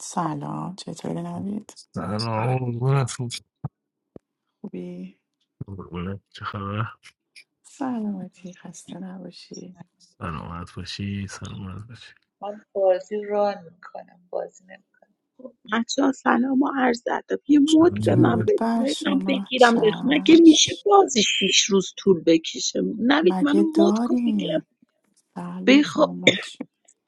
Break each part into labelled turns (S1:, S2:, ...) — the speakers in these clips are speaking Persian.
S1: سلام چطوری نوید؟
S2: سلام آقا نسیم
S1: خوبی؟
S2: قربونت چه خبر
S1: سلامتی خسته نباشی
S2: سلامت باشی سلامت باشی
S3: من بازی ران میکنم بازی نمیکنم
S4: محسا سلام و عرض ادب یه مد به من
S1: درود
S4: بدید
S1: بر
S4: من اینم
S1: شما
S4: بگیرم اخ مگه میشه
S1: چش
S4: بازی شیش روز طول بکشه نوید منو
S1: مگه
S4: مد کن بگیرم
S1: داریم بله
S4: بخوا
S1: شما ما چی؟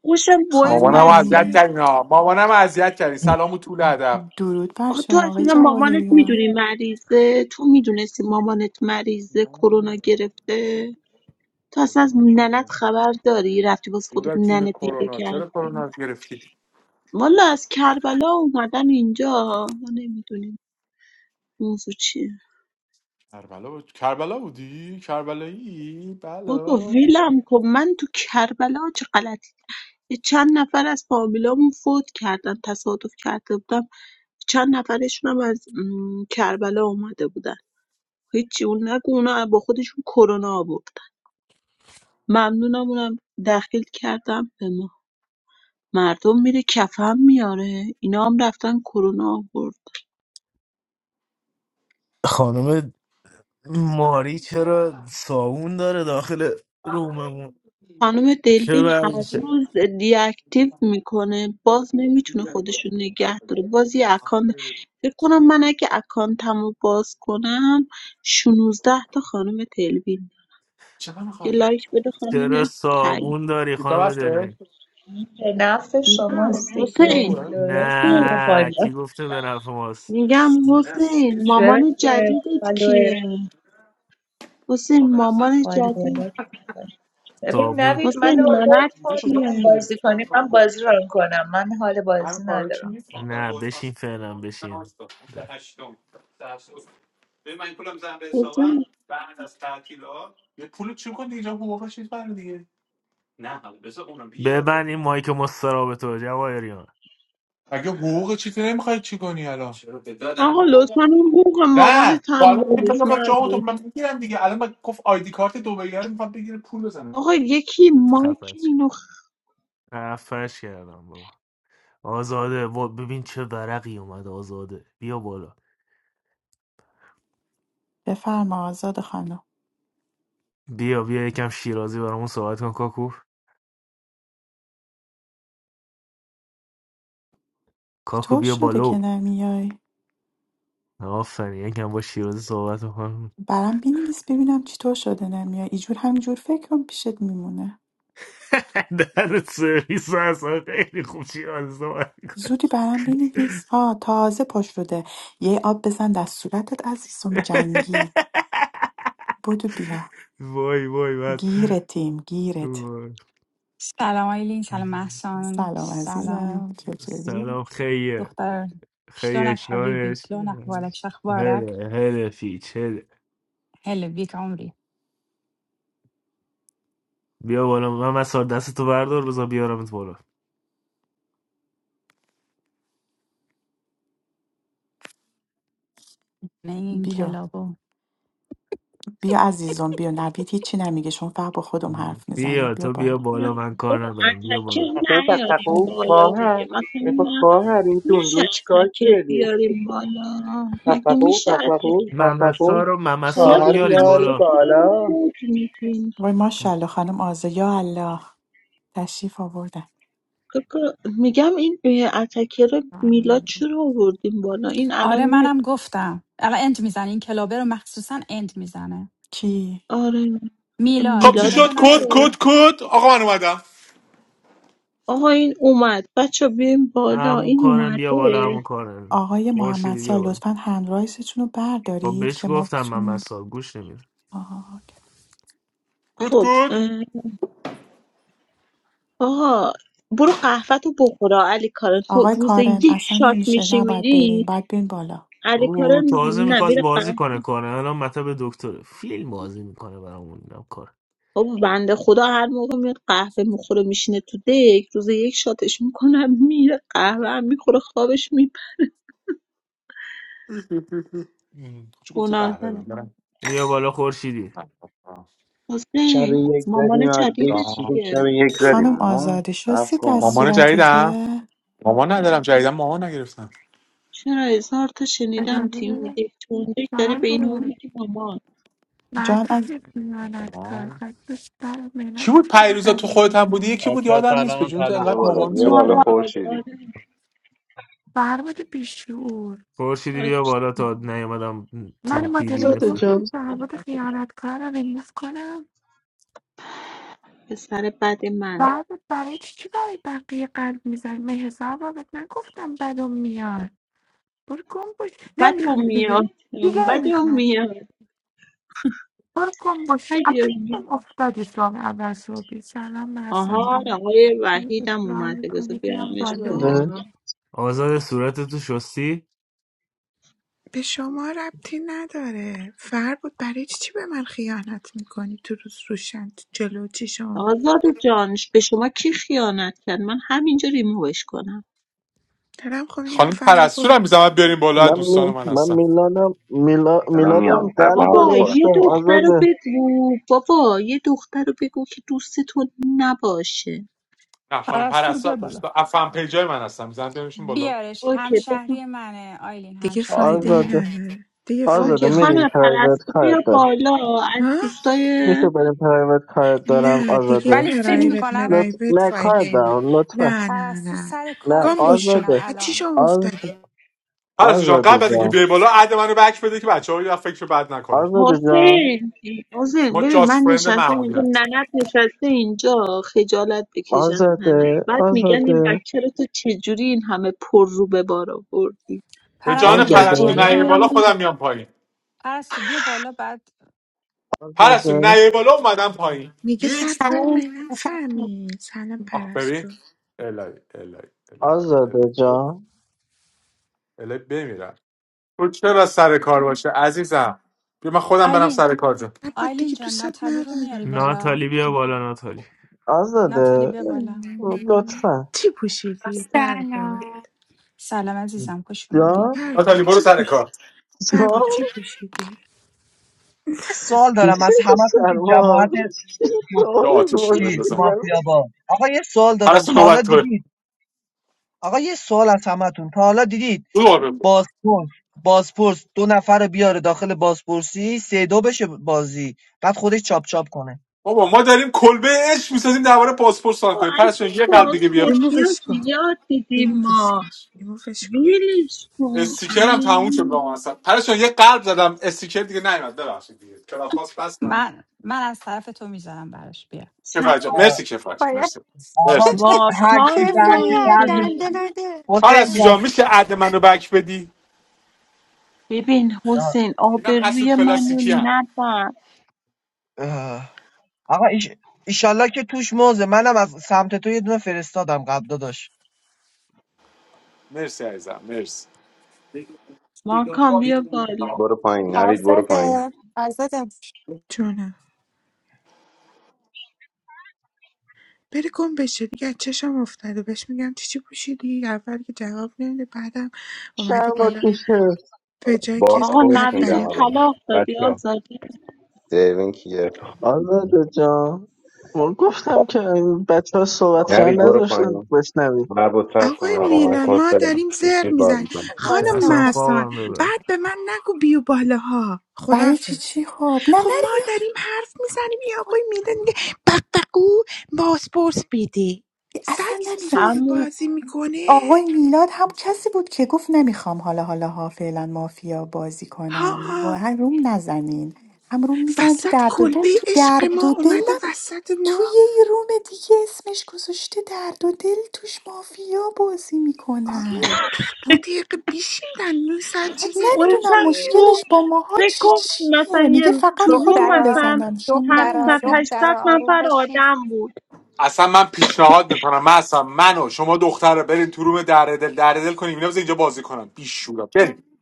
S4: خوشم با این
S1: خانم
S5: مامانم
S4: وضعیت
S5: اذیت
S1: آینی
S5: کردین ها مامانم اذیت کردین سلام و طول ادب
S1: درود بر
S4: آخه تو
S1: شما آقای
S4: اصلا مامانت
S1: جواهریان
S4: میدونی مریضه تو میدونستی مامانت مریضه کرونا
S5: نه،
S4: گرفته تو اصلا
S5: خدا
S4: از ننت
S5: نکنه
S4: خبر داری رفتی باز خودت
S5: دورتون
S4: ننه پیدا
S5: کرونا چرا کرونا
S4: کردی
S5: رو گرفتی
S4: والا از کربلا اومدن اینجا ما نمیدونیم موضوع چیه
S5: کربلا بود کربلا بودی کربلایی
S4: بابا
S5: بلا
S4: ولم کن من تو کربلا چه غلطی یه چند نفر از فامیلامون فوت کردن تصادف کرده بودم چند نفرشون هم از م، کربلا اومده بودن هیچی اون نگو اونا با خودشون کرونا آوردن ممنونم اونم داخل کردم به ما مردم میره کفن میاره اینا هم رفتن کرونا آوردن
S2: خانم ماری چرا صابون داره داخل روممون
S4: خانم
S2: چه
S4: دلوین هر
S2: وضعشه
S4: روز دیاکتیو میکنه باز نمیتونه خودشو نگه داره باز یه اکانت فکر کنم من اگه اکانتمو باز کنم 16 تا خانم دلوین یه لایک بده
S2: چرا
S4: خانم تایید
S2: صابون داری
S5: سیتا
S2: خانم
S5: بسته
S2: دلوین
S3: به نفع شماست
S4: میگم
S5: سیتا
S3: دیگه
S4: حسین
S5: خوبه
S3: فالوورات میره
S2: نه
S3: بالا
S2: کی گفته به نفع ماست
S4: میگم حسین
S3: چرا
S4: مامان
S3: دیگه
S4: جدیدت
S3: فالوور
S4: کیه حسین مامان جدید
S3: فالوورات می‌کنه. ببین
S2: صابون
S3: نوید منو
S4: حسین
S3: مود
S4: ننت
S5: اینجا
S3: کن
S5: کجا ما
S3: میخوایم
S4: کیه
S5: می‌گیریم؟
S3: بازی کنیم من بازی ران کنم من حال
S5: همین
S3: بازی
S5: کارا چی
S3: ندارم
S5: نیست آخر
S2: نه
S5: گوش
S2: بشین
S5: هست.
S2: فعلا
S5: نه،
S2: بشین
S5: هشتا. هشتم.
S4: حسین
S5: یه پول چی کنی اینجا حقوق چیز برای دیگه
S2: ببند این مایک مستراب تو جواهریان
S5: اگه حقوق چی تو نمیخوای چی کنی الان چرا به دادن
S4: آقا
S5: حقوق؟
S4: لطفا اون بوق
S5: نه
S4: مامانت
S5: تو
S4: هم
S5: الان میگه
S4: بریز
S5: بنداز جامو تو
S4: من
S5: من میگیرم دیگه الان من گفت آیدی کارت دبی رو میخواد بگیره پول بزنه
S4: آقا یکی مایک
S2: خفش
S4: اینو خ-
S2: خفش کردم بابا آزاده و ببین چه ورقی اومد آزاده بیا بالا
S1: بفرما آزاد خانم
S2: بیا بیا یکم شیرازی برامون صحبت کن کاکو کاکو
S1: چطور
S2: بیا
S1: شده که
S2: بالا
S1: نمیای
S2: آفرین یکم با شیرازی صحبت کن
S1: برام بنویس ببینم چطور شده نمیای اینجور همینجور فکرم پیشت میمونه
S2: در سرویس اصلا خیلی خوب شیرازی صحبت می‌کنه.
S1: زودی برام بنویس آه تازه پشت شده یه آب بزن در صورتت عزیزم جنگی بدو بیا
S2: وای وای بس
S1: گیرتیم گیرت
S2: وای.
S6: سلام آیلین سلام محسان
S1: سلام
S6: سلام
S1: عزیزم چطوری
S2: سلام خیه
S6: دختر
S2: خیه
S6: شلونك حبيبي
S2: اشنانش
S6: شلون احوالك شو اخبارك
S2: هله هله فیچ هله
S6: هلا بيك عمري
S2: بیا بالا من مسار دست تو بردار بذار بیارمت بالا
S6: نه این
S1: بیا
S6: کلابو
S1: بیا عزیزم بیا نوید هیچی نمیگه شما فقط با خودم حرف میزنید
S2: بیا
S1: بیا
S2: تو بیا
S1: بالا
S2: بالا من کار
S4: بابا
S2: ندارم بیا
S4: اتکر
S2: بالا
S7: تقو
S4: نیاریم
S7: بقبقو
S4: بالا دیگه
S7: خواهر
S4: مثلا
S7: بگو
S4: من
S7: خواهر این
S4: میشه
S7: دوندون چیکار
S4: اتکر
S7: کرده
S4: بیاریم بالا مگه
S7: بقبقو
S4: میشه
S7: بقبقو
S4: اتکر
S7: بقبقو
S2: ممسا رو ممسا
S4: حالا
S2: رو
S4: به
S7: خواهر
S4: این
S2: میارید
S7: بیارید
S2: بالا
S4: اتکر هم
S7: بالا
S4: نمیتونیم
S1: وای ماشاءالله خانم آزه یا الله تشریف آوردن
S4: میگم این اه، اتکر رو میلاد چرا آوردیم بالا این الان
S6: آره
S4: میاد
S6: منم گفتم الان انت میزنه این کلابه رو مخصوصا انت میزنه
S1: کی
S4: آره
S6: میلاد
S5: خب چی
S4: میلاد
S6: میلاد رو
S5: شد
S1: می...
S4: دیگه
S5: کد
S6: نیارید
S5: کد
S6: بالا
S5: کد آقا من اومدم
S4: آقا این اومد بچه بیایم بالا
S2: همون
S4: این
S2: کارم بیا بالا
S4: اومده
S2: همون کارم
S1: آقای محمد
S2: خورشیدی
S1: سال
S2: بیا بالا
S1: لطفا هندرایزتون رو
S2: خب
S1: بردارید
S2: بهش
S1: که ما
S2: گفتم
S1: بتونیم
S2: ممسا گوش نمیده
S1: آها، اوکی.
S5: کد
S4: خب
S5: کد
S4: آقا برو قهوه تو بخورا علی کارن خب
S1: آقای
S4: روز
S1: کارن
S4: یک
S1: اصلا
S4: شات
S1: نمیشه
S4: میشی
S1: نباید برین
S4: میری
S1: باید برین بالا
S4: علی
S2: او
S4: کارن
S2: تازه
S4: نه
S2: میخواست بازی
S4: قهوه
S2: کنه کنه الان مطب دکتره فیلم بازی میکنه برامون اینم کار
S4: بابا بنده خدا هر موقع میاد قهوه میخوره میشینه تو دک روز یک شاتش میکنم میره قهوه هم میخوره خوابش میپره
S5: ام، چی گفتی
S4: گناه
S5: قهوه من
S4: داره
S5: برم
S2: بیا بالا خورشیدی
S7: شب
S4: حسین
S7: یک زدیم
S4: مامان
S7: از دک
S4: جدیدت
S7: چیدیم
S5: جام.
S4: کیه
S7: شب یک
S1: خانم
S7: زدیم ها
S1: آزادی
S7: سب
S1: شستی از
S7: کن
S5: مامان جدیدم
S1: صورتته
S5: مامان ندارم جدیدم مامان نگرفتم
S4: چرا هزار تا شنیدم
S8: اجازه
S4: تیم
S8: بده
S4: دک تو اون دک داری
S8: سوال
S4: به این اون
S8: بود
S4: میگی مامان
S1: جان
S8: مردی
S1: از
S8: که میاند کار
S5: مامان
S8: خواستش برام می
S5: کی بود
S8: نگفتیم
S5: پیروزا تو
S8: بدون
S5: خودت هم بودی
S8: میان
S5: یکی بود
S9: Achwa
S5: یادم نیست به
S9: Salaam
S5: جون تو
S9: Salaam.
S7: بیا
S5: انقدر
S7: بالا
S5: مامان
S7: بیا
S5: زیاد
S7: بالا
S4: مارا
S5: بود.
S7: خورشیدی
S4: آره
S8: فرمود بیشعور
S2: خورشیدی
S4: آره،
S2: بیا
S4: دوست
S2: بالا
S4: دارم.
S2: تا نیومدم
S8: من
S2: تو بیبی
S10: زده
S8: مادریتور
S2: نفته
S10: جان
S8: بود فرمود
S4: پسر بد من
S8: خیانتکار رو ریموف کنم
S4: پسر بد من.
S8: بعد برای چی چی برای بقیه قلب میزنی من حساب نگفتم بدون میاد برو گم باش
S4: بدم
S8: نمیخوام
S4: میاد
S8: دیگه دیگه
S4: بدم
S8: نمیخوام
S4: میاد
S8: برو گم باش
S4: بدم میاد
S8: اکنون افتادی تو هم اول صبحی سلام محسن
S4: آها
S8: جون
S4: آقای وحید هم
S8: اصرار
S4: اومده بذار
S8: میکنی بیام
S4: بیارمش
S8: بالا
S10: زده
S4: بالا
S2: آزاد صورت تو شستی
S8: به شما ربطی نداره فر بود برای چی به من خیانت میکنی تو روز روشن جلو چیشم
S4: آزاد جانش به شما کی خیانت کرد من همینجا ریمووش کنم
S8: دارم خب میگم
S5: خانم
S8: فر
S5: پرستو
S8: بود
S5: رو میزنم بیاریم بالا از
S10: من
S5: دوستان
S10: می...
S5: من
S10: من
S5: هستم
S10: میلانم میلا...
S7: الان
S10: میلادم
S7: میام بر با
S10: قلب
S7: ما
S4: بابا
S7: بخورم
S10: گذاشتم
S4: یه دختر رو
S10: آزاده
S4: بگو بابا یه دختر رو بگو که دوست تو نباشه
S5: نه خانم
S6: پرستو رو
S5: پرستو از
S6: بیار بالا
S5: دوستان از فن پیجای من هستم میزنم بیاریمشون بالا
S6: بیارش
S4: اوکی بزن.
S6: همشهری منه آیلین
S8: دیگه
S6: همشهری
S8: فایده ای
S6: منه
S10: آزاده
S8: نداره دیگه
S10: آزاده
S8: فایده
S4: اوکی
S8: ای
S10: میریم
S8: نداره.
S4: خانم
S10: پرایوت
S4: پرستو
S10: کارت
S4: بیا
S10: دارم
S4: بالا از
S8: ها؟
S10: میشه
S4: دوستای
S10: بریم پرایوت کارت دارم
S8: نه دیگه
S10: آزاده
S6: ولی فکر
S8: پرایوت
S6: میکنم
S10: لط...
S8: مرایوت
S10: نه
S8: فایده
S10: کار
S8: ای نداره.
S10: دارم لطفا
S8: نه نه
S6: پرستو
S8: نه
S6: سر
S10: نه
S6: کاره
S8: گم
S6: فکر
S8: بشو
S6: میکنم
S10: آزاده
S8: از
S6: الان
S8: چیشم
S10: آز...
S8: افتادی
S5: پرستو جان
S10: آزاده
S5: قبل از اینکه
S10: جان
S5: بیای بالا عد منو بک بده که بچه‌ها یه فکر بد نکنن
S10: آزاده جان
S4: حسین حسین
S5: ما
S4: ببین من
S5: جاست فرند
S4: نشستم
S5: معمولی
S4: اینجا
S5: هست
S4: ننت نشسته اینجا خجالت بکشن ننت
S10: آزاده
S4: بعد میگن این
S10: آزاده
S4: بچه رو تو چجوری این همه پر رو به بار آوردی
S5: به جان
S6: پرستو بیا
S4: میگن
S5: پرستو
S4: جدی
S10: آزاده
S5: نیای
S6: بالا
S4: میام
S5: بالا
S4: میگن
S5: خودم میام پایین
S6: پرستو بیا بالا بعد
S5: پرستو
S10: آزاده
S5: نیای
S6: آه.
S5: بالا اومدم پایین
S8: میگه سر
S5: یک
S8: کار
S11: Sana,
S5: دو
S8: من
S11: sana.
S8: فهمی سلام
S5: آخ ببین
S8: پرستو
S5: الهی الهی الهی
S10: آزاده
S5: الهی
S10: جان
S5: الهی بمیرم تو چرا سر کار باشه عزیزم بیا من خودم برم
S6: آیلین
S5: سر کار جان
S8: بود
S6: آیلین
S8: دیگه
S6: جان
S8: دوستت
S6: ناتالی رو میاری
S8: ندارم
S6: بالا
S2: ناتالی بیا بالا ناتالی
S6: ناتالی
S10: آزاده
S6: بیا بالا
S8: هم.
S10: لطفا
S8: چی پوشیدی فر بود؟
S12: سلام
S6: سلام عزیزم خوش اومدی
S10: جان
S8: هر بار
S5: ناتالی برو
S8: چی
S5: سر
S8: پوش
S5: کار
S8: فربا
S10: جان
S8: چی پوشیدی؟
S13: یه سوال
S10: This
S13: دارم از
S10: is a
S13: همتون که
S10: server.
S13: جماعت یو-
S5: یا
S10: All
S5: آتیشی
S10: involved was
S13: چیز
S5: بندازم
S13: مافیا
S10: was
S13: با آقا یه سوال دادم
S5: پرستو
S13: تا حالا
S5: نوبت توه
S13: دیدید آقا یه سوال از همتون تا حالا دیدید
S5: برو آروم بود
S13: بازپرس بازپرس دو نفر رو بیاره داخل بازپرسی سه دو بشه بازی بعد خودش چاپ چاپ کنه
S5: بابا ما داریم کلبه عشق میسازیم درباره پاسپورت سوال
S4: "آه،
S5: کنیم
S4: از
S5: پرستو
S4: این
S5: جان، یه قلب دیگه بیا
S4: بازپرسی ها
S8: ریمووش کن
S4: زیاد دیدیم
S8: ریمووش
S4: ما
S8: کن ریمووش کن
S4: ویلش کن
S5: استیکرم تموم شد
S4: ای
S5: با من اصلا پرش جان، یه قلب زدم استیکر دیگه نیومد ببخشید دیگه کلاب پاس بس من
S6: من من از طرف تو میذارم براش بیا
S5: کفایت جان
S4: چند
S5: مرسی کفایت جان.
S11: Para.
S5: مرسی مرسی
S13: آقا هر کی
S4: واکان
S11: Cheers
S13: به
S11: for
S13: هر کی
S11: ya.
S13: قلبش
S11: Dan
S4: اومده
S11: dan ada.
S13: حسین
S5: پرستو جان
S13: جان.
S5: میشه عد منو بک بدی
S4: ببین
S13: آه.
S4: حسین
S5: اینا حسود
S4: آبروی منو
S5: پلاستیکی هم
S4: نبر
S13: آه. آقا ایش... ایشالله که توش موزه منم از سمت تو یه دونه فرستادم قبل داداش
S5: مرسی عزیزم مرسی
S4: ماکان بیا بالا
S7: برو پایین نوید برو پایین
S11: Azade. Azade.
S8: جونم بری گم بشه دیگه از چشم افتاده بهش میگم چی چی پوشیدی اول که جواب نمیده بعدم اومده
S10: server
S8: بالا
S10: teacher.
S8: به جای که
S4: آقا
S7: باسپورت
S8: قلب
S4: نوید رو
S7: میدم
S8: بریم
S7: الان
S4: طلاق دادی
S7: بچه
S4: آزادی
S7: دیوین کیه
S10: آزاده جان ما گفتم که بچه ها صحبت
S7: نوید
S10: کردن
S7: برو
S10: نذاشتن
S7: پایین
S10: بشنوی
S7: مربوط سب کن
S8: آقای
S7: آقا من
S8: میلان
S7: کد
S8: ما
S7: بدم
S8: داریم زر
S7: بشیر
S8: میزنیم
S7: بازی کنیم
S8: خانم
S11: Boysam.
S2: میترسم
S8: محسان
S2: خوابم ببرم
S8: بعد به من نگو بیو بالاها
S1: برای چی
S8: خدافز
S1: چی خب نه
S8: خب ما
S1: نری
S8: داریم حرف میزنیم یا
S1: وای،
S8: آقای میلان میگه بقبقو باسپورس بیدی
S1: اصلا
S8: سگ
S1: نمیدونم
S8: صبح
S4: همون
S8: بازی میکنه
S1: آقای میلاد هم کسی بود که گفت نمیخوام حالا حالا ها فعلا مافیا بازی کنم و
S8: ها
S1: هم روم نزنین هم روم میزن تو
S8: وسط
S1: درد و دل
S8: کلبه
S1: تو
S8: عشق
S1: درد
S8: ما
S1: و
S8: اومده
S1: دلم
S8: وسط
S1: توی
S8: ما
S1: یه روم دیگه اسمش گذاشته درد و دل توش مافیا بازی
S8: دو,
S1: میکنن
S8: دو دقیقه بیشیدن نو سر
S1: بعد
S8: چیز
S1: نمیدونم
S4: خودشم روم
S1: مشکلش با ماها
S4: فکر
S1: چی
S4: کن
S1: چیه
S4: مثلا یه
S1: میگه
S4: تو
S1: فقط خودم
S4: روم
S11: Doktara.
S4: مثلا
S1: بزنم شما
S11: Doktara.
S4: 700
S1: نزن
S11: Doktara.
S4: 800
S11: Arun
S4: نفر
S11: başin.
S4: آدم بود
S5: اصلا من پیشنهاد میکنم من اصلا منو شما دختر رو برین تو روم در دل در دل کنیم اینا بزن اینجا بازی کنم بیشورا بریم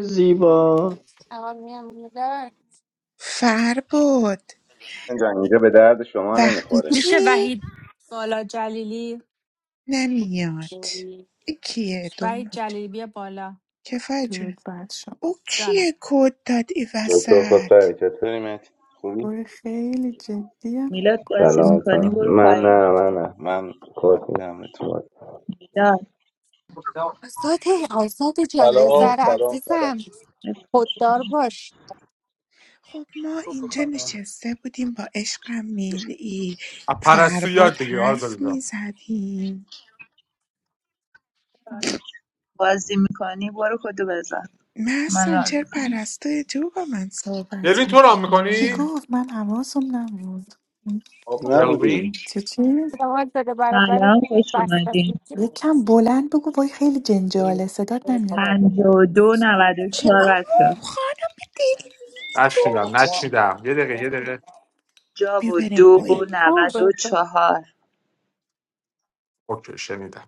S10: زیبا
S11: Amin. Mudar.
S8: فر بود
S7: اینجا اینجا به درد شما
S8: وقتی
S7: نمیخوره
S8: تو
S6: میشه
S11: Abi.
S6: وحید بالا جلیلی
S8: نمیاد این کیه دوم
S6: وحید جلیلی بیا بالا
S8: کفایت جونه
S1: درود بر شما
S8: او
S6: جانم
S8: کیه کد داد ای
S7: دکتر
S8: وسط
S7: خسروی چطوری داری مهدی خوبی؟
S1: باره خیلی جدیه
S3: میلاد بازی
S7: سلام
S3: میکنی
S7: سلام
S3: برو
S7: من
S3: پایین
S7: نه من نه من کاتیم نبودم به تو
S3: میلاد
S11: آزاده آزاده جان یه
S14: سلام
S11: سر
S3: اینترنت
S14: سلام سلام
S11: عزیزم
S3: خوش
S11: خوددار
S3: میاد.
S11: باش
S8: خب ما
S14: خوب
S8: اینجا
S14: خانم
S8: نشسته بودیم با عشقم میلی
S5: از پرستو
S8: فرباد
S5: یاد بگیر آزاد
S8: حرف
S5: جان
S8: میزدیم
S3: بازی میکنی برو کدو بزن من
S8: محسن
S3: ران
S8: چرا
S3: میکنم
S8: پرستو جو با من
S5: دلوین
S8: صحبت
S5: تو رام
S1: چی
S5: میکنی
S8: میکنه
S1: گفت من حواسم نبود
S7: خب
S5: دلوین
S7: نبودی
S1: چی چی؟
S11: دوان داده برابر
S3: سلام خوش
S11: بس
S3: اومدین
S11: بس
S1: یکم بلند بگو وای خیلی جنجاله
S11: Aza
S1: صدات نمیاد
S3: پنج و دو نود و
S8: که
S3: چهار بچه.
S8: اما خانم
S5: نشنیدم
S8: دلسوز
S5: نشنیدم یه دقیقه یه دقیقه
S3: جا
S8: بیا
S3: و
S8: بریم
S3: دو و
S8: پایین
S3: نود و چهار
S5: اوکی شنیدم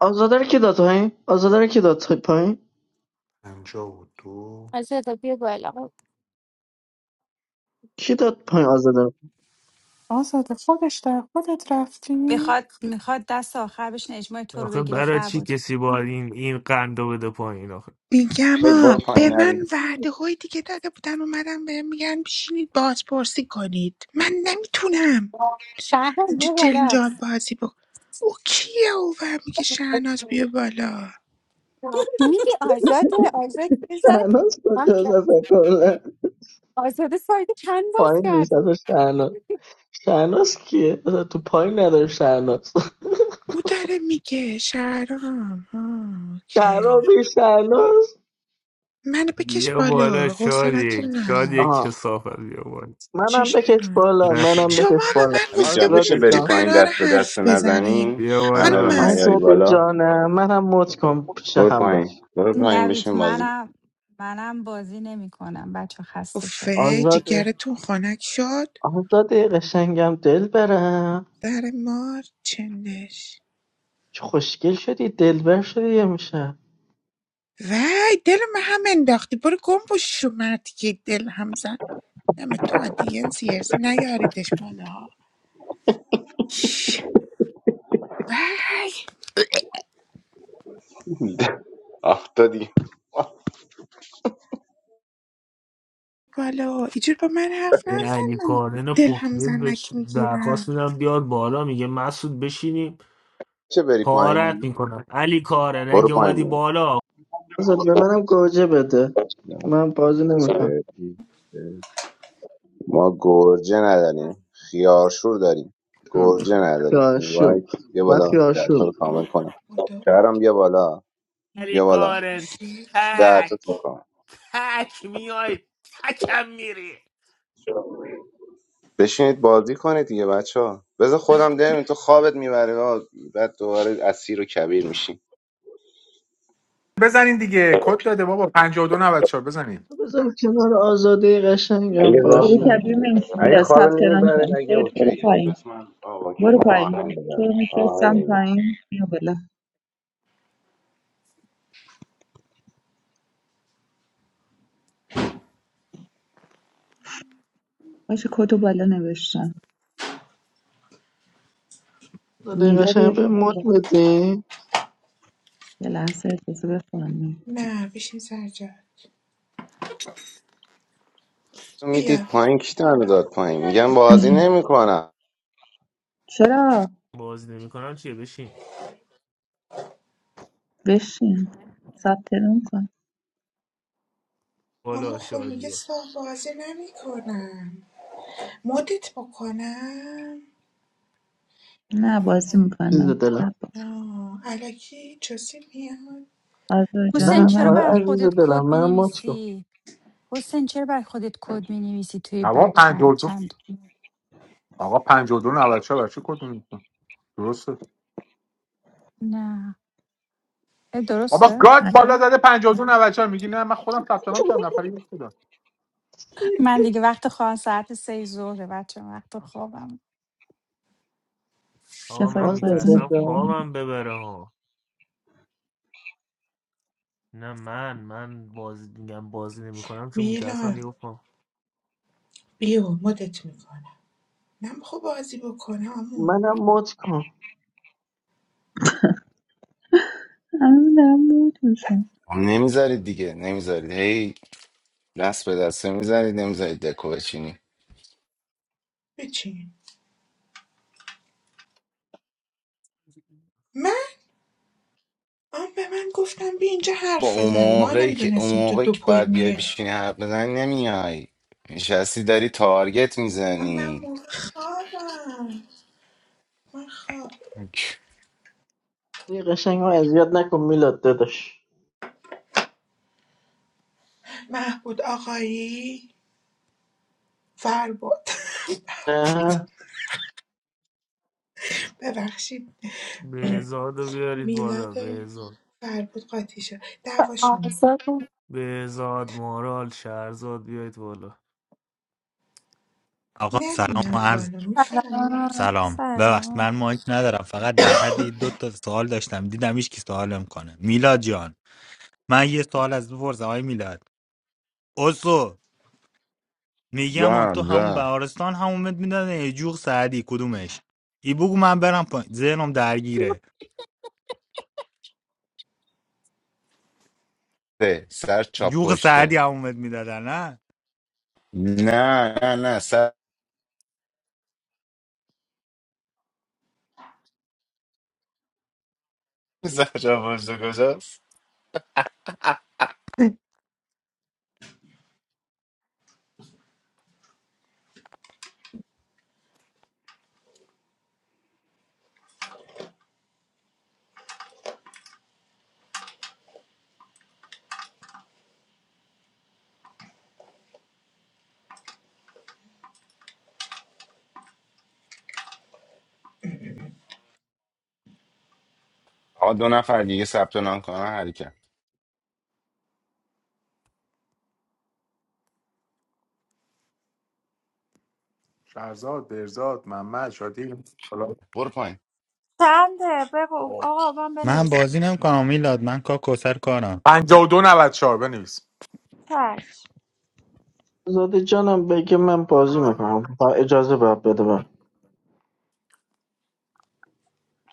S10: آزاده رو کی داد پایین؟ آزاده رو کی داد پایین؟
S5: 52
S11: to be a girl,
S10: کی داد پایین آزاده رو؟
S1: آزاده خودش در خودت رفتی
S6: میخواد میخواد دست آخر بشین اجماع تو رو
S2: آخه
S6: بگیره
S2: برای چی
S6: فربود
S2: کسی باید این این قندو بده پایین آخه
S8: میگم
S7: نوید
S8: آ
S7: برو
S8: به
S7: پایین
S8: من
S7: نوید
S8: وعده هایی دیگه داده بودن اومدم بهم میگن بشینید بازپرسی کنید من نمیتونم
S11: Shahen be
S8: اینجا
S11: a girl.
S8: جلجال بازی با او کیه او و میگه شهناز بیا بالا
S11: Me ki aza hai, aza ke zarar.
S10: شهناز
S11: Aam
S10: کجاست اصلا کلا
S11: aza the side se chain bas
S10: پایین نیست
S11: kardi.
S10: اصلا شهناز شهناز کیه؟ اصلا تو پایین نداره شهناز
S8: او داره میگه شهرام ها اوکی
S10: شهرابی شهناز
S8: منو بکش
S2: بیا بالا
S8: بالا
S2: شادی
S8: حوصلتون
S2: شادی
S8: ندارم
S10: آها
S2: کسافت بیا بالا
S10: منم
S8: چیش
S10: بکش
S8: کنم.
S10: بالا منم
S2: نخیر
S8: شما
S10: بکش
S8: به
S10: بالا
S8: من
S7: نوید
S8: گفته
S7: جان
S8: بودید
S7: میشه
S10: آزاده
S8: اینجا
S7: بری
S10: جان
S7: پایین
S8: قرار
S7: دست به دست
S8: حرف بزنیم
S7: نزنی
S2: بیا
S7: همه رو
S2: بالا
S8: خانم
S7: نیاری
S10: آزاده
S7: بالا
S10: جانم منم موت کن پیش
S7: برو
S10: هم
S7: پایین
S10: باش
S7: برو پایین
S6: نوید
S7: بشین بازی
S6: منم منم بازی نمیکنم بچه خسته شدم
S8: افه
S10: آزاده
S8: جگرتون خنک شد
S10: آزاده قشنگم دل برم
S8: در مار چندش
S10: چه خوشگل شدی دلبر شدی یه میشه
S8: وای دل من هم انداختی برو گم بشو مردی دل هم زن نم تو ادینس یرز نیاریدش بالا ها شش. وای
S7: آه دادی
S8: بالا اینجور با من حرف
S2: این
S8: نزن
S2: علی
S8: من
S2: کاردن
S8: دل هم
S2: پخلیز بهش
S8: زنک
S2: درخواست
S8: میگیرم
S2: میدم بیاد بالا میگه مسعود بشینیم
S7: چه بری
S2: پارت
S7: پایین
S2: میکنم علی کارن
S7: برو
S2: اگه
S7: پایین
S2: اومدی بالا
S10: آزاده به منم گوجه بده من بازی نمیکنم
S7: ما گرجه نداریم خیارشور داریم گرجه نداریم این
S10: خیاشو
S7: وایت یه
S10: من
S7: بالا در
S10: خیاشو
S7: کامل کنیم
S8: خدا
S7: شهرام بیا بالا
S2: علی
S7: بیا بالا
S8: فکر
S2: کارن
S7: دردتون کن
S2: تک میای تکم میری
S7: بشینید بازی کنید دیگه بچه ها بذار خودم دریم تو خوابت میبره بعد دوباره اسیر و کبیر میشیم
S5: بزنین دیگه کد داده بابا 52 94 بزنین
S10: بذار کنار آزاده قشنگم
S7: اگه
S3: سری
S7: رام
S10: باشم
S3: کبیر منشی
S7: اگه
S3: بلا
S7: خواب
S3: ثبت نام
S7: نمیبره
S3: کن
S7: اگه
S3: خیر برو
S7: اوکی
S3: پایین
S7: پس من آه اوکی
S3: برو
S7: من
S3: پایین
S7: آهنگ
S3: تو
S7: میدم
S3: رو
S7: آهنگ
S3: میفرستم
S7: می‌دم.
S3: پایین بیا بالا باشه کدو بالا نوشتم
S10: آزاده
S3: میلاد
S10: قشنگم
S3: یکی
S10: به
S3: برو
S10: موت
S3: بالا
S10: بدی
S3: یه لحظه اجازه بخونم
S8: نه بشین سر جد
S7: میدید
S8: بیا
S7: پایین کی دم داد پایین میگم بازی نمیکنم
S3: چرا
S2: بازی نمیکنم چیه بشین
S3: بشین ثبت نام کن
S8: اما
S2: بالا
S8: خب میگه
S2: شادی ها
S8: صاف بازی نمیکنم مدت بکنم
S3: نه بازی
S10: عزیز
S3: میکنم
S10: دلم
S3: ثبت
S8: آه. الکی چسی میاد
S3: آزار جان
S6: حسین
S10: نه
S3: اون ور
S6: چرا
S10: آره
S6: بر
S3: نگاه
S10: عزیز
S6: خودت
S10: دلم
S6: کد
S10: منم موت کن
S6: مینویسی حسین چرا بر خودت کد مینویسی توی
S5: آقا
S6: بک چند
S5: 52
S6: چند
S5: آقا 52 94 برای چی کد می‌زنی؟ درسته
S6: نه اه،
S5: بابا
S6: درسته
S5: گاد
S3: کن.
S5: بالا زده 52 94 میگی نه من خودم ثبت نام کردم نفر یک بودم
S6: من دیگه وقت خواهم ساعت سه ظهره بچه وقت خوابم
S2: آقا من
S3: کفایت بازی
S10: آزاده
S2: میترسم
S10: جان
S3: نمیکنم
S2: خوابم ببره ها نه من من بازی میگم بازی نمیکنم چون میترسم
S8: میلان
S2: یهو خواب
S8: بیو مدت میکنم نم خب بازی بکنم امو
S10: منم موت کن
S3: همه دارم موت میشم
S15: نمیذارید دیگه نمیذارید هی دست به دسته میذارید نمیذارید دکو بچینی
S8: بچین من آم به من گفتم بی اینجا
S15: با
S8: حرف
S15: اون
S8: بزنیم ما
S15: موقعی که اون
S8: نمیدونستیم تو
S15: موقعی
S8: دو
S15: که
S8: پای
S15: باید بیای
S8: میای
S15: بشینی حرف بزنی نمیای نشستی داری تارگت
S8: من
S15: میزنی
S8: موقع خوابم من خواب
S10: دیگه قشنگ ما اذیت نکن میلاد داداش
S8: محبود آقایی فربود
S10: نه
S8: ببخشید
S2: بهزاد رو بیارید بالا
S8: میلاد و
S2: بهزاد
S8: فربود قاطی شد دعواشون بود
S11: Aza ko.
S2: بهزاد مارال شهرزاد بیارید بالا
S16: آقا سلام و
S8: نمیان
S16: عرض
S8: بالا میفهمی
S17: سلام
S16: سلام ببخشید من
S17: سلام
S16: مایک ندارم فقط در حد این دو تا سوال داشتم دیدم هیچ کی سوالم کنه میلاد جان من یه سوال از تو پرسم آقای میلاد اوسو میگم تو
S15: لام
S16: همون
S15: لام
S16: بهارستان همون مت میدن جوغ سعدی کدومش ای بگو من برم پایین ذهنم درگیره
S15: سه، سر چاپ
S16: جوغ سعدی
S15: پشته
S16: همون مت میدادن نه
S15: نه نه نه سر سر چاپ پشته کجاست آقا دو نفر دیگه ثبت نام کنن حرکت
S5: شهرزاد برزاد محمد شادی حالا
S15: برو پایین
S17: چنده بگو
S15: آه،
S17: آقا من
S16: من
S17: بنویس
S15: سوختم
S16: بازی نمیکنم میلاد من کا کوسر کارم
S5: 52 94 بنویس
S17: چشم
S10: آزاده جانم بگه من بازی میکنم با اجازه باید بده من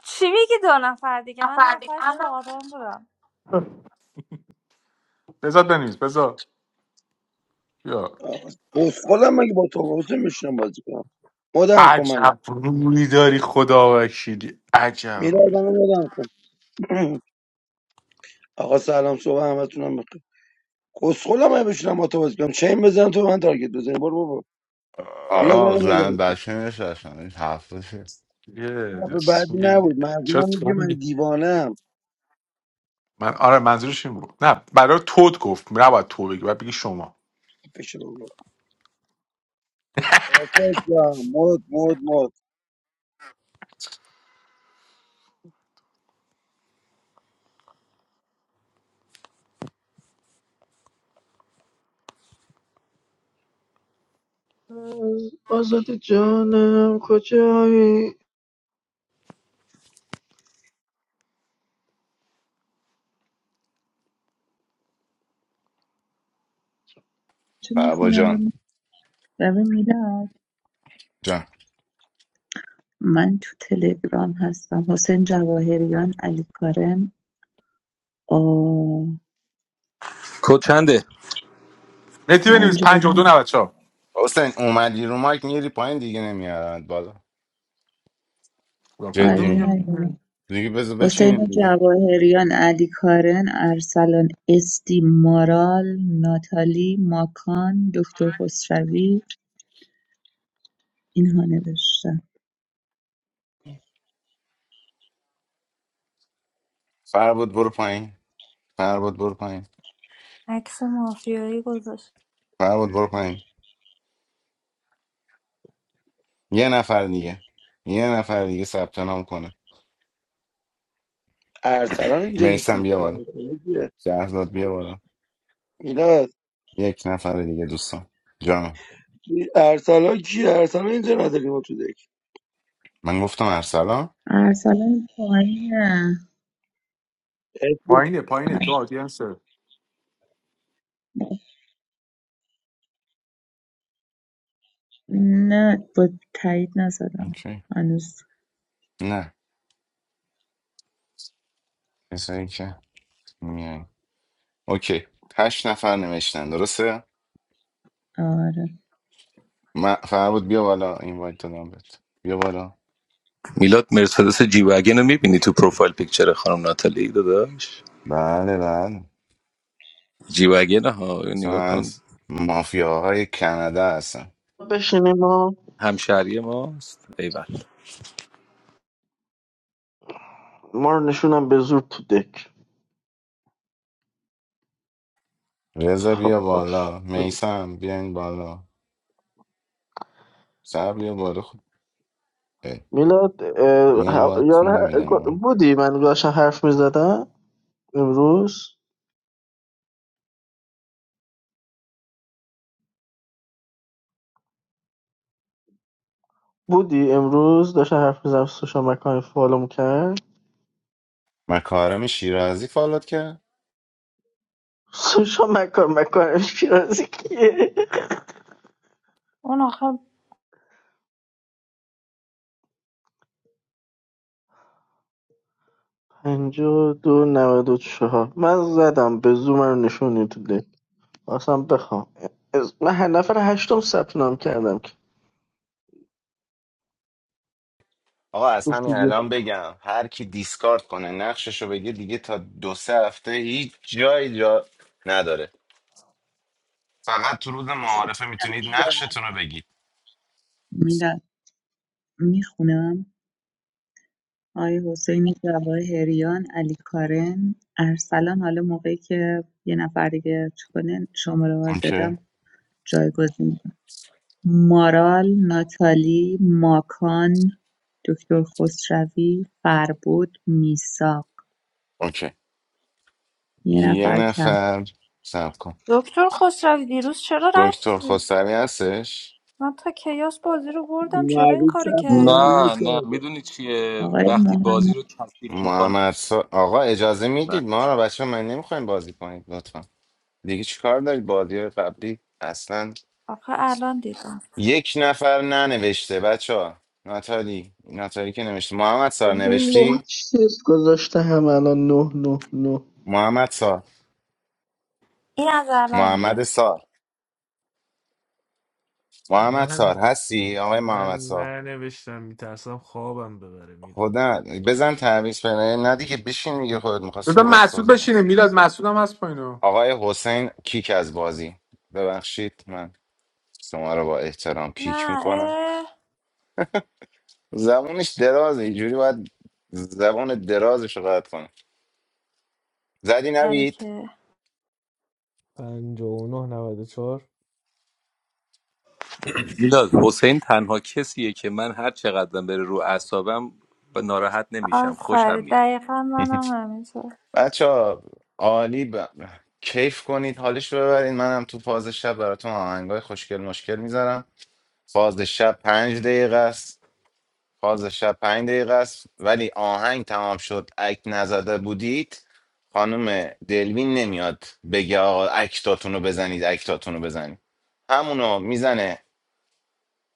S17: چی میگی دو نفر دیگه من نفر چهارم بودم
S5: بزاد بنویس بزاد یا
S18: بسخولم مگه با تو حسین میشنم بازی کنم مدام کن منو
S5: عجب روی داری خدا وکیلی عجب روی
S18: میلاد
S5: داری
S18: منو مدام کن آقا سلام صبح همتونم بخیر کسخولم مگه بشینم با تو بازی کنم چین بزن تو به من تارگت بزنی برو بابا
S5: آه.
S18: میلاد
S15: آقا
S18: منو
S15: زن
S18: مدام کن
S15: بچه نشستم این حرفشه
S5: یه-
S18: حرف بعدی
S5: یه-
S18: نبود مردم میگه
S5: چرا
S18: من دیوانم
S5: من آره منظورش این بود نه برای تود گفت نباید تو بگی باید بگی شما
S18: بشه بابا آسف جان مد مد مد
S10: آزاده جانم کجایی
S3: چه
S15: بابا
S3: میخونم
S15: جان
S3: ببین ببین میلاد
S15: جان.
S3: من تو تلگرام هستم حسین جواهریان علی کارم آه
S5: مهدی بنویس 52
S3: پنجولی
S5: 94
S15: حسین اومدی رو مایک میری پایین دیگه نمیاد بالا
S5: خدا
S3: آره
S5: کدو
S15: جدی
S3: دیگه
S15: میگه
S5: میگم
S3: ندیدم.
S15: دیگه بذار بچینیم
S3: حسین
S15: دیگه
S3: جواهریان علی کارن ارسلان استی مارال ناتالی ماکان دکتر خسروی اینها نوشتم
S15: فربود برو پایین فربود برو پایین
S17: عکس مافیایی گذاشت
S15: فربود برو پایین یه نفر دیگه یه نفر دیگه ثبت نام کنه
S18: ارسلان اینجا نیست
S15: میسم بیا بالا
S18: ارسلان کیه؟
S15: شهرزاد بیا بالا
S18: میلاد
S15: یک نفر دیگه دوستان جانم
S18: این ارسلان کیه ارسلان اینجا نداری ما تو دک
S15: من گفتم ارسلان
S3: ارسلان پایینه
S18: اسم
S5: پایینه پایینه تو
S3: ار-
S5: آدینس بذار
S3: نه با تایید نزدم
S15: اوکی
S3: هنوز
S15: نه کسایی که میای اوکی هشت نفر نوشتن درسته
S3: آره
S15: من فربود بیا بالا این وایت دادم بهت بیا بالا
S14: میلاد مرسدس جی واگن رو میبینی تو پروفایل پیکچر خانم ناتالی داداش
S15: بله بله
S14: جی واگن ها اینو نگاه
S15: مثلا
S14: کن
S15: از مافیاهای کانادا هستن
S10: بشینیم ما
S14: همشهری ماست ایول
S10: ما رو نشونم به زور تو دک
S15: رضا
S10: خب
S15: بیا
S10: باش
S15: بالا
S10: بگو.
S15: میسم بیاین بالا سر بیا بالا خود اه،
S10: میلاد اه،
S15: دیگه این
S10: ه-
S15: وقت
S10: یاد
S15: نمیدم
S10: بودی من داشتم حرف میزدم امروز بودی امروز داشتم حرف میزدم سوشا مکان فالوم کرد
S15: مکارم شیرازی فالوت کرد
S10: سوشا مکان مکان پیرازی کیه
S17: اون آخر
S10: پنجاه و دو نود و چهار من زدم به زور من نشونی تو دک اصلا بخوام از- من هر نفر هشتم ثبت نام کردم که
S15: آقا از
S10: گفت
S15: همین
S10: دیگه
S15: الان بگم هر کی دیسکارد کنه نقششو بگه دیگه تا دو سه هفته هیچ جایی جا نداره فقط تو روز معارفه میتونید نقشتون رو بگید
S3: میدم میخونم آقای حسین جواهریان علی کارن ارسلان حالا موقعی که یه نفر دیگه کنه شماره ها رو
S15: اوکی
S3: دادم جایگزین می‌کنم. مارال ناتالی ماکان دکتر خسروی فربود میساق
S15: اوکی
S3: یه
S15: یه
S3: نفر کم
S15: نفر سب کن
S17: دکتر خسروی دیروز چرا
S15: دکتر
S17: رفتی
S15: خسروی هستش
S17: من تا کیاس بازی رو بردم چرا این
S18: نوید
S17: کار
S18: ثبت
S17: کردی
S18: نام
S14: نه نه
S18: نکرده
S14: میدونی چیه
S3: آقای
S14: وقتی بازی
S3: محمد
S14: رو کثیف میکنه
S15: محمد سا... آقا اجازه
S14: من
S15: میدید ما رو بچه من نمیخوایم بازی کنید لطفا دیگه چیکار دارید بازی های قبلی اصلا
S17: آخه الان دیدم
S15: یک نفر ننوشته بچه ها ناتالی ناتالی که نوشته محمد سار
S10: از این نه
S15: نوشتی
S10: چیز گذاشته هم الان نه نه نه
S15: محمد سار
S17: این از الان
S15: محمد
S17: گرفت
S15: سار محمد
S2: من
S15: سار هستی آقای
S2: من
S15: محمد سار
S2: ننوشتم میترسم خوابم ببره میرو
S15: خدا بزن تعویض پنه نه دیگه بشین میگه خودت میخواستی دست
S5: مسعود
S15: بازی کن
S5: بشینه میلاد مسعود هم هست پایینو
S15: آقای حسین کیک از بازی ببخشید من شما رو با احترام کیک
S17: نه
S15: میکنم
S17: اه
S15: زبونش درازه اینجوری باید زبان درازش رو قطع کنه زدی
S17: آره
S15: نوید
S17: که
S2: 59 94
S14: میلاد حسین تنها کسیه که من هر چقدرم بره رو اعصابم ب- ناراحت نمیشم خوشم
S17: آفرین
S14: میاد
S17: دقیقا منم همینطور
S15: بچه ها، عالی ب... کیف کنید حالش رو ببرید منم تو فاز شب براتون آهنگای خوشگل مشکل میذارم فاز شب پنج دقیقه است فاز شب پنج دقیقه است ولی آهنگ تمام شد اکت نزده بودید خانم دلوین نمیاد بگه آقا اکتاتون رو بزنید اکتاتون رو بزنید همونو میزنه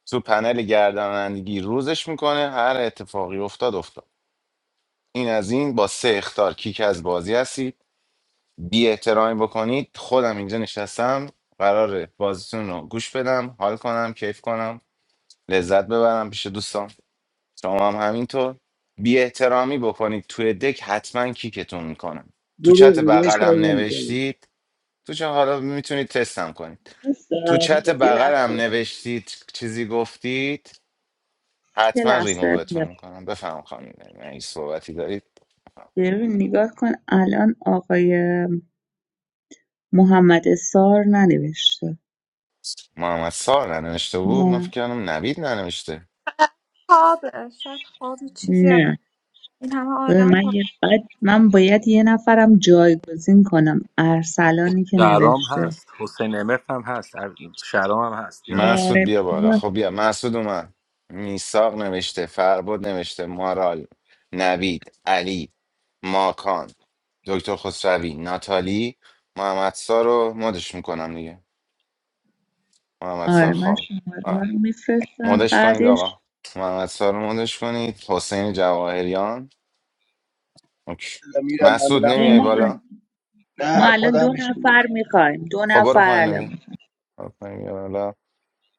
S15: تو پنل گردانندگی روزش میکنه هر اتفاقی افتاد افتاد این از این با سه اختار کیک از بازی هستید بی احترامی بکنید خودم اینجا نشستم قراره بازیتون رو گوش بدم حال کنم کیف کنم لذت ببرم پیش دوستان شما هم همینطور بی احترامی بکنید توی دک حتما کیکتون میکنم تو
S18: دروغ
S15: چت
S18: میگه هیچ کاری
S15: بغلم
S18: نمی‌کنه.
S15: نوشتید تو چه حالا میتونید تستم کنید
S3: هست؟
S15: تو چت
S3: میلاد، یه
S15: بغلم
S3: لحظه
S15: نوشتید چیزی گفتید
S3: یه
S15: حتما
S3: لحظه
S15: ریمووتون
S3: میلاد.
S15: میکنم بفهم خانم نعیم. اگه صحبتی دارید بفهم.
S3: ببین نگاه کن الان آقای محمد سار ننوشته
S15: محمد سار ننوشته بود من
S3: نه
S15: فکر کردم نوید ننوشته
S17: خوابه شاید خواب چیزی هم-
S3: نه
S17: این همه
S3: ببین،
S17: آدم
S3: من
S17: پا
S3: یه بعد من باید یه نفرم جایگزین کنم ارسلانی که
S14: شهرام
S3: نوشته
S14: هست حسین امف هم هست شهرام هم هست بیار بالا
S15: مسعود
S3: آره
S15: بیا بالا
S3: بیا
S15: خب بیا مسعود اومد میساق نوشته فرباد نوشته مارال نوید علی ماکان دکتر خسروی ناتالی محمد سار رو مدش میکنم دیگه محمد سار
S3: آره من
S15: خواب
S3: شماره
S15: آه.
S3: رو میفرستم
S15: مدش کنید
S3: بعدش
S15: آقا محمد سار رو مدش کنید حسین جواهریان اوکی.
S18: میرم من
S15: مسعود
S18: میرم
S3: به
S15: نمیای
S18: پایین
S3: ما
S15: بالا
S18: ببین.
S3: ما
S18: نه
S3: الان
S18: خودم
S3: دو نفر
S18: میشینم
S3: میخوایم دو
S15: خب برو
S3: نفر
S15: پایین بیا
S3: الان
S15: برو پایین بیا بالا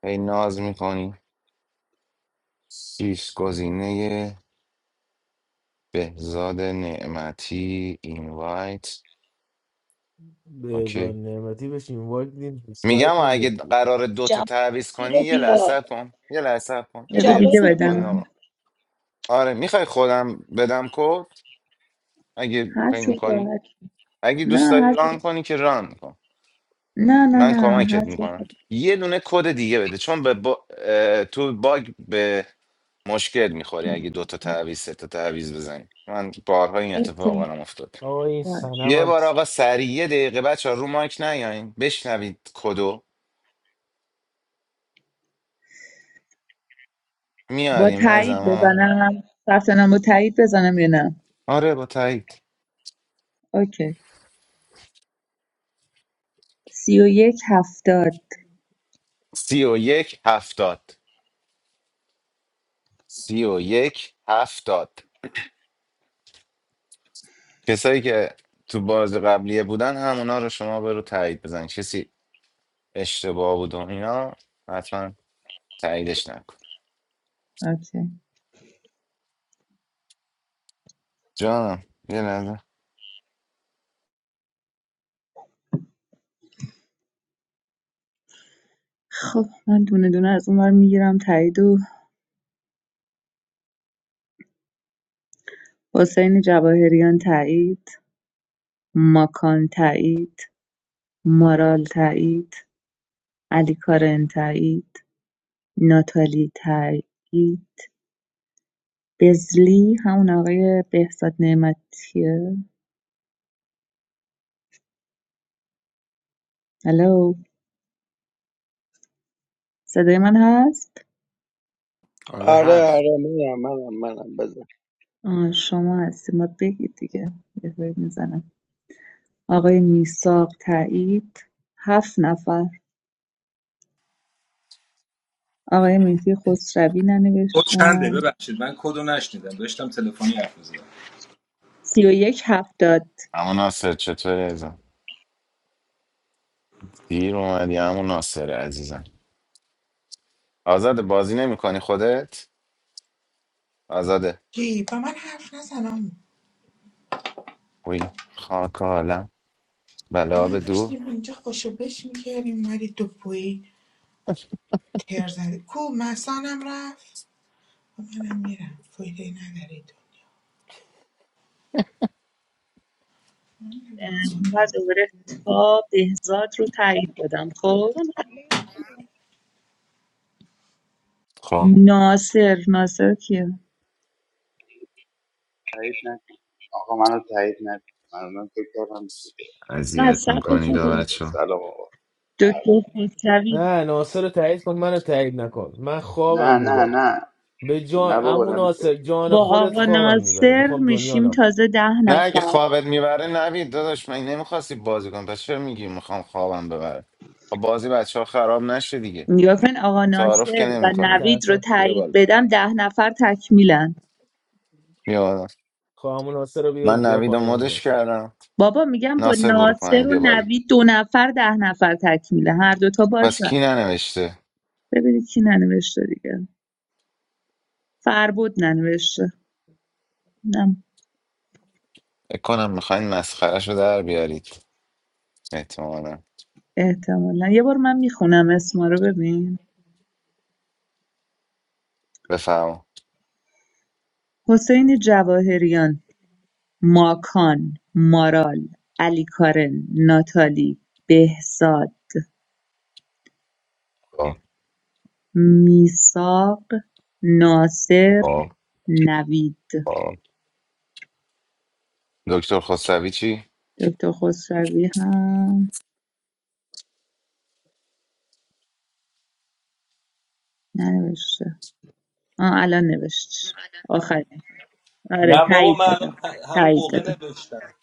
S15: هی ناز میکنی شیش گزینه بهزاد نعمتی اینوایت
S2: بهزاد
S15: اوکی
S2: نعمتی بشین وایدین
S15: میگم
S2: اسلایت
S15: اگه قرار دوتا
S4: جواد
S15: تعویض
S4: مهدی
S15: کنی
S4: رو
S15: یه لحظه
S4: بیار
S15: صبر کن یه لحظه صبر کن یه
S3: بده
S15: دقیقه
S4: جواد
S3: دیگه
S4: رو
S15: صبر کن
S4: بیار
S3: بدم
S15: آقا آره میخوای خودم بدم کد اگه
S3: هر
S15: فکر
S3: چی
S15: میکنی
S3: راحت
S15: اگه دوست
S3: نه
S15: داری
S3: هر چی
S15: ران کنی که ران کن
S3: نه نه
S15: من
S3: نه
S15: کمکت
S3: هر چی
S15: میکنم یه دونه کد دیگه بده چون به با... اه، تو باگ به مشکل میخوری اگه دو تا
S3: راحت.
S15: تعویض سه تا تعویض بزنی من بارها این اتفاق
S3: اوکی.
S15: برام افتاد
S2: آقا این
S3: باش.
S15: یه
S2: سنمم
S15: بار آقا سریع یه دقیقه بچه رو مایک نیاین بشنوید کدو
S3: با
S15: میاریم از
S3: تایید
S15: زمان
S3: بزنم ثبت نام با تایید بزنم یا نه
S15: آره با تایید
S3: اوکی سی و یک هفتاد
S15: سی و یک هفتاد سی و یک هفتاد کسایی که تو باز قبلیه بودن همونا رو شما برو تایید بزن کسی اشتباه بود و اینا حتما تاییدش نکن
S3: اوکی
S15: جانم یه لحظه
S3: خب من دونه دونه از اونور میگیرم تایید و حسین جواهریان تایید ماکان تایید مارال تایید علی کارن تایید ناتالی تایید بزلی همون آقای بهزاد نعمتیه الو صدای من هست
S5: آره
S18: آره
S5: هست
S18: آره منم منم منم بزن
S3: آه، شما هستی ما بگید دیگه یه وری میزنم آقای میساق تایید هفت نفر آقای مهدی خسروی
S14: کد چنده
S3: ننوشتن
S14: ببخشید من کدو نشنیدم داشتم تلفنی حرف
S3: سی و یک هفتاد
S15: اما ناصر چطوری ازم دیر اومدی همون ناصر عزیزم آزاده بازی نمیکنی خودت آزاده
S8: جی با من حرف نزنم
S15: وی خاک عالم
S8: ما
S15: بلا به دور
S8: داشتیم اینجا خوشو بش میکردیم ولی دو پوی تر زده کو مسانم رفت و منم میرم فایده نداره تو
S3: اه، و دوباره تا بهزاد رو تایید دادم خب
S4: مثلا همه رو بیار.
S15: خواب
S3: ناصر ناصر کیه؟
S19: تایید نکن آقا منو تایید نکن من من فکر کردم چیزه
S3: نه
S15: اذیت
S19: از
S3: صبر
S15: میکنی
S19: بچه
S15: دا
S3: کنیم
S19: بازی کن
S15: بچه
S19: سلام آقا
S3: دکتر خسروی
S2: نه ناصر رو تایید کن منو تایید نکن من
S19: نه
S2: خوابم
S19: نه
S2: میبره
S19: نه
S2: به جان
S19: نه بابا
S2: امو
S19: نمیخواد
S2: ناصر جان
S3: با
S2: خودت
S3: آقا
S2: خوابم میبره
S3: ناصر
S2: میخوام دنیا
S3: میشیم
S2: نبود
S3: تازه ده
S15: نه اگه
S3: نفر
S15: خوابت میبره نوید داداش من نمیخواستی بازی کنم پس چرا میگی میخوام خوابم ببره خب بازی بچه ها خراب نشه دیگه
S3: نگاه کن آقا
S15: تعارف که
S3: ناصر
S15: نمی
S3: و
S15: کنیم
S3: نوید رو
S2: میترسم
S15: بیا
S3: تایید
S15: بالا
S3: بدم ده نفر تکمیلن
S15: بیا بالا
S2: خواه امو ناصر رو بیا
S15: من
S2: بیا
S15: نوید رو
S2: پایین امو
S15: مدش
S2: ناصر
S15: کردم
S3: بابا میگم با
S15: ناصر برو
S3: ناصر
S15: پایین
S3: و
S15: بیا بالا
S3: نوید دو نفر ده نفر تکمیله هر دوتا
S15: پس کی
S3: باشن
S15: ننوشته
S3: ببینید کی ننوشته دیگه فربود ننوشته نه
S15: فکر کنم میخواین مسخرش رو در بیارید احتمالا
S3: احتمالا یه بار من میخونم اسما رو ببین
S15: بفرما
S3: حسین جواهریان ماکان مارال علی کارن ناتالی بهزاد
S15: خب
S3: میساق ناصر
S15: خب
S3: نوید
S15: خب. دکتر خسروی چی؟
S3: دکتر خسروی هم ننوشته آه الان نوشت آخرین آره
S14: نه بابا
S3: تایید
S14: من
S3: دادم
S14: الان همون
S3: تایید
S14: موقع
S3: دادم
S14: نوشتم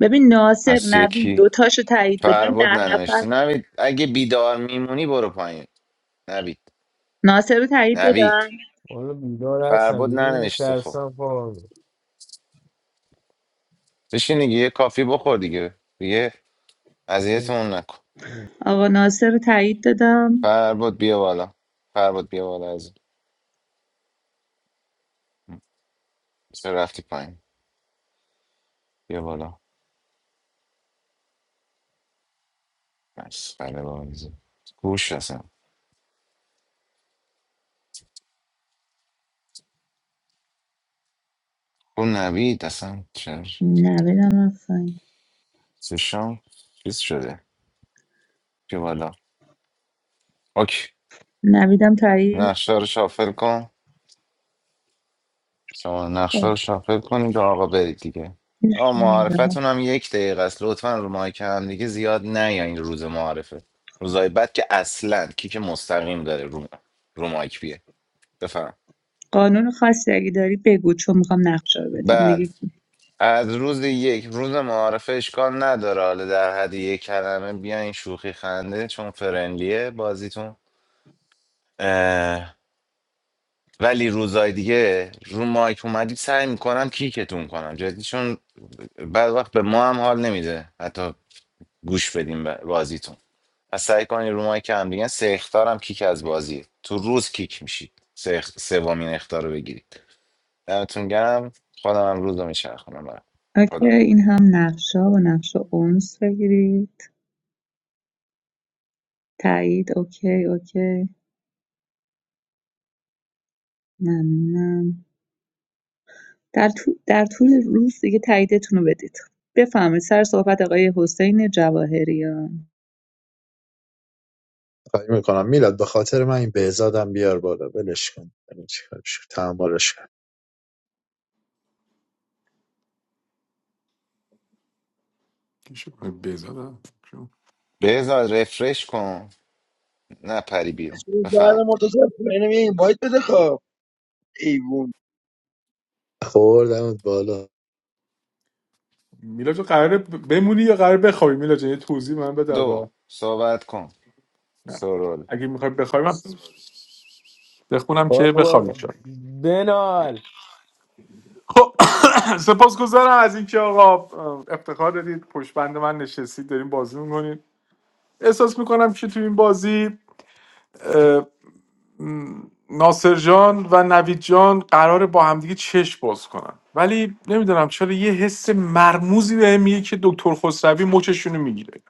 S3: ببین ناصر
S15: هست
S3: نوید
S15: یکی
S3: دوتاشو تایید بدم
S15: فرباد
S3: ده
S15: ننوشته
S3: نفر
S15: نوید اگه بیدار میمونی برو پایین نوید
S3: ناصر رو تایید بدم
S15: نوید
S2: حالا بیدار هستم
S15: فرباد ننوشته خب
S2: میترسم خوابم
S15: بشین دیگه یه کافی بخور دیگه دیگه
S2: میبره.
S15: اذیتمون نکن
S3: آقا ناصر رو تایید دادم
S15: فرباد بیا بالا فرباد بیا بالا از چرا رفتی پایین بیا بالا بس بله بازی گوش اصلا اون نوید اصلا چرا
S3: نویدم رفتن
S15: چشام چیز شده بیا بالا اوکی
S3: نویدم تایید
S15: نقشه رو شافل کن شما نقشه
S3: خب،
S15: رو شافل کنید و آقا برید دیگه آقا
S3: دوست
S15: معارفتون هم یک دقیقه است لطفا رو مایک هم دیگه زیاد نه یا این روز معارفه روزای بعد که اصلا کیک مستقیم داره رو, رو مایک بیه بفهم
S3: قانون خاصی اگه داری بگو چون میخوام نقشه رو بدم
S15: بله
S3: دیگه
S15: از روز یک روز معارفه اشکال نداره حالا در حد یک کلمه بیاین شوخی خنده چون فرنلیه بازیتون اه، ولی روزای دیگه رو مایک اومدید سعی میکنم کیکتون کنم جدی چون بعد وقت به ما هم حال نمیده حتی گوش بدیم به بازیتون و سعی کنین رو مایک هم دیگه سه اخطار هم کیک از بازیه تو روز کیک میشید سه اخ- سومین اخطار رو بگیرید دمتون گرم خودم هم روز رو میچرخونم برم
S3: اوکی
S15: خدا
S3: این هم نقشه و نقشه اونس بگیرید تایید اوکی اوکی ممنونم در, طو- در طول روز دیگه تاییدتون رو بدید بفهمید سر صحبت آقای حسین جواهریان
S20: خواهی میکنم میلاد به خاطر من این بهزادم بیار بالا ولش کن ببین چیکارش کنی. تحملش کن
S5: کیشو بزاد
S15: بذار رفرش کن نه پری بیرون
S18: چون زهر
S15: بفهم
S18: مرتضی اینم یه اینوایت بده خب ایوون
S20: خوردمت بالا
S5: میلاد تو قراره ب- بمونی یا قراره بخوابی میلاد جان یه توضیح من بده اول
S15: دو صحبت کن
S5: نه.
S15: سرول
S5: اگه میخوای بخوابی من بخونم که
S2: بابا
S5: بخوابی شد
S2: بنال
S5: خب سپاسگزارم از اینکه آقا افتخار دادید پشت بند من نشستید دارین بازی میکنید احساس میکنم که تو این بازی ناصر جان و نوید جان قراره با همدیگه چشم باز کنن ولی نمیدونم چرا یه حس مرموزی به میگه که دکتر خسروی مچشونو میگیره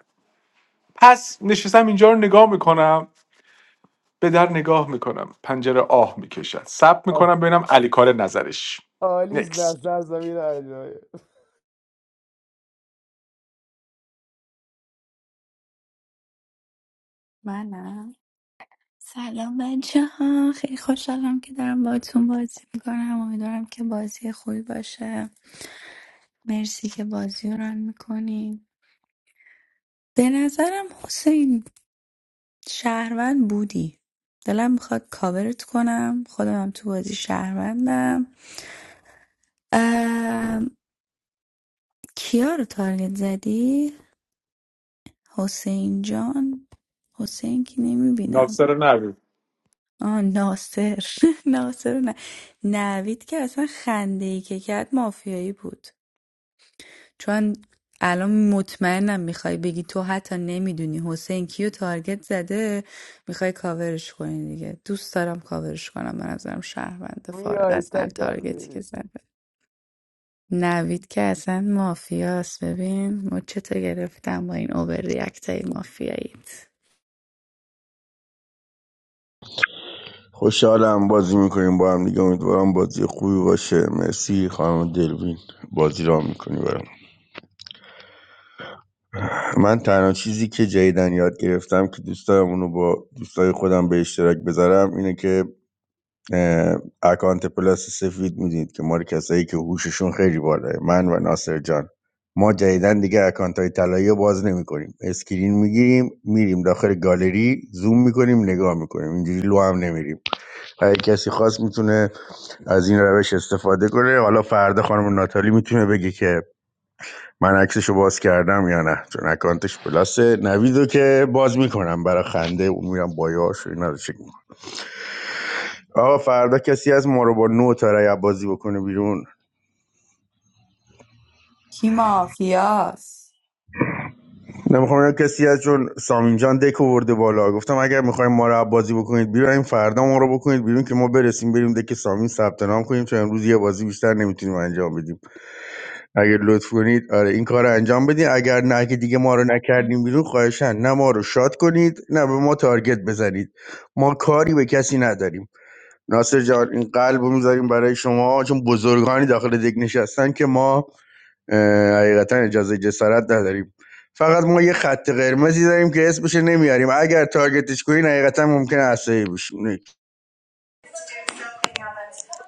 S5: پس نشستم اینجا رو نگاه میکنم به در نگاه میکنم پنجره آه میکشد سب میکنم ببینم علی کار نظرش
S2: آلیس
S5: نکس
S2: در سر زمین هر جایه
S12: منم سلام بچه ها خیلی خوشحالم که دارم باتون بازی میکنم امیدوارم که بازی خوبی باشه مرسی که بازی رو رن میکنین به نظرم حسین شهروند بودی دلم میخواد کاورت کنم خودم هم تو بازی شهروندم ام، کیا رو تارگت زدی؟ حسین جان حسین که نمیبینم
S5: ناصر نوید
S12: آه ناصر ناصر نه نوید که اصلا خنده ای که کرد مافیایی بود چون الان مطمئنم میخوای بگی تو حتی نمیدونی حسین کیو تارگت زده میخوای کاورش کنی دیگه دوست دارم کاورش کنم به نظرم شهرونده فارغ
S2: میای
S12: از هر
S2: تکم
S12: تارگتی که
S2: میری
S12: زده نوید که اصلا مافیاست ببین مچتو گرفتم با این اوور ریاکت های مافیاییت
S21: خوشحالم بازی میکنیم با هم دیگه امیدوارم بازی خوبی باشه مرسی خانم دلوین بازی را میکنی برام من تنها چیزی که جدیدن یاد گرفتم که دوست دارم اونو با دوستای خودم به اشتراک بذارم اینه که اه، اکانت پلاس سفید میدید که ما رو کسایی که هوششون خیلی بالاه من و ناصر جان ما جدیدن دیگه اکانت های طلایی رو باز نمیکنیم اسکرین میگیریم میریم داخل گالری زوم میکنیم نگاه میکنیم اینجوری لو هم نمیریم اگه کسی خواست میتونه از این روش استفاده کنه حالا فردا خانم ناتالی میتونه بگه که من عکسشو باز کردم یا نه چون اکانتش پلاسه نویدو که باز میکنم برای خنده و میرم بایاش و اینا رو چک می‌کنم. آقا فردا کسی از ما رو با نو تا رای بازی بکنه بیرون
S12: کی مافیاس
S21: نمیخوام اینا کسی از چون سامین جان دک ورده بالا گفتم اگر میخوایم ما رو بازی بکنید بیرون این فردا ما رو بکنید بیرون که ما برسیم بریم دک سامین ثبت نام کنیم چون امروز یه بازی بیشتر نمیتونیم انجام بدیم اگه لطف کنید آره این کار رو انجام بدین اگر نه که دیگه ما رو نکردیم بیرون خواهشن نه ما رو شاد کنید نه به ما تارگت بزنید ما کاری به کسی نداریم ناصر جان این قلب رو میذاریم برای شما چون بزرگانی داخل دک نشستن که ما اه، حقیقتا اجازه جسارت نداریم فقط ما یه خط قرمزی داریم که اسمش رو نمیاریم اگر تارگتش کنین حقیقتا ممکنه عصبی بشیم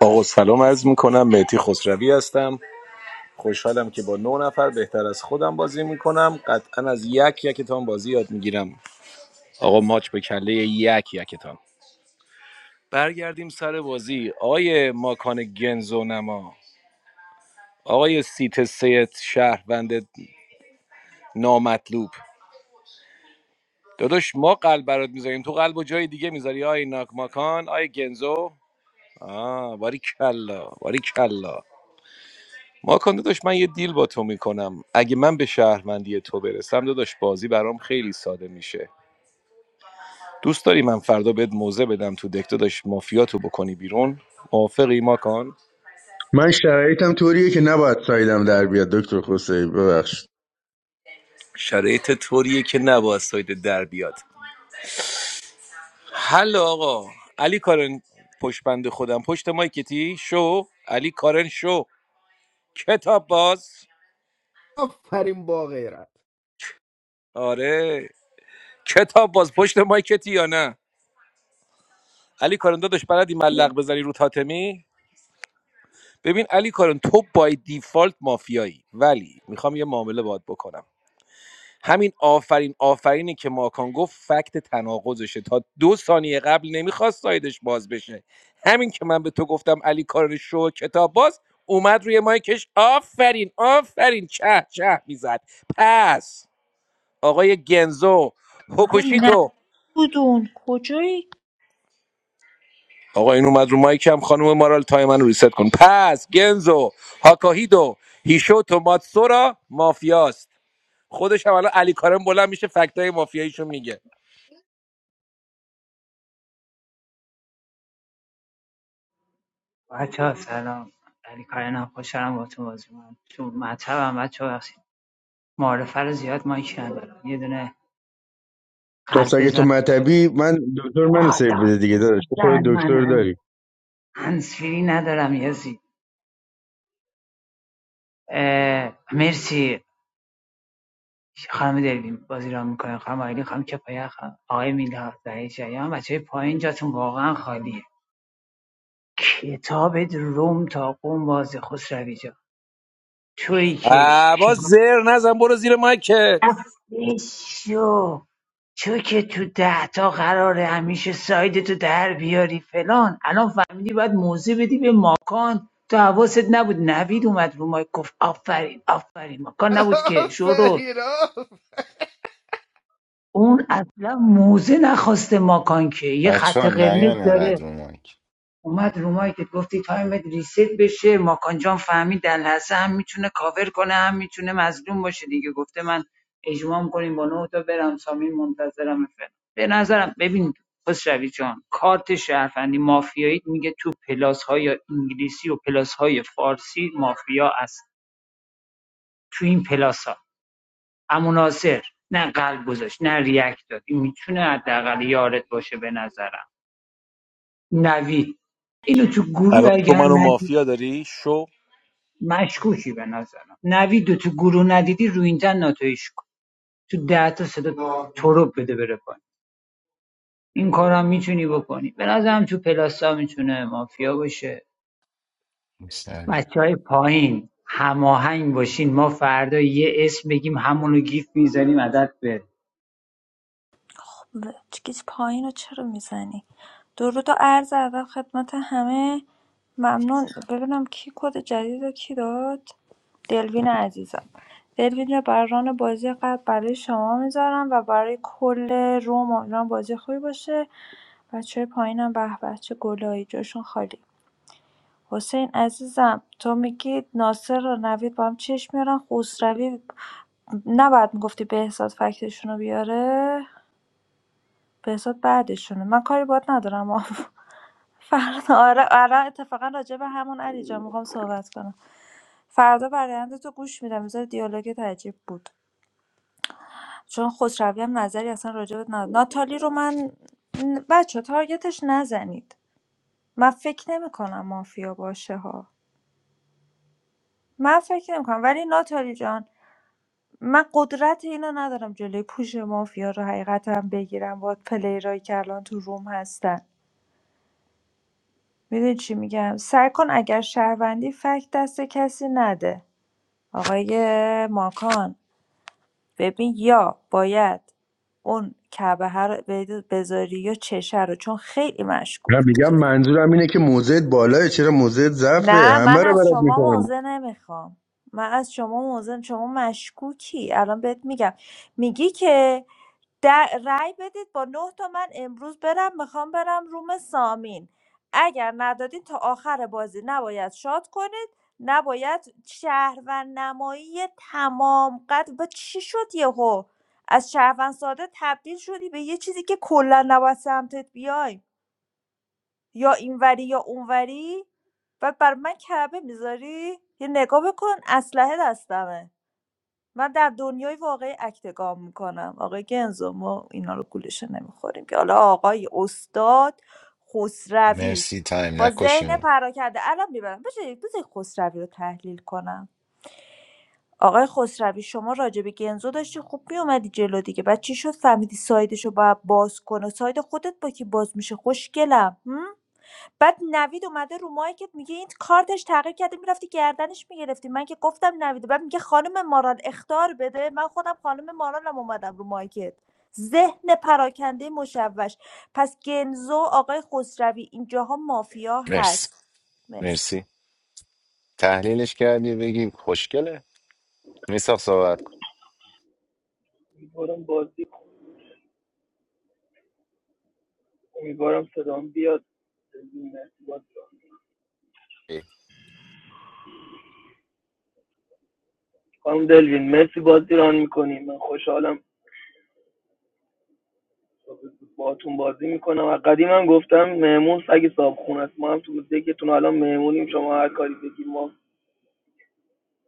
S14: آقا سلام عرض میکنم مهدی خسروی هستم خوشحالم که با نه نفر بهتر از خودم بازی میکنم قطعا از یک یکتان بازی یاد میگیرم آقا ماچ به کله یک یکتان برگردیم سر بازی آقای ماکان گنزو نما آقای سیت سیت شهروند نامطلوب داداش ما قلب برات میذاریم تو قلب و جای دیگه میذاری آی ناک ماکان آی گنزو آه باری کلا باری کلا. ماکان داداش من یه دیل با تو میکنم اگه من به شهروندی تو برسم داداش بازی برام خیلی ساده میشه دوست داری من فردا بهت موزه بدم تو دک داداش مافیاتو بکنی بیرون موافقی ماکان
S21: من شرایطم طوریه که نباید سایدم در بیاد دکتر خسروی ببخشید
S14: شرایط طوریه که نباید ساید در بیاد حل آقا علی کارن پشت بند خودم پشت مایکتی شو علی کارن شو کتاب باز
S2: آفرین با غیرت
S14: آره کتاب باز پشت مایکتی یا نه علی کارن داداش بلدی ملق بزنی رو تاتمی ببین علی کارن تو بای دیفالت مافیایی ولی میخوام یه معامله باید بکنم همین آفرین آفرینی که ماکان گفت فکت تناقضشه تا دو ثانیه قبل نمیخواست سایدش باز بشه همین که من به تو گفتم علی کارن شو کتاب باز اومد روی مایکش آفرین آفرین چه چه میزد پس آقای گنزو
S17: بابا، نه
S14: هوکوشیتو
S17: گودون کجایی؟
S14: آقا این اومد رو مایکم خانم مارال تای من ریست کن پس گنزو هاکاهیدو هیشوتو ماتسورا مافیاست خودش هم الان علی کارم بلند میشه فکتای مافیاییشو میگه
S22: بچه ها سلام علی کارنا خوشحالم با تو بازی من تو مطبم بچه ها بخشید معارفه رو زیاد مایک ندارم یه دونه
S21: پس
S22: قلب
S21: اگه تو
S22: بذار
S21: مطبی من دکتر منو سیو
S22: باداد
S21: بده دیگه داداش تو خود
S22: زن من
S21: دکتر
S22: هم
S21: داری
S22: هنسفیری ندارم یزی اه، مرسی خانم دلوین بازی را میکنه خانم آیلی خانم کفایه خانم آقای میلاد در جریان بچه های پایین جاتون واقعا خالیه کتاب روم تا قوم باز خسروی جان تویی
S14: با
S22: که
S14: زر نزن برو زیر مکت
S22: خفه شو چون که تو ده تا قراره همیشه سایدتو در بیاری فلان الان فهمیدی باید موزه بدی به ماکان تو حواست نبود نوید اومد رو مایک گفت آفرین آفرین ماکان نبود که شروع
S2: آفرین
S22: اون اصلا موزه نخواسته ماکان که یه
S15: بچه
S22: خط
S15: ها
S22: قرمز
S15: نیان
S22: داره
S15: اینقدر رو مایک
S22: اومد رو مایکت گفتی تایمت ریست بشه ماکان جان فهمید در لحظه هم میتونه کاور کنه هم میتونه مظلوم باشه دیگه گفته من اجمام کنیم با نه تا برم سامین منتظرم فعلا به نظرم ببین خسروی جان کارت شهروندی مافیایی میگه تو پلاس های انگلیسی و پلاس فارسی مافیا است تو این پلاس ها اما ناصر نه قلب گذاشت نه ریاکت داد این میتونه حداقل یارت باشه به نظرم نوید اینو تو گروه
S14: الان تو
S22: اگر
S14: منو
S22: ندید
S14: مافیا داری شو
S22: مشکوکی به نظرم نوید و تو گروه ندیدی رو این تن ناتویش کن تو ده تا صدا تروب بده بره پایین این کارم میتونی بکنی به نظرم تو پلاسا میتونه مافیا باشه
S15: می‌سنده.
S22: بچه های پایین هماهنگ باشین ما فردا یه اسم بگیم همونو گیف میزنیم عدد بره
S17: خب گیج پایین رو چرا میزنی؟ درود و عرض ادب خدمت همه ممنون ببینم کی کد جدید رو کی داد؟ دلوین عزیزم دلوین جان، برای ران بازی قبل برای شما میذارم و برای کل روم امیدوارم بازی خوبی باشه بچه های پایینم به به چه گلایی جاشون خالی حسین عزیزم تو میگی ناصر و نوید با هم چشم میارن خسروی نباید میگفتی بهزاد فکتشون رو بیاره بهزاد بعدشونه من کاری باهات ندارم فردا آره آره اتفاقا راجع به همون علی جان میخوام صحبت کنم فردا برایند تو گوش میدم بذار دیالوگت عجیب بود چون خسروی هم نظری اصلا راجع نداره. ناتالی رو من بچه تارگتش نزنید من فکر نمیکنم مافیا باشه ها من فکر نمیکنم ولی ناتالی جان من قدرت اینو ندارم جلوی پوش مافیا رو حقیقتا بگیرم با پلیرایی که الان تو روم هستن میدونی چی میگم سعی کن اگر شهروندی فکت دست کسی نده آقای ماکان ببین یا باید اون کعبه رو بذاری یا چشه رو چون خیلی مشکوک
S21: من
S17: بود.
S21: میگم منظورم اینه که موضعت بالاه چرا موضعت ضعفه
S17: نه
S21: همه
S17: من
S21: رو
S17: از
S21: برات
S17: شما
S21: میکنم
S17: موضع نمیخوام من از شما موضع شما مشکوکی الان بهت میگم میگی که در رأی بدید با 9 تا من امروز برم میخوام برم روم سامین اگر ندادین تا آخر بازی نباید شاد کنید نباید شهروند نمایی تمام قد با چی شد یهو از شهروند ساده تبدیل شدی به یه چیزی که کلا نباید سمتت بیای یا اینوری یا اونوری و بر من کعبه میذاری یه نگاه بکن اسلحه دستمه من در دنیای واقعی اکت گام میکنم آقای گنزو ما اینا رو گولشه نمیخوریم که حالا آقای استاد خسروی
S15: مرسی تایم
S17: با ذهن
S15: نکشیم
S17: پراکنده الان میبرم بشه بذاری خسروی رو تحلیل کنم آقای خسروی شما راجع به گنزو داشتی خوب میومدی جلو دیگه بعد چی شد فهمیدی سایدش رو باید باز کنه ساید خودت با کی باز میشه خوشگلم هم؟ بعد نوید اومده رو مایکت میگه این کارتش تغییر کرده میرفتی گردنش میگرفتی من که گفتم نوید بعد میگه خانم مارال اختار بده من خودم خانم مارالم اومدم رو مایکت ذهن پراکنده مشوش پس گنزو آقای خسروی اینجاها مافیا
S15: مرسی
S17: هست مرسی
S15: مرسی تحلیلش کردی بگی خوشگله میساخت صحبت کن
S23: امیدوارم بازی امیدوارم صدام بیاد دلوین، مرسی بازی ران. خانم دلوین مرسی بازی ران میکنیم من خوشحالم باهاتون بازی میکنم از قدیم هم گفتم مهمون سگ صاحب خونه است ما هم تو دکتون الان مهمونیم شما هر کاری بگیم ما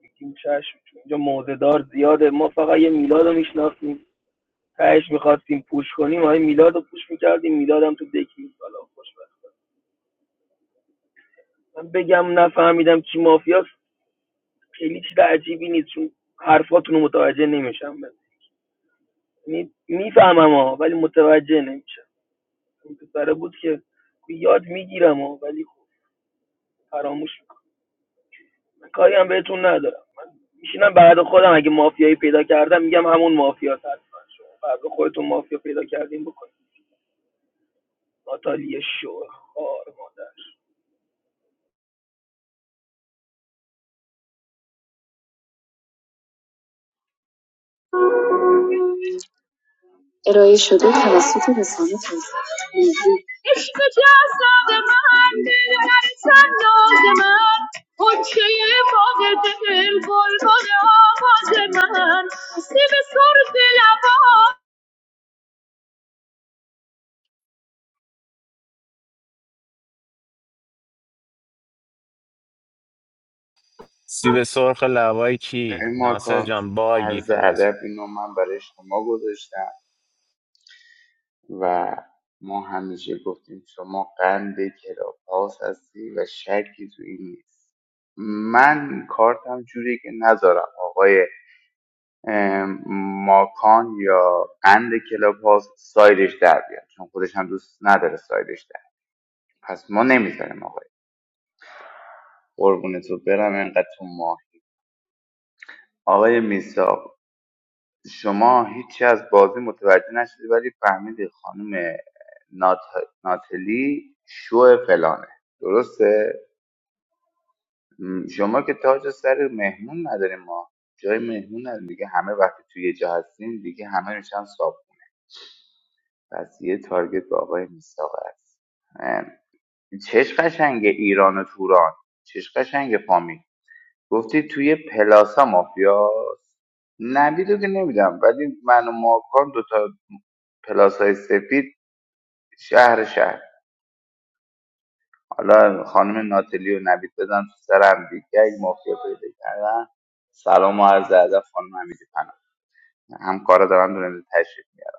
S23: بگیم چشم چون اینجا موزهدار زیاده ما فقط یه میلاد رو میشناسیم تهش میخواستیم پوش کنیم های میلاد رو پوش میکردیم میلاد هم تو دکی نیست. حالا خوشبخت من بگم نفهمیدم کی مافیاست خیلی چیز عجیبی نیست چون حرفاتون رو متوجه نمیشم یعنی میفهمم ها ولی متوجه نمیشم اون پسره بود که یاد میگیرم ها ولی خب فراموش میکنم کاری هم بهتون ندارم من میشینم بعد خودم اگه مافیایی پیدا کردم میگم همون مافیا حتما شما فردا خودتون مافیا پیدا کردین بکنید ناتالی شور خار مادر
S19: ارائه شده توسط رسانه توسعه ملی. عشق جذاب من دل من، صندوق من حجه باغ دل بلبل آواز من سیب سرب لبان
S15: سیب سرخ لوای کی
S19: این
S15: ناصر
S19: ماکان
S15: جان باگی
S19: عرض
S15: فرج
S19: ادب اینو من برای شما گذاشتم و ما همیشه گفتیم شما قند کلاب هاوس هستی و شکی تو این نیست من کارتم جوری که نذارم آقای ام، ماکان یا قند کلاب هاوس سایدش در بیاد چون خودش هم دوست نداره سایدش در بیاد. پس ما نمیذاریم آقای قربونتو برم انقدر تو ما آقای میساق شما هیچی از بازی متوجه نشدی ولی فهمیدی خانم نات... ناتلی شو فلانه درسته م، شما که تاج سر مهمون نداریم ما جای مهمون نداریم دیگه همه وقتی توی یه جا هستیم دیگه همه میشن صاحب پس یه تارگت به آقای میساق است ام، چش قشنگ ایران و توران چش قشنگ فامی گفتی توی پلاسا مافیا نبیدو که نمیدم ولی من و ماکان پلاسای سفید شهر شهر حالا خانم ناتلی و نوید بزن تو سرم دیگه اگه مافیا پیدا کردن سلام و عرض ادب خانم حمیدی پناه همکارا دارن دونه تشریف میاد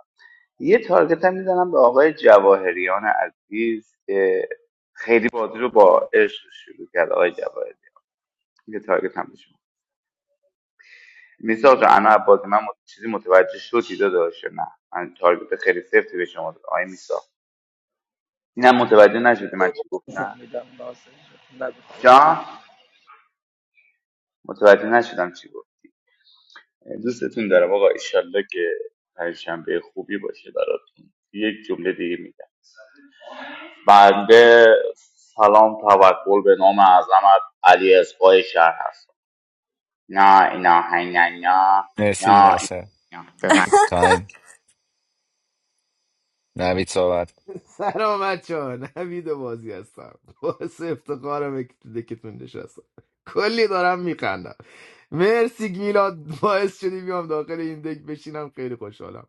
S19: یه تارگت هم میزنم به آقای جواهریان عزیز که خیلی بازی رو با عشق شروع کرد آقای جواهریان یه تارگت هم بشم میساق جان انا عباس من مت- چیزی متوجه شدی داداش نه من تارگت خیلی سفتی به شما دادم آقای میساق اینم متوجه نشدی من
S23: خدا
S19: چی گفتم
S23: بفهمیدم ناصر جان. نگو
S19: جان متوجه نشدم چی بود. دوستتون دارم آقا ایشالله که پنجشنبه خوبی باشه براتون یک جمله دیگه میگم بنده سلام توکل به نام اعظمت علی اسقای شهر هست نه اینا نه نه
S15: مرسی
S19: نه
S15: ناصر
S19: نه بفهم
S15: تایم نوید صحبت
S2: سلام بچه ها نوید بازی هستم باعث افتخارم که تو دکتون نشستم کلی دارم میخندم مرسی میلاد باعث شدی بیام داخل این دک بشینم خیلی خوشحالم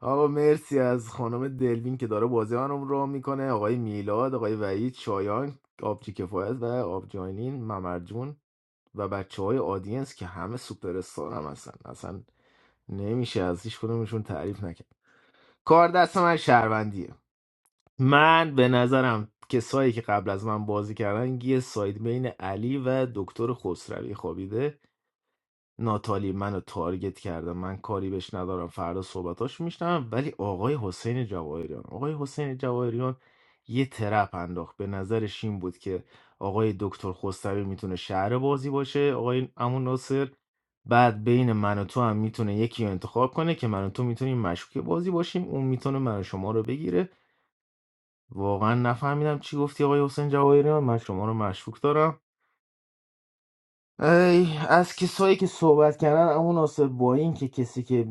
S2: آقا مرسی از خانم دلوین که داره بازی منو رو میکنه آقای میلاد آقای وحید شایان آبجی کفایت و آبجاینین ممرجون و بچه های آدینس که همه سوپر هم هستن اصلا نمیشه از هیچ کدومشون تعریف نکرد کار دست من شهروندیه من به نظرم کسایی که قبل از من بازی کردن یه ساید بین علی و دکتر خسروی خوابیده ناتالی منو تارگت کرده من کاری بهش ندارم فردا صحبتاش میشنم ولی آقای حسین جواهریان آقای حسین جواهریان یه ترپ انداخت به نظرش این بود که آقای دکتر خسروی میتونه شهر بازی باشه آقای امون ناصر بعد بین من و تو هم میتونه یکی رو انتخاب کنه که من و تو میتونیم مشکوک بازی باشیم اون میتونه من و شما رو بگیره واقعا نفهمیدم چی گفتی آقای حسین جواهریان من شما رو مشکوک دارم ای از کسایی که صحبت کردن اما ناصر با این که کسی که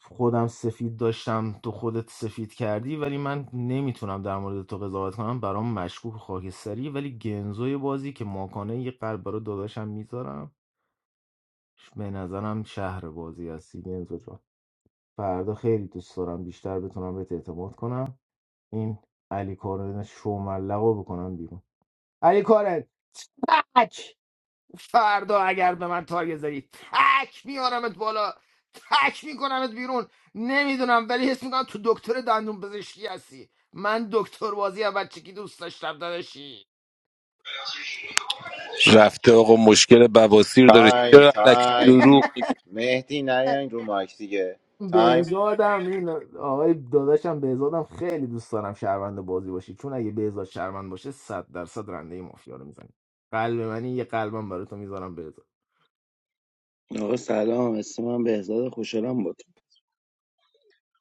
S2: خودم سفید داشتم تو خودت سفید کردی ولی من نمیتونم در مورد تو قضاوت کنم برام مشکوک و خاکستری ولی گنزوی بازی که ماکانه یه قلب برای داداشم میذارم به نظرم شهر بازی هستی گنزو جان فردا خیلی دوست دارم بیشتر بتونم بهت اعتماد کنم این علی کارن شوملقو بکنم بیرون علی کارن تک فردا اگر به من تایه زدی تک میارمت بالا تک میکنمت بیرون نمیدونم ولی حس میکنم تو دکتر دندون پزشکی هستی من دکتر بازی از بچگی دوست داشتم داداشی
S14: رفته آقا مشکل بواسیر داره
S15: تایم
S14: چرا علکی
S15: تایم
S14: دروغ میگی؟
S15: مهدی نیاین رو مایک دیگه تایم
S2: بهزادم این آقای داداشم بهزادم خیلی دوست دارم شهروند بازی باشی چون اگه بهزاد شهروند باشه صد درصد رنده مافیا رو میزنی قلب منی یه قلبم برای تو میذارم بهزاد
S18: آقا سلام اسم من بهزاد خوشحالم بود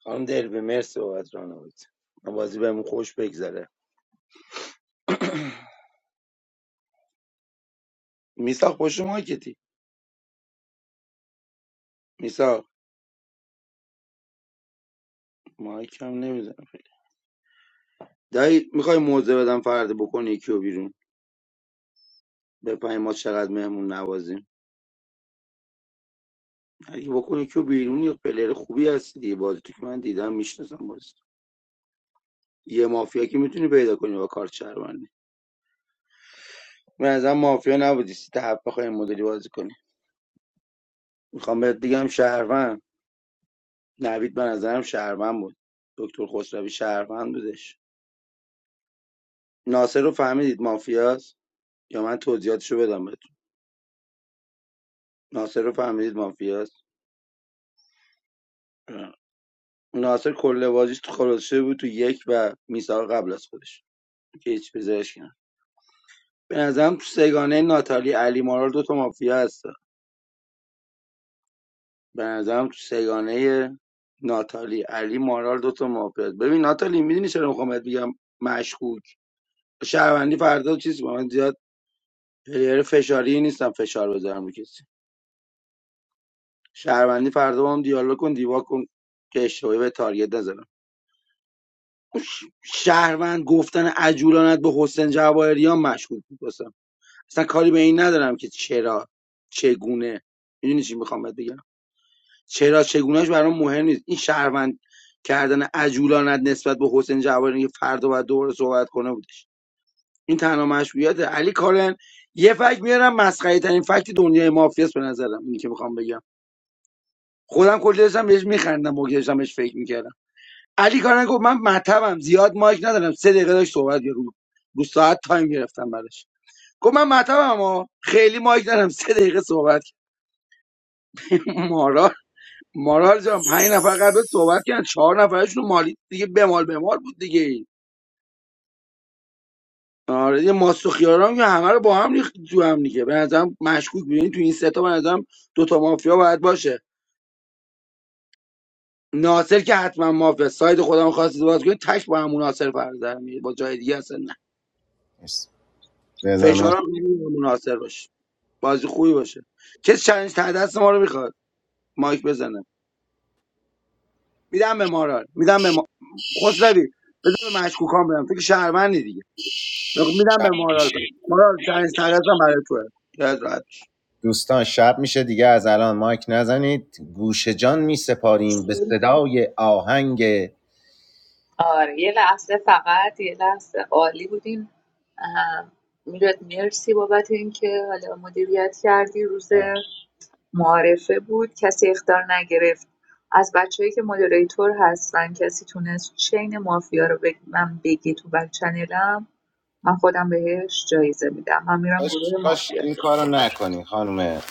S18: خانم دلبه مرسی بابت راهنمایی من بازی بهمون خوش بگذره میسا خوش مایکتی میسا مایک هم نمیزنم خیلی. دایی میخوای موزه بدم فرد بکنی کیو بیرون بفهمی ما چقدر مهمون نوازیم اگه بکنی کیو بیرون یه پلیر خوبی هستی دیگه بازی تو که من دیدم میشناسم یه مافیا که میتونی پیدا کنی با کارت شهروندی من از مافیا نبودی سیت هفت بخوای این مدلی بازی کنی میخوام بهت بگم شهروند نوید به نظرم شهروند بود دکتر خسروی شهروند بودش ناصر رو فهمیدید مافیاست یا من توضیحاتشو بدم بهتون ناصر رو فهمیدید مافیاست اه. ناصر کل بازیش تو خلاصه بود تو یک و میثاق قبل از خودش که هیچ پزشکی نه به نظرم تو سگانه ناتالی علی مارال دو تا مافیا هست به نظرم تو سگانه ناتالی علی مارال دوتا مافیاست ببین ناتالی میدونی چرا میخوام بهت بگم مشکوک شهروندی فردا چیز با من زیاد پلیر فشاری نیستم فشار بذارم رو کسی شهروندی فردا با هم دیالوگ کن دیوا کن که اشتباهی به تارگت نزنم شهروند گفتن عجولانت به حسین جواهریان مشکوک بود واسم. اصلا کاری به این ندارم که چرا چگونه میدونی چی میخوام بهت بگم چرا چگونهش برام مهم نیست این شهروند کردن عجولانت نسبت به حسین جوانی که فردا باید دوباره صحبت کنه بودش این تنها مشروعیت علی کارن یه فکت میارم مسخره ترین فکت دنیای مافیاست به نظرم اینی که میخوام بگم خودم کلی داشتم بهش میخندم موقع داشتم بهش فکر میکردم علی کارن گفت من مطبم زیاد مایک ندارم سه دقیقه داشت صحبت رو رو ساعت تایم گرفتم براش گفت من مطبم ها خیلی مایک ندارم سه دقیقه صحبت مارا مارال جان پنج نفر قبل صحبت کردن چهار نفرشون مالی دیگه بمال بمال بود دیگه آره دیگه ماست و خیارام که همه رو با هم ریخت تو هم دیگه به نظرم مشکوک می‌بینی تو این سه تا به نظرم دو تا مافیا باید باشه ناصر که حتما مافیا ساید خودم خواستید باز کنید تک با همون ناصر فرزر میگه با جای دیگه اصلا نه
S15: مرسی. رضا مرسی.
S18: فشارم نمیدونم ناصر باشه بازی خوبی باشه کسی چالش ته دست ما رو میخواد مایک بزنه میدم به مارال میدم به ما... خسروی بذار به مشکوکان برم تو که شهروندی دیگه میدم به
S15: شب
S18: مارال
S15: میشه
S18: برای مارال سنج ترسم برای توه یاد راحت باش.
S15: دوستان شب میشه دیگه از الان مایک نزنید گوش جان میسپاریم به صدای آهنگ
S3: آره یه لحظه فقط یه لحظه عالی بودین بودیم میلاد مرسی بابت اینکه حالا مدیریت کردی روز
S15: آه.
S3: معارفه بود کسی اختار نگرفت از بچههایی که مدیریتور هستن کسی تونست چین مافیا رو بگ... من بگی تو بک چنلم من خودم بهش جایزه میدم من میرم
S15: کاش
S3: گروه
S15: کاش
S3: مافیا رو
S15: این کارو
S3: بزنم
S15: نکنی خانم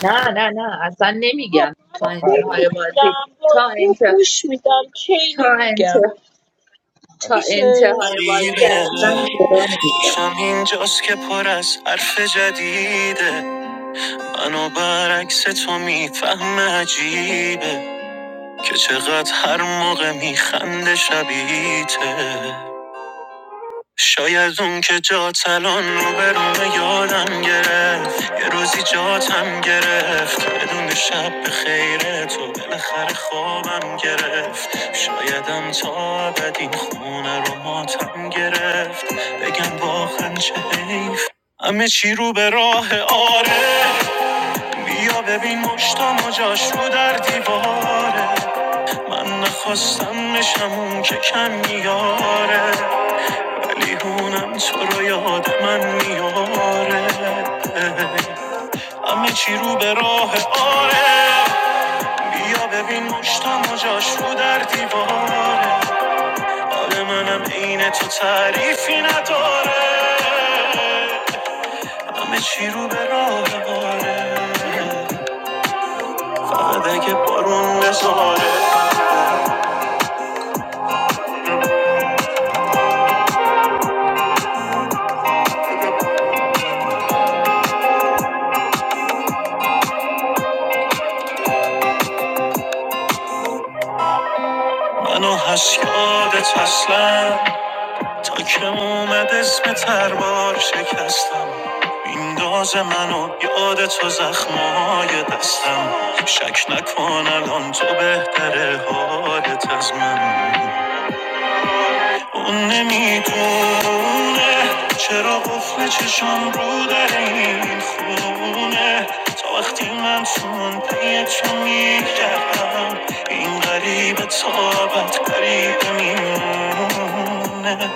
S3: نه نه نه اصلا
S4: آقا
S3: نمیگم
S4: من
S3: تا
S15: آخر
S4: پول
S15: بود
S3: انتهای بازی
S4: میگیرم
S3: تا
S4: بازی رو
S3: انت
S4: گوش میدم
S3: تا
S4: کینو
S3: انت
S4: میگم
S3: تا
S15: اوکی.
S4: میشه
S3: انتهای بازی
S15: غریبه
S3: اصلا گرا نمیدم
S15: شم اینجاست که پر از حرف جدیده منو برعکس تو میفهمه عجیبه که چقدر هر موقع میخنده شبیته شاید اون که جات الان رو به رومه یادم گرفت یه روزی جاتم گرفت بدون شب به خیر تو بالاخره خوابم گرفت شایدم تا ابد این خونه رو ماتم گرفت بگم واقعا چه حیف همه چی رو به راه آره بیا ببین مشتم و جاشو در دیواره من نخواستم بشم اون که کم میاره ولی هونم تو رو یاد من میاره همه چی رو به راه آره بیا ببین مشتم و جاشو در دیواره حال منم عین تو تعریفی نداره همه چی رو به راه آره بعد که بارون بزاره منو هست یادت اصلا تا که اومد اسم تربار شکستم مینداز منو یادت تو زخمای دستم شک نکن الان تو بهتره حالت از من اون نمیدونه چرا قفل چشم رو در این خونه تا وقتی من چون پی تو میگردم این غریب تابت غریب میمونه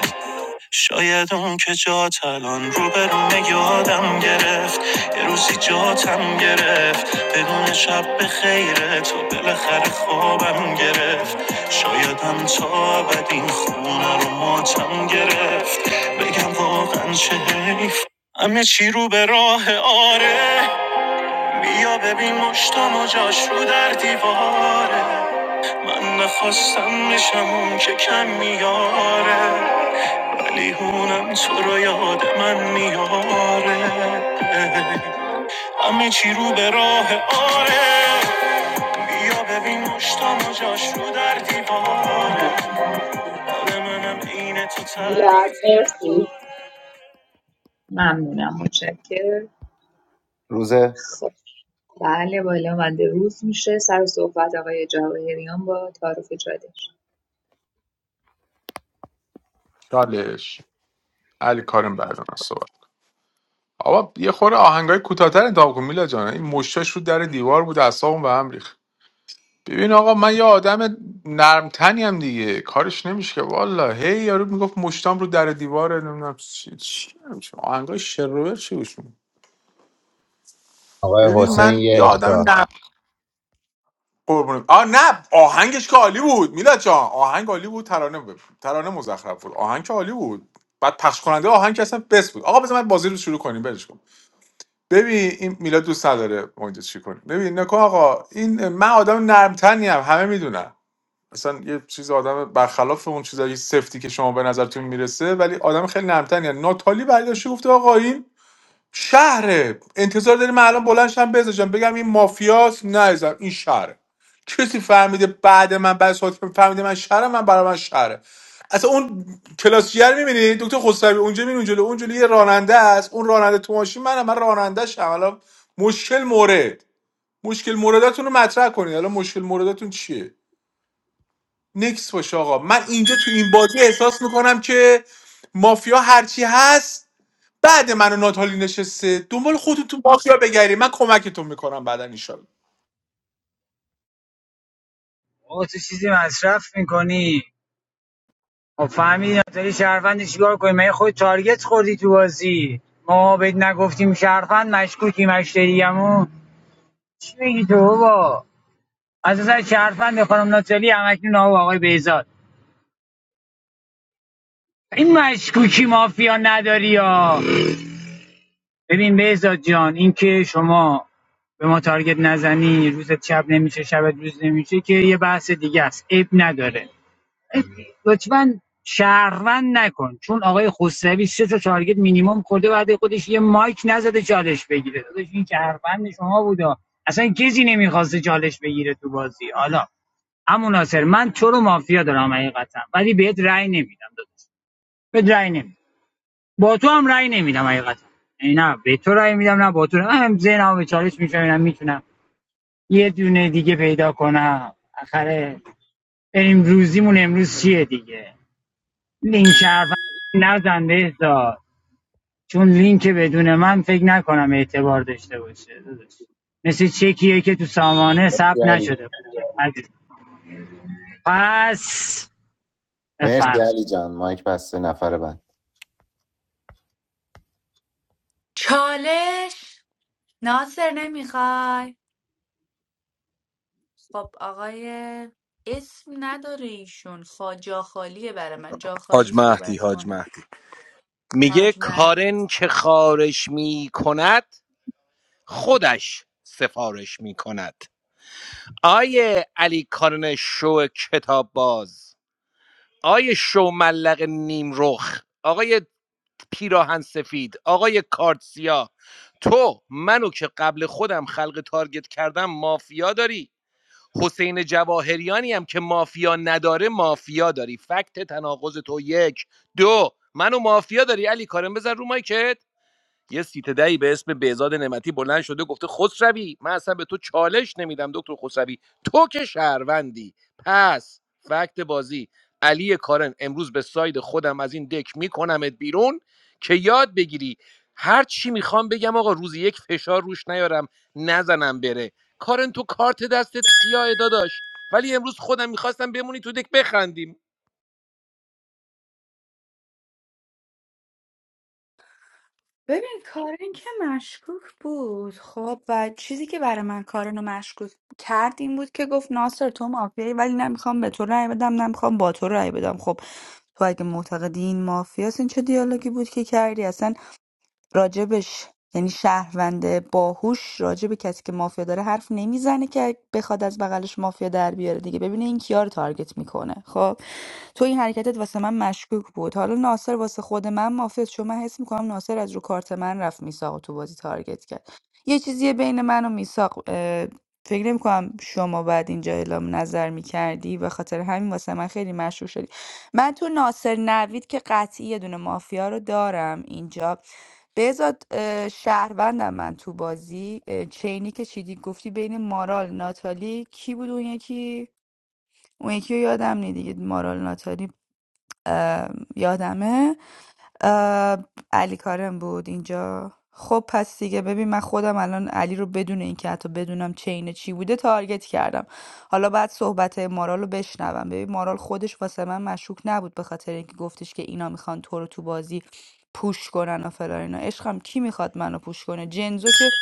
S15: شاید اون که جات الان رو به رو یادم گرفت یه روزی جاتم گرفت بدون شب به خیره تو بالاخره خوابم گرفت شایدم تا ابد این خونه رو ماتم گرفت بگم واقعا چه حیف همه چی رو به راه آره بیا ببین مشتم و جاش رو در دیواره من نخواستم میشم اون که کم میاره لیهونم تو رو یاد من میاره همه چی رو به راه آره بیا ببین مشتام و جاش رو در دیواره آره منم عین تو
S3: میلاد
S15: تعریفی نداره.
S3: مرسی ممنونم متشکرم
S15: روز
S3: خب بله بالا آمده روز میشه سر صحبت آقای جواهریان با تعارف چالش
S5: چالش علی کارم بعد از من صحبت آقا یه خورده آهنگای کوتاه‌تر انتخاب کن میلا جان این مشتاش رو در دیوار بود اعصابم به هم ریخت ببین آقا من یه آدم نرمتنی هم دیگه کارش نمیشه که والا هی یارو میگفت مشتام رو در دیواره نمیدونم چی چی نمیشه آهنگای شروور چی گوش می‌کنی؟
S15: آقای
S5: ببین
S15: حسین
S5: من یه
S15: یه اختار
S5: آدم نه قربونت آ نه آهنگش که عالی بود میلاد جان آهنگ عالی بود ترانه ب- ترانه مزخرف بود آهنگ که عالی بود بعد پخش کننده آهنگ که اصلا بس بود آقا بذار من بازی رو شروع کنیم برش کن ببین این میلاد دوست نداره ما اینجا چی کنیم ببین نکن آقا این من آدم نرمتنی هم همه میدونن اصلا یه چیز آدم برخلاف اون چیزای سفتی که شما به نظرتون میرسه ولی آدم خیلی نرمتنی یعنی ناتالی برداشته گفته آقا این شهره انتظار داریم من الان بلند شم بزنم بگم این مافیاست نه عزیزم، این شهره کسی فهمیده بعد من بعد از حاتم فهمیده من شهره من برای من شهره اصلا اون کلاس جر میبینی دکتر خسروی اونجا میبینی اونجا اونجا یه راننده است اون راننده تو ماشین منم من راننده شم الان مشکل مورد مشکل موردتون رو مطرح کنید الان مشکل موردتون چیه نکس باشه آقا من اینجا تو این بازی احساس میکنم که مافیا هرچی هست بعد من و ناتالی نشسته دنبال خودتون مافیا بگیری من کمکتون میکنم بعدا ایشالا
S22: آقا تو چیزی مصرف میکنی ما فهمیدی ناتالی شهروند چیکار کنی من خود تارگت خوردی تو بازی ما بهت نگفتیم شهروند مشکوکی مشتریمون چی میگی تو بابا اساسا شهروند خانم ناتالی همکنون آقا و آقای بهزاد این مشکوکی مافیا نداری یا ببین بهزاد جان اینکه شما به ما تارگت نزنی روزت شب نمیشه شبت روز نمیشه که یه بحث دیگه است عیب نداره عیب- لطفا شهروند نکن چون آقای خسروی سه تا تارگت مینیمم خورده بعد خودش یه مایک نزده چالش بگیره داداش این شهروند شما بودا اصلا کسی نمیخواسته چالش بگیره تو بازی حالا اما ناصر من تو رو مافیا دارم حقیقتا ولی بهت رأی نمیدم داداش بهت رأی نمیدم با تو هم رأی نمیدم حقیقتا یعنی نه به تو رأی میدم نه با تو رأی. من هم ذهنم به چالش میشم میتونم یه دونه دیگه پیدا کنم آخره بریم روزیمون امروز چیه دیگه لینک شرف نزن بهزاد چون لینک بدون من فکر نکنم اعتبار داشته باشه داداش مثل چکیه که تو سامانه ثبت
S15: مرسی علی
S22: نشده پس
S15: مرسی
S22: بفرم
S15: علی جان مایک بسته نفر بعد
S12: چالش ناصر نمیخوای خب آقای اسم نداره ایشون خا جاخالیه برای من جاخالی
S14: حاج مهدی
S12: صحبت
S14: حاج
S12: کنه
S14: مهدی میگه
S12: حاج مهدی.
S14: کارن که خارش می خودش سفارش می کند آیه علی کارن شو کتاب باز آیه شو ملق نیم رخ آقای پیراهن سفید آقای کارتسیا تو منو که قبل خودم خلق تارگت کردم مافیا داری حسین جواهریانی هم که مافیا نداره مافیا داری فکت تناقض تو یک دو منو مافیا داری علی کارم بزن رو مایکت یه سیت دهی به اسم بهزاد نعمتی بلند شده گفته خسروی من اصلا به تو چالش نمیدم دکتر خسروی تو که شهروندی پس فکت بازی علی کارن امروز به ساید خودم از این دک میکنمت بیرون که یاد بگیری هر چی میخوام بگم آقا روزی یک فشار روش نیارم نزنم بره کارن تو کارت دستت سیاه داداش ولی امروز خودم میخواستم بمونی تو دک بخندیم
S12: ببین کارن که مشکوک بود خب و چیزی که برای من کارن رو مشکوک کرد این بود که گفت ناصر تو مافیایی ولی نمیخوام به تو رأی بدم نمیخوام با تو رأی بدم خب تو اگه معتقدی این مافیاست این چه دیالوگی بود که کردی اصلا راجبش یعنی شهروند باهوش راجب کسی که مافیا داره حرف نمیزنه که بخواد از بغلش مافیا در بیاره دیگه ببینه این کیا رو تارگت میکنه خب تو این حرکتت واسه من مشکوک بود حالا ناصر واسه خود من مافیا چون من حس میکنم ناصر از رو کارت من رفت میساق تو بازی تارگت کرد یه چیزیه بین من و میساق فکر نمیکنم شما بعد اینجا اعلام نظر میکردی و خاطر همین واسه من خیلی مشکوک شدی من تو ناصر نوید که قطعی یه دونه مافیا رو دارم اینجا بهزاد اه، شهروندم من تو بازی اه، چینی که چیدی گفتی بین مارال ناتالی کی بود اون یکی اون یکی رو یادم نی دیگه مارال ناتالی اه، یادمه اه، علی کارم بود اینجا خب پس دیگه ببین من خودم الان علی رو بدون اینکه حتی بدونم چین چی بوده تارگت کردم حالا بعد صحبت مارال رو بشنوم ببین مارال خودش واسه من مشکوک نبود به خاطر اینکه گفتش که اینا میخوان تو رو تو بازی پوش کنن و فلان اینا عشقم کی میخواد منو پوش کنه جنزو که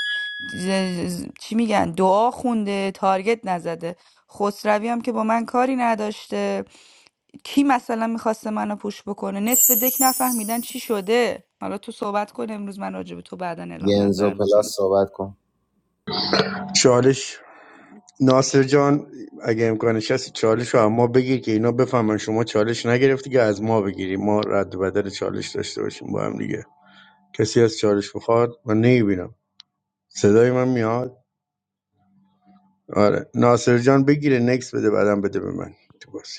S12: ز- ز- چی میگن دعا خونده تارگت نزده خسروی هم که با من کاری نداشته کی مثلا میخواسته منو پوش بکنه نصف دک نفهمیدن چی شده حالا تو صحبت کن امروز من راجع به تو بعدا اعلام
S15: ینزو
S12: نظر میکنم
S15: پلاس صحبت کن
S21: چالش ناصر جان اگه امکانش هست چالش رو اما بگیر که اینا بفهمن شما چالش نگرفتی که از ما بگیری ما رد و بدل چالش داشته باشیم با هم دیگه کسی از چالش بخواد من نمیبینم صدای من میاد آره ناصر جان بگیره نکس بده بعدم بده به من تو بازی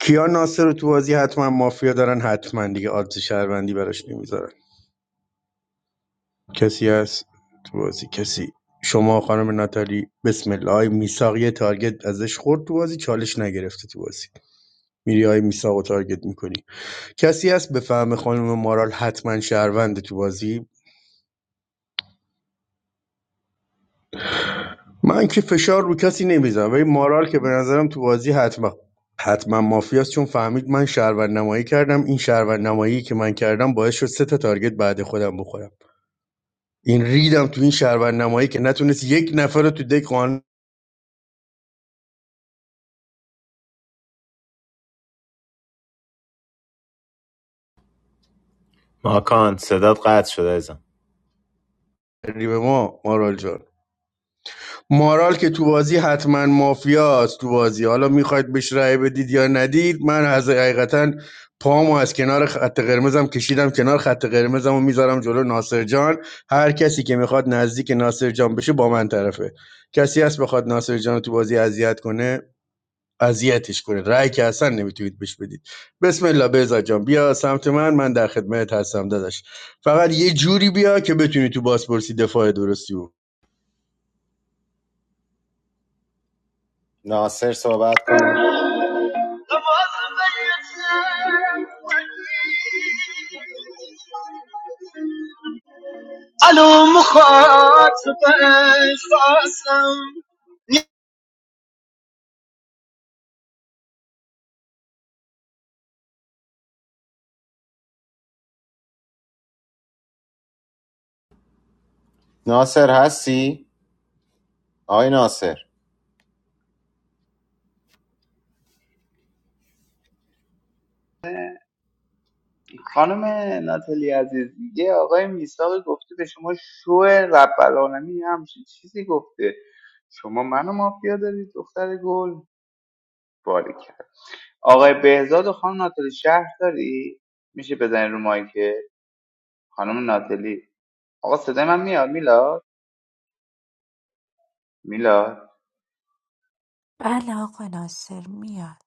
S21: کیا ناصر رو تو بازی حتما مافیا دارن حتما دیگه آدز شهروندی براش نمیذارن کسی هست تو بازی کسی شما خانم ناتالی بسم الله آی میساق یه تارگت ازش خورد تو بازی چالش نگرفته تو بازی میری آی میساق و تارگت میکنی کسی هست به فهم خانم مارال حتما شهرونده تو بازی من که فشار رو کسی نمیذارم ولی مارال که به نظرم تو بازی حتما حتما مافیاست چون فهمید من شهروند نمایی کردم این شهروند نمایی که من کردم باعث شد سه تا تارگت بعد خودم بخورم این ریدم تو این شهروند نمایی که نتونست یک نفر رو تو دک قانع
S15: ماکان صدات قطع شده ازم
S21: کنی به ما مارال جان مارال که تو بازی حتما مافیاست تو بازی حالا میخواید بهش رأی بدید یا ندید من از حقیقتا پامو از کنار خط قرمزم کشیدم کنار خط قرمزم و میذارم جلو ناصر جان هر کسی که میخواد نزدیک ناصر جان بشه با من طرفه کسی هست بخواد ناصر جان رو تو بازی اذیت کنه اذیتش کنید رأی که اصلا نمیتونید بهش بدید بسم الله بهزاد جان بیا سمت من من در خدمت هستم داداش فقط یه جوری بیا که بتونی تو بازپرسی دفاع درستی بود
S15: ناصر صحبت کن
S19: الو مخاطب احساسم
S15: ناصر هستی؟ آقای ناصر
S19: خانم ناتلی عزیز یه آقای میساقی گفته به شما شو رب العالمین یه همچین چیزی گفته شما منو مافیا دارید دختر گل باری کرد آقای بهزاد و خانم ناتلی شهر داری میشه بزنی رو مایک خانم ناتلی آقا صدای من میاد میلاد میلاد
S24: بله آقا ناصر میاد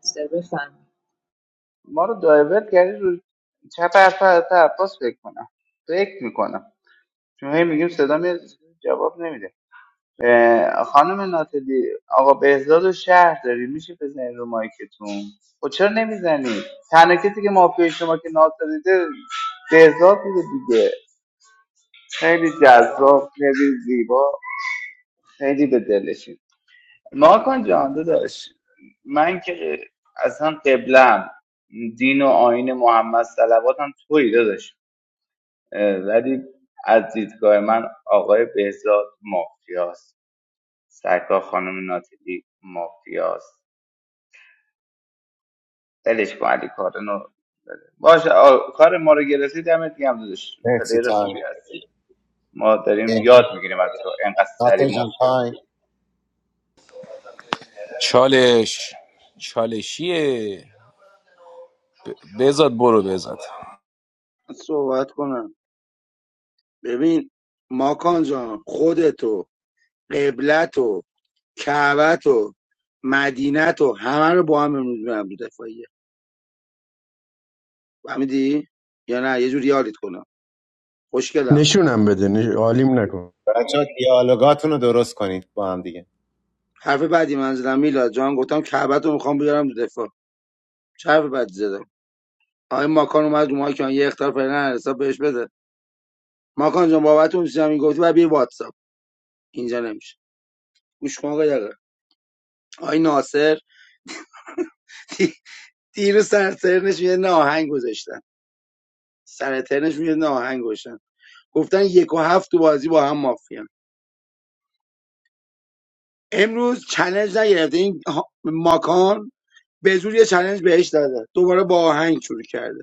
S3: سر بفهم
S19: ما رو دایورت کردی رو چپ حرف حضرت عباس فکر کنم فکر میکنم چون هی میگیم صدا میاد جواب نمیده اه، خانم ناتلی آقا بهزاد و شهر داری میشه بزنید رو مایکتون خب چرا نمیزنید تنها کسی که مافیای شما که ناتو دیده بهزاد بوده دیگه خیلی جذاب خیلی زیبا خیلی به دلشین ماکان جان داشت من که اصلا قبلم دین و آین محمد صلواتم توی داداش اه، ولی از دیدگاه من آقای بهزاد مافیاست سرکار خانم ناتیلی مافیاست ولش کن علی کارنو باشه آ، کار ما رو گرفتی دمت گرم داداش
S15: مرسی
S19: پلیر
S15: تایم
S19: خوبی هستی ما
S15: اه،
S19: داریم یاد میگیریم از تو انقدر سری
S15: ناصر جان
S19: مافیا
S15: تایم
S19: میگیری
S14: چالش چالشیه
S18: من صحبت کنم ببین ماکان جان خودتو قبلتو کعبتو مدینتو همه رو با هم امروز میرم دو دفاعیه فهمیدی یا نه یه جور یادت کنم خوشگلم
S21: نشونم بده نش... عالیم نکن
S15: بچه ها دیالوگاتون رو درست کنید با هم دیگه
S18: حرف بعدی من زدم میلاد جان گفتم کعبتو میخوام بیارم دو دفاع چه حرف بعدی زدم آقای ماکان اومد رو ماکان یه اختار فعلا حساب بهش بده ماکان جان بابت اون چیزی هم گفتی بعد بیا واتساپ اینجا نمیشه گوش کن آقا آی ناصر دیروز سر ترنش یه ناهنگ گذاشتن سر ترنش یه ناهنگ گذاشتن گفتن یک و هفت تو بازی با هم مافیا امروز چلنج نگرفته این ها- ماکان به زور یه چلنج بهش داده دوباره با آهنگ شروع کرده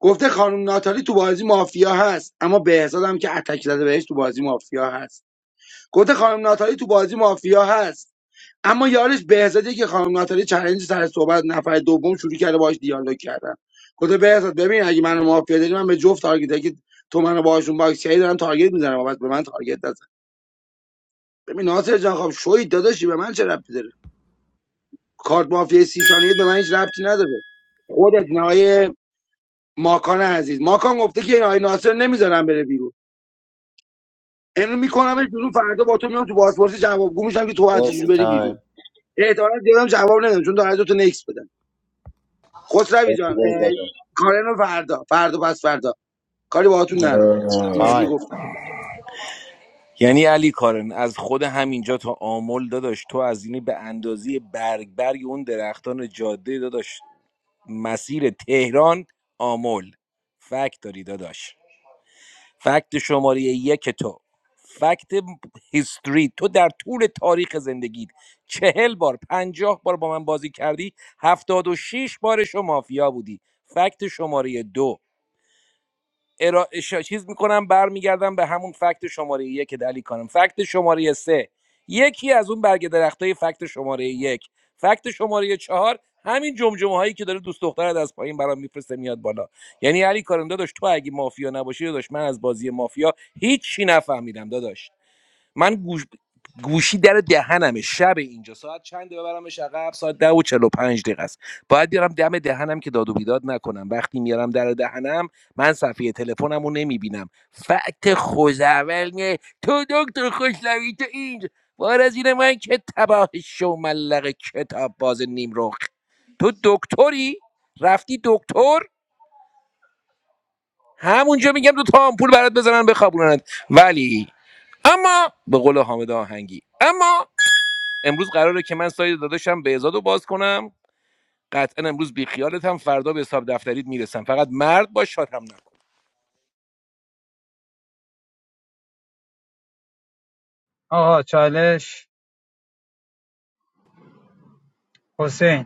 S18: گفته خانم ناتالی تو بازی مافیا هست اما بهزاد هم که اتک زده بهش تو بازی مافیا هست گفته خانم ناتالی تو بازی مافیا هست اما یارش بهزادی که خانم ناتالی چالش سر صحبت نفر دوم شروع کرده باهاش دیالوگ کردن گفته بهزاد ببین اگه منو مافیا داری من به جفت تارگت اگه تو منو باهاشون باکس کردی دارم تارگت میزنم بابت به من تارگت نزن ببین ناصر جان خب شوی داداشی به من چه ربطی داره کارت مافیا سی ثانیه به من هیچ ربطی نداره خودت نهای ماکان عزیز ماکان گفته که این آقای ناصر نمیذارم بره بیرون امروز میکنمش بیرون فردا با تو میام تو پاسپورت جوابگو میشم که تو هر چه جوری
S15: مرسی
S18: بری
S15: تایم
S18: بیرون احتمالاً زیادم جواب ندم چون دارم تو نکس بدم خسروی جان
S15: مرسی بهت
S18: اه،
S15: دادم.
S18: کارن رو فردا فردا پس فردا کاری باهاتون ندارم فعلا. اینجوری
S15: تایم
S18: گفتم
S14: یعنی علی کارن از خود همینجا تا آمل داداش تو از اینی به اندازه برگ برگ اون درختان جاده داداش مسیر تهران آمل فکت داری داداش فکت شماره یک تو فکت هیستوری تو در طول تاریخ زندگیت چهل بار پنجاه بار با من بازی کردی هفتاد و شیش بارش رو مافیا بودی فکت شماره دو ارا... شا... چیز میکنم برمیگردم به همون فکت شماره یک دلی کانم فکت شماره سه یکی از اون برگ درخت های فکت شماره یک فکت شماره چهار همین جمجمه هایی که داره دوست دخترت از پایین برام میفرسته میاد بالا یعنی علی کارم داداش تو اگه مافیا نباشی داداش من از بازی مافیا هیچ چی نفهمیدم داداش من گوش... گوشی در دهنمه شب اینجا ساعت هفت ساعت ده و چهل و پنج دقیقه است باید بیارم دم دهنم که داد و بیداد نکنم وقتی میارم در دهنم من صفحه تلفنم رو نمیبینم فقط خوزول میه تو دکتر خوشلوی تو اینج بار از این من که تباه شو ملق کتاب باز نیم نیمرخ تو دکتری رفتی دکتر همونجا میگم دو تا آمپول برات بزنن بخوابونند ولی اما به قول حامد آهنگی اما امروز قراره که من ساید داداشم بهزاد رو باز کنم قطعا امروز بی خیالت هم فردا به حساب دفتریت میرسم فقط مرد باش شاد هم نکن
S22: آقا چالش حسین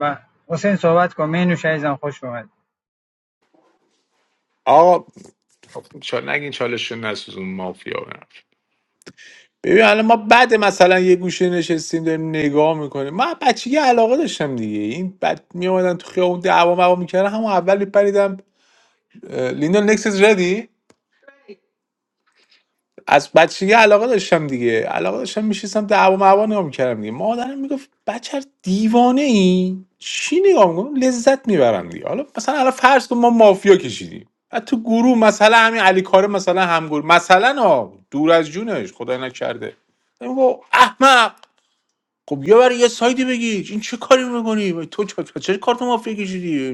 S22: و حسین صحبت کن مینوش عزیزم خوش اومد
S5: آقا چال نگین چالشون نسوزون مافیا برن ببین الان ما بعد مثلا یه گوشه نشستیم داریم نگاه میکنیم من بچگی علاقه داشتم دیگه این بعد میومدن تو خیابون دعوا موا میکردن همون اول میپریدم لیندا نکسس ردی از بچگی علاقه داشتم دیگه علاقه داشتم میشستم دعوا معوا نگاه میکردم دیگه مادرم میگفت بچه دیوانه ای چی نگاه میکنم لذت میبرم دیگه حالا مثلا الان فرض کن ما مافیا کشیدیم بعد تو گروه مثلا همین علی کاره مثلا همگور مثلا ها دور از جونش خدای نکرده میگفت احمق خب یا برای یه سایدی بگی این چه کاری میکنی تو چه چه کارت مافیا کشیدی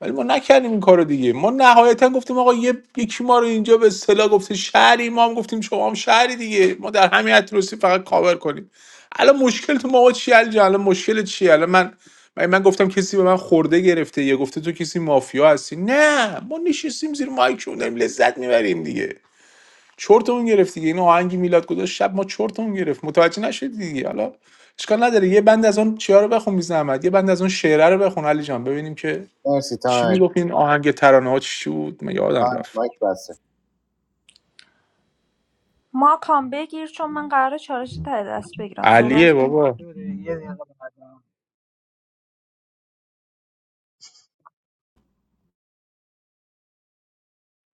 S5: ولی ما نکردیم این کارو دیگه ما نهایتا گفتیم آقا یه یکی ما رو اینجا به اصطلاح گفته شهری ما هم گفتیم شما هم شهری دیگه ما در همین اتروسی فقط کاور کنیم الان مشکل تو ما آقا چیه الان الان مشکل چیه الان من من من گفتم کسی به من خورده گرفته یا گفته تو کسی مافیا هستی نه ما نشستیم زیر مایک و داریم لذت میبریم دیگه چرتمون گرفت دیگه این آهنگ میلاد گذاشت شب ما چرتمون گرفت متوجه نشدی دیگه حالا اشکال نداره یه بند از اون چیا رو بخون بی زحمت یه بند از اون شعره رو بخون علی جان ببینیم که
S15: مرسی
S5: چی
S15: تایم
S5: میگفت این آهنگ ترانه ها چی بود من یادم
S15: تایم
S5: رفت
S15: مایک بسته
S17: ماکان بگیر چون من قراره چالش ته دست بگیرم
S5: علیه
S17: صحبت کن
S5: بابا
S22: یه دقیقه به خدا.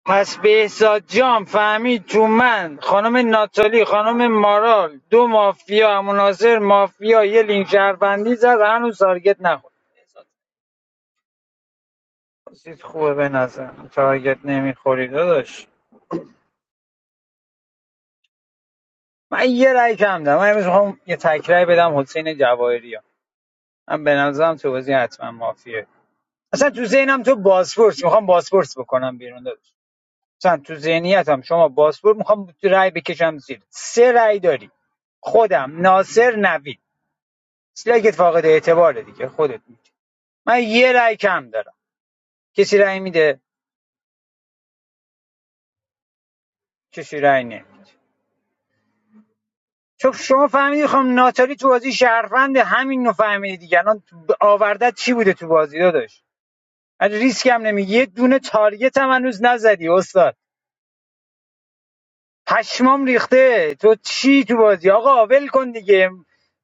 S22: پس بهزاد جام فهمید تو من خانم ناتالی خانم مارال دو مافیا مناظر مافیا یه لینک شهروندی زد هنوز تارگت نخورد چیز خوبه به نظر تارگت نمیخوری داداش من یه رای کم دارم من امروز میخوام یه تکرای بدم حسین جواهری ها من به نظرم تو بازی حتما مافیه اصلا تو ذهنم تو بازپرس میخوام بازپرس بکنم بیرون داداش مثلا تو ذهنیتم شما بازپرس میخوام رأی بکشم زیر سه رأی داری خودم ناصر نوید سلگت فاقد اعتباره دیگه خودت میگی من یه رأی کم دارم کسی رأی میده کسی رأی نمیده چون شما فهمیدی خانم ناتالی تو بازی شهروند همین نو فهمیدی دیگه الان آوردت چی بوده تو بازی داداش من ریسک هم نمیگی یه دونه تارگت هم هنوز نزدی استاد پشمام ریخته تو چی تو بازی آقا ول کن دیگه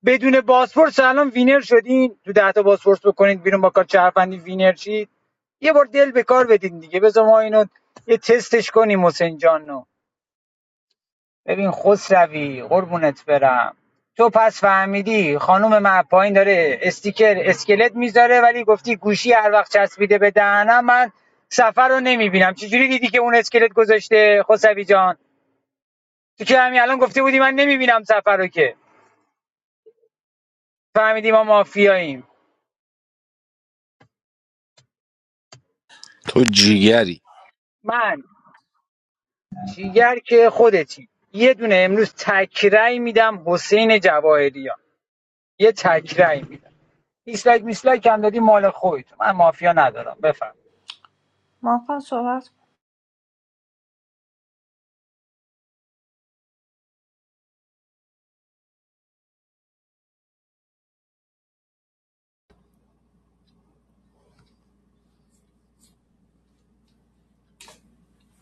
S22: بدون بازپرس الان وینر شدین تو ده تا بازپرس بکنید بیرون با کار چهرفندی وینر شید یه بار دل به کار بدین دیگه بذار ما اینو یه تستش کنیم حسین جانو ببین خسروی قربونت برم تو پس فهمیدی خانم من پایین داره استیکر اسکلت میذاره ولی گفتی گوشی هر وقت چسبیده به دهنم من سفر رو نمیبینم چجوری دیدی که اون اسکلت گذاشته خسروی جان تو که همین الان گفته بودی من نمیبینم سفر رو که فهمیدی ما مافیاییم
S14: تو جیگری
S22: من چیگر که خودتی یه دونه امروز تکرای میدم حسین جواهریان یه تکرای میدم دیسلایک میسلایک هم دادی مال خودت من مافیا ندارم بفهم
S17: ماکان صحبت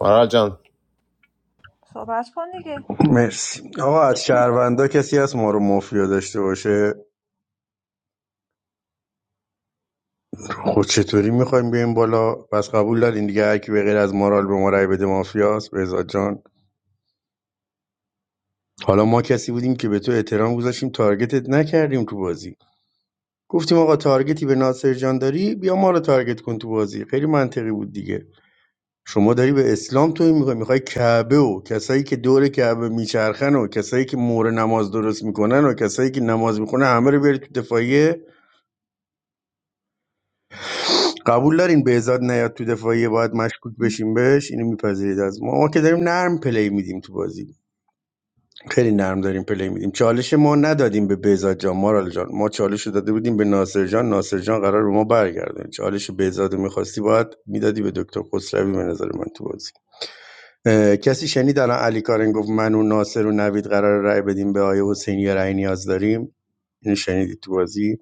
S15: مارال جان
S17: صحبت کن دیگه
S21: مرسی آقا از شهروندا کسی هست ما رو مافیا داشته باشه خود چطوری میخوایم بیایم بالا پس قبول دارین دیگه هر کی به غیر از مارال به ما رأی بده مافیاست بهزاد جان حالا ما کسی بودیم که به تو احترام گذاشتیم تارگتت نکردیم تو بازی گفتیم آقا تارگتی به ناصر جان داری بیا ما رو تارگت کن تو بازی خیلی منطقی بود دیگه شما داری به اسلام توهین می‌کنی میخوای کعبه و کسایی که دور کعبه میچرخن و کسایی که مور نماز درست میکنن و کسایی که نماز میخونه همه رو بیاری تو دفاعیه قبول دارین بهزاد نیاد تو دفاعیه باید مشکوک بشیم بهش اینو میپذیرید از ما ما که داریم نرم پلی میدیم تو بازی خیلی نرم داریم پلی میدیم چالش ما ندادیم به بهزاد جان مارال جان ما چالش رو داده بودیم به ناصر جان ناصر جان قرار به ما برگردون چالش بهزاد رو میخواستی باید میدادی به دکتر خسروی به نظر من تو بازی کسی شنید الان علی کارن گفت من و ناصر و نوید قرار رای بدیم به آیه حسینی یا رای نیاز داریم این شنیدی تو بازی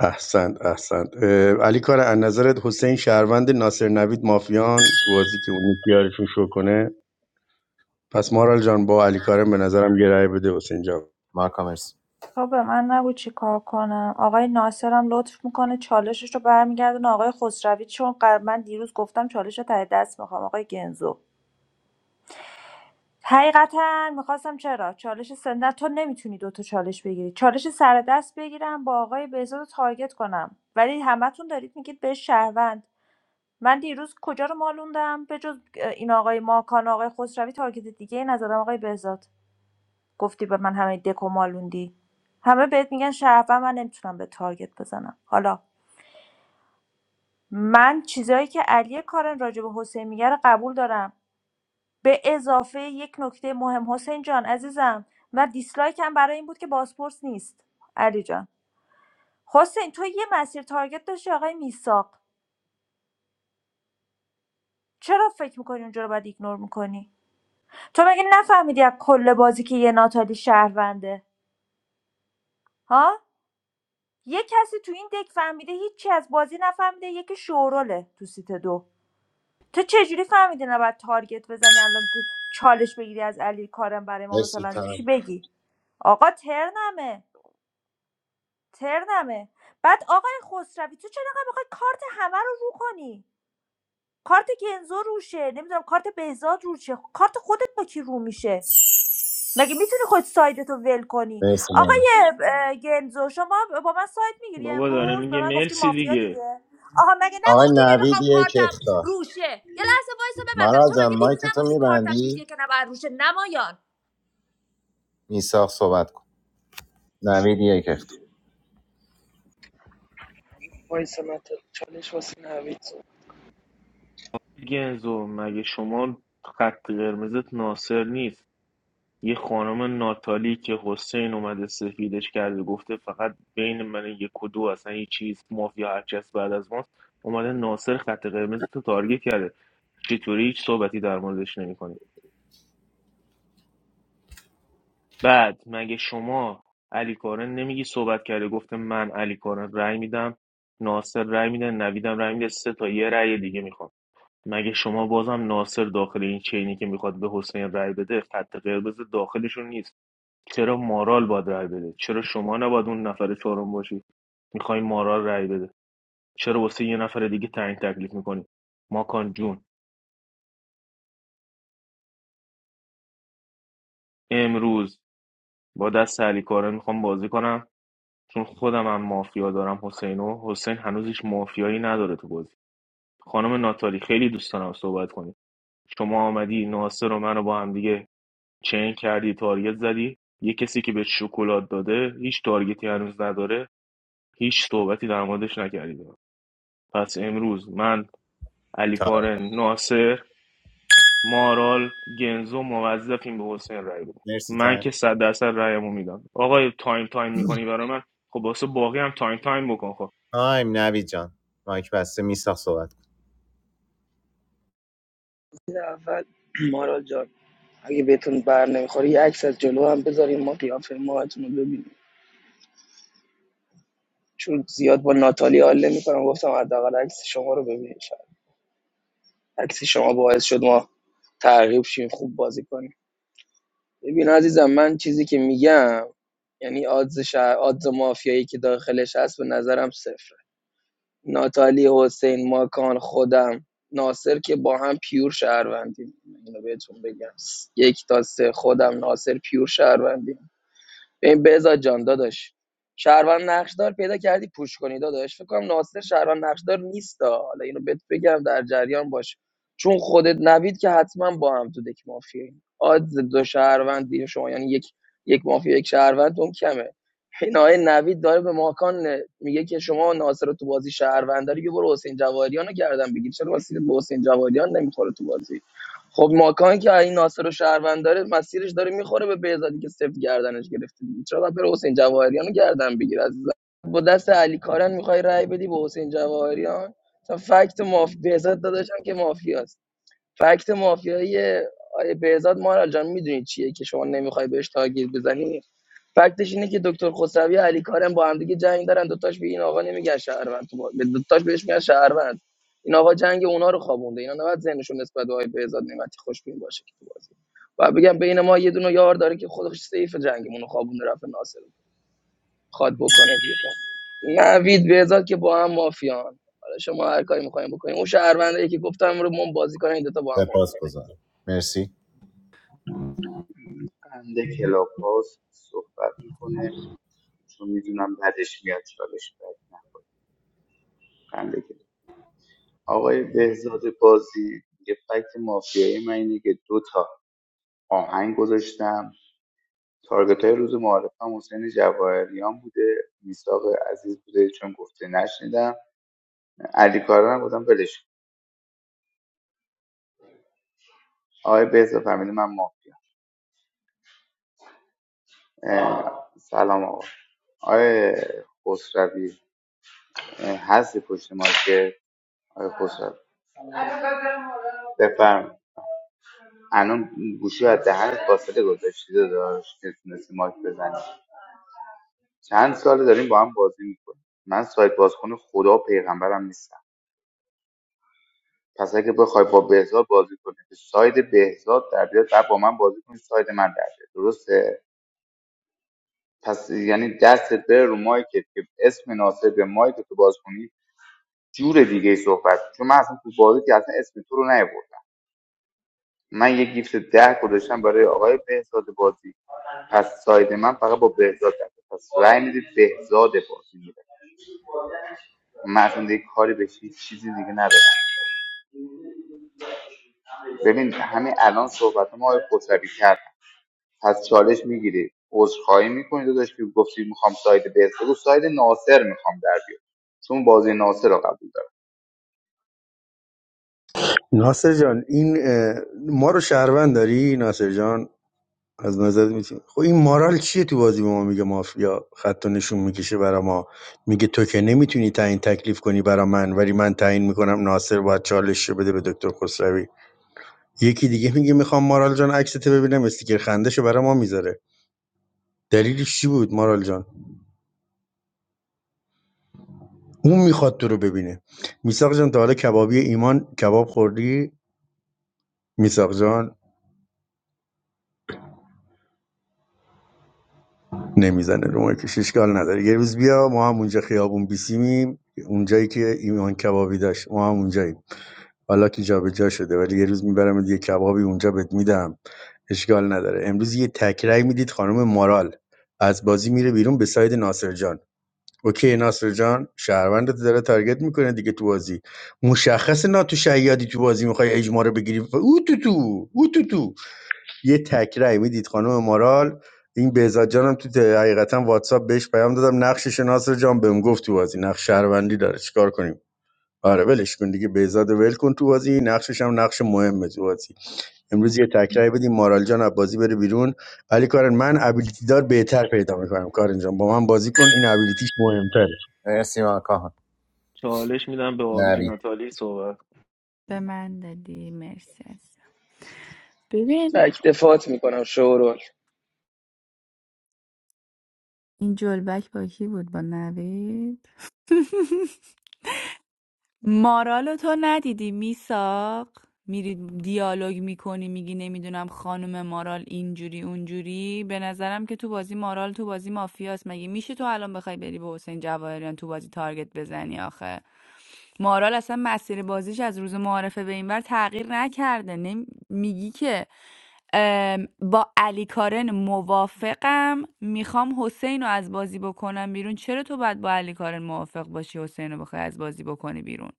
S21: احسنت احسنت اه، علی کار از نظرت حسین شهروند ناصر نوید مافیان تو بازی که اون یکی شو کنه پس مارال جان با علی کارن به نظرم یه رای بده حسین جان
S15: مارکا مرسی
S17: تو به من نگو چی کار کنم آقای ناصرم هم لطف میکنه چالشش رو برمیگردونه آقای خسروی چون قر- من دیروز گفتم چالش رو ته دست میخوام آقای گنزو حقیقتا میخواستم چرا چالش سندر تو نمیتونی دوتا چالش بگیری چالش سر دست بگیرم با آقای بهزاد رو تارگت کنم ولی همتون دارید میگید به شهروند من دیروز کجا رو مالوندم به جز این آقای ماکان آقای خسروی تارگت دیگه ای نزدم آقای بهزاد گفتی به من همه دکو مالوندی همه بهت میگن شرفم من نمیتونم به تارگت بزنم حالا من چیزایی که علی کارن راجع به حسین میگه رو قبول دارم به اضافه یک نکته مهم حسین جان عزیزم و دیسلایکم برای این بود که بازپرس نیست علی جان حسین تو یه مسیر تارگت داشتی آقای میساق چرا فکر میکنی اونجا رو باید ایگنور میکنی تو مگه نفهمیدی از کل بازی که یه ناتالی شهرونده ها یه کسی تو این دک فهمیده هیچی از بازی نفهمیده یکی شوراله تو سیت دو تو چجوری فهمیده نباید تارگت بزنی الان تو چالش بگیری از علی کارم برای ما
S15: مرسی
S17: مثلا چی
S15: تایم
S17: بگی آقا ترنمه ترنمه بعد آقای خسروی تو چرا انقدر میخوای کارت همه رو رو کنی کارت گنزو روشه نمیدونم کارت بهزاد روشه کارت خودت با کی رو میشه مگه میتونی خود سایدتو ول کنی
S15: مرسی مارال
S17: آقای اه، گنزو شما با من ساید میگیری
S2: بابا داره
S17: امروز به
S2: میگه
S17: من گفتی
S2: مرسی
S17: مافیا
S2: دیگه
S17: دیگه آها مگه
S15: آقای
S17: نگفتی
S15: نوید
S17: نمیخوام
S15: یک
S17: کارتم
S15: اختار
S17: روشه یه لحظه وایسو ببندم
S15: مارال
S17: تو مگه
S15: جان
S17: دیروز
S15: مایک تو
S17: نگفتی کارتم
S15: میبندی
S17: دیدیه که نباید روشه نمایان
S15: میساق صحبت کن نوید یک اختار
S23: ناتالی چالش واسه نوید
S2: گنزو مگه شما خط قرمزت ناصر نیست یه خانم ناتالی که حسین اومده سفیدش کرده گفته فقط بین من یک و دو اصلا یه چیز مافیا هرچی هست بعد از ماست اومده ناصر خط قرمز تو تارگت کرده چطوری هیچ صحبتی در موردش نمیکنی بعد مگه شما علی کارن نمیگی صحبت کرده گفته من علی کارن رأی میدم ناصر رأی میده نویدم رأی میده سه تا یه رأی دیگه میخوام مگه شما بازم ناصر داخل این چینی که میخواد به حسین رای بده خط قرمز داخلشون نیست چرا مارال باید رای بده چرا شما نباید اون نفر چهارم باشی میخوای مارال رای بده چرا واسه یه نفر دیگه تعیین تکلیف میکنی ماکان جون امروز با دست علی کارن میخوام بازی کنم چون خودم هم مافیا دارم حسینو حسین هنوز هیچ مافیایی نداره تو بازی خانم ناتالی خیلی دوست دارم صحبت کنی شما آمدی ناصر و منو با هم دیگه چین کردی تارگت زدی یه کسی که به شکلات داده هیچ تارگتی هنوز نداره هیچ صحبتی در موردش نکردی پس امروز من علی
S15: تایم
S2: کارن ناصر مارال گنزو موظفیم به حسین رای بدم
S15: مرسی
S2: من
S15: تایم
S2: که صد درصد رایمو میدم آقای تایم تایم میکنی برای من خب واسه باقی هم تایم تایم بکن خب
S15: تایم نوید جان مایک بسته میساق صحبت کن
S23: اول مارال جان اگه بهتون بر نمیخوره یه عکس از جلو هم بذارین ما قیافه ماهتون رو ببینیم چون زیاد با ناتالی حال نمیکنم گفتم حداقل عکس شما رو ببینیم شاید عکس شما باعث شد ما ترغیب شیم خوب بازی کنیم ببین عزیزم من چیزی که میگم یعنی آدز شهر آدز مافیایی که داخلش هست به نظرم صفره ناتالی حسین ماکان خودم ناصر که با هم پیور شهروندیم اینو بهتون بگم یک تا سه خودم ناصر پیور شهروندیم ببین بهزاد جان داداش شهروند نقشدار پیدا کردی پوش کنی داداش فکر کنم ناصر شهروند نقشدار نیستا حالا اینو بهت بگم در جریان باش چون خودت نوید که حتما با هم تو دک مافیایی آدز دو شهروند دیگه شما یعنی یک یک مافیا یک شهروند اون کمه این آقای نوید داره به ماکان میگه که شما ناصر رو تو بازی شهروند داری یه برو حسین جواهریان رو گردن بگیر چرا واسه به حسین جواهریان نمیخوره تو بازی خب ماکان که این ناصر و شهروند داره مسیرش داره میخوره به بهزادی که سفت گردنش گرفته دیگه چرا باید بره حسین جواهریان رو گردن بگیر عزیزم با دست علی کارن میخوای رأی بدی به حسین جواهریان تا فکت ماف بهزاد داداشم که مافیاست فکت مافیایی آیه بهزاد مارال جان میدونی چیه که شما نمیخوای بهش تاگیر بزنی فکتش اینه که دکتر خسروی و علی کارم با هم دیگه جنگ دارن دوتاش به این آقا نمیگن شهروند تو با- به دوتاش بهش میگن شهروند این آقا جنگ اونا رو خوابونده اینا نباید ذهنشون نسبت به آقای بهزاد نعمتی خوشبین باشه که تو بازی و بگم بین ما یه دونه یار داره که خودش سیف جنگمون رو خوابونده رفت ناصر رو خواد بکنه بیرون نوید بهزاد که با هم مافیان حالا شما هر کاری میخوایم بکنیم اون شهروندی که گفتم رو من بازی کنن این دوتا با هم
S15: سپاس
S23: مافیان
S15: گذارم مرسی
S19: بنده کلاب هاوس صحبت میکنه چون میدونم بعدش میاد چالش بک نه بنده کلاب آقای بهزاد بازی یه فکت مافیایی من اینه که دو تا آهنگ گذاشتم تارگتای روز معارف هم حسین جواهریان بوده میساق عزیز بوده چون گفته نشنیدم علی کارا هم گفتم ولش آقای بهزا فهمیده من مافیا سلام آقا آقای خسروی هستی پشت ما که آقای خسروی بفرم الان گوشی از دهن فاصله گذاشتی داشت که تونستی مایک بزنی چند ساله داریم با هم بازی میکنیم من سایت بازخون خدا و پیغمبرم نیستم پس اگه بخوای با بهزاد بازی کنی که ساید بهزاد در بیاد بعد با من بازی کنی ساید من در بیاد درسته پس یعنی دستت بره رو مایکت که اسم ناصر به مایکت تو باز کنی جور دیگه ای صحبت چون من اصلا تو بازی که اصلا اسم تو رو نیاوردم من یه گیفت ده گذاشتم برای آقای بهزاد بازی پس ساید من فقط با بهزاد در بیاد. پس رأی میدید بهزاد بازی میره من اصلا دیگه کاری به هیچ چیزی دیگه ندارم ببین همین الان صحبت ما آقای خسروی کردن. پس چالش میگیری عذرخواهی میکنی داداش که گفتی میخوام ساید بهت بگو ساید ناصر میخوام در بیار چون بازی ناصر رو قبول دارم
S21: ناصر جان این اه، ما رو شهروند داری ناصر جان از نظر میتونی خب این مارال چیه تو بازی به ما میگه مافیا خط و نشون میکشه برا ما میگه تو که نمیتونی تعیین تکلیف کنی برا من ولی من تعیین میکنم ناصر باید چالش رو بده به دکتر خسروی یکی دیگه میگه میخوام مارال جان عکست ببینم استیکر خندش برا ما میذاره دلیلش چی بود مارال جان اون میخواد تو رو ببینه میساق جان تا حالا کبابی ایمان کباب خوردی میساق جان نمیزنه رو مایکش اشکال نداره یه روز بیا ما هم اونجا خیابون بیسیمیم اونجایی که ایمان کبابی داشت ما هم اونجاییم حالا که جابجا شده ولی یه روز میبرم یه کبابی اونجا بهت میدم اشکال نداره امروز یه تکرای میدید خانم مارال از بازی میره بیرون به ساید ناصر جان اوکی ناصر جان شهروندت داره تارگت میکنه دیگه تو بازی مشخص ناتو شیادی تو بازی میخوای اجماع رو بگیری او تو تو او تو تو یه تک رأی میدید خانم مارال این بهزاد جانم تو ت- حقیقتا واتساپ بهش پیام دادم نقشش ناصر جان بهم گفت تو بازی نقش شهروندی داره چیکار کنیم آره ولش کن دیگه بهزاد ول کن تو بازی نقشش هم نقش مهمه تو بازی امروز یه تکرای بدیم مارال جان از بازی بره بیرون علی کارن من ابیلیتی دار بهتر پیدا میکنم کارن جان با من بازی کن این ابیلیتیش مهمتره
S15: مرسی ماکان
S2: چالش میدم به آبجی
S15: نوید
S2: ناتالی صحبت
S12: به من دادی مرسی عزیزم ببین
S23: تک دفاعت میکنم شورول
S12: این جلبک با کی بود با نوید مارالو تو ندیدی میساق میری دیالوگ میکنی میگی نمیدونم خانم مارال اینجوری اونجوری به نظرم که تو بازی مارال تو بازی مافیاست مگه میشه تو الان بخوای بری به حسین جواهریان تو بازی تارگت بزنی آخه مارال اصلا مسیر بازیش از روز معارفه به این بر تغییر نکرده نمی... میگی که ام، با علی کارن موافقم میخوام حسین رو از بازی بکنم بیرون چرا تو باید با علی کارن موافق باشی حسین رو بخوای از بازی بکنی بیرون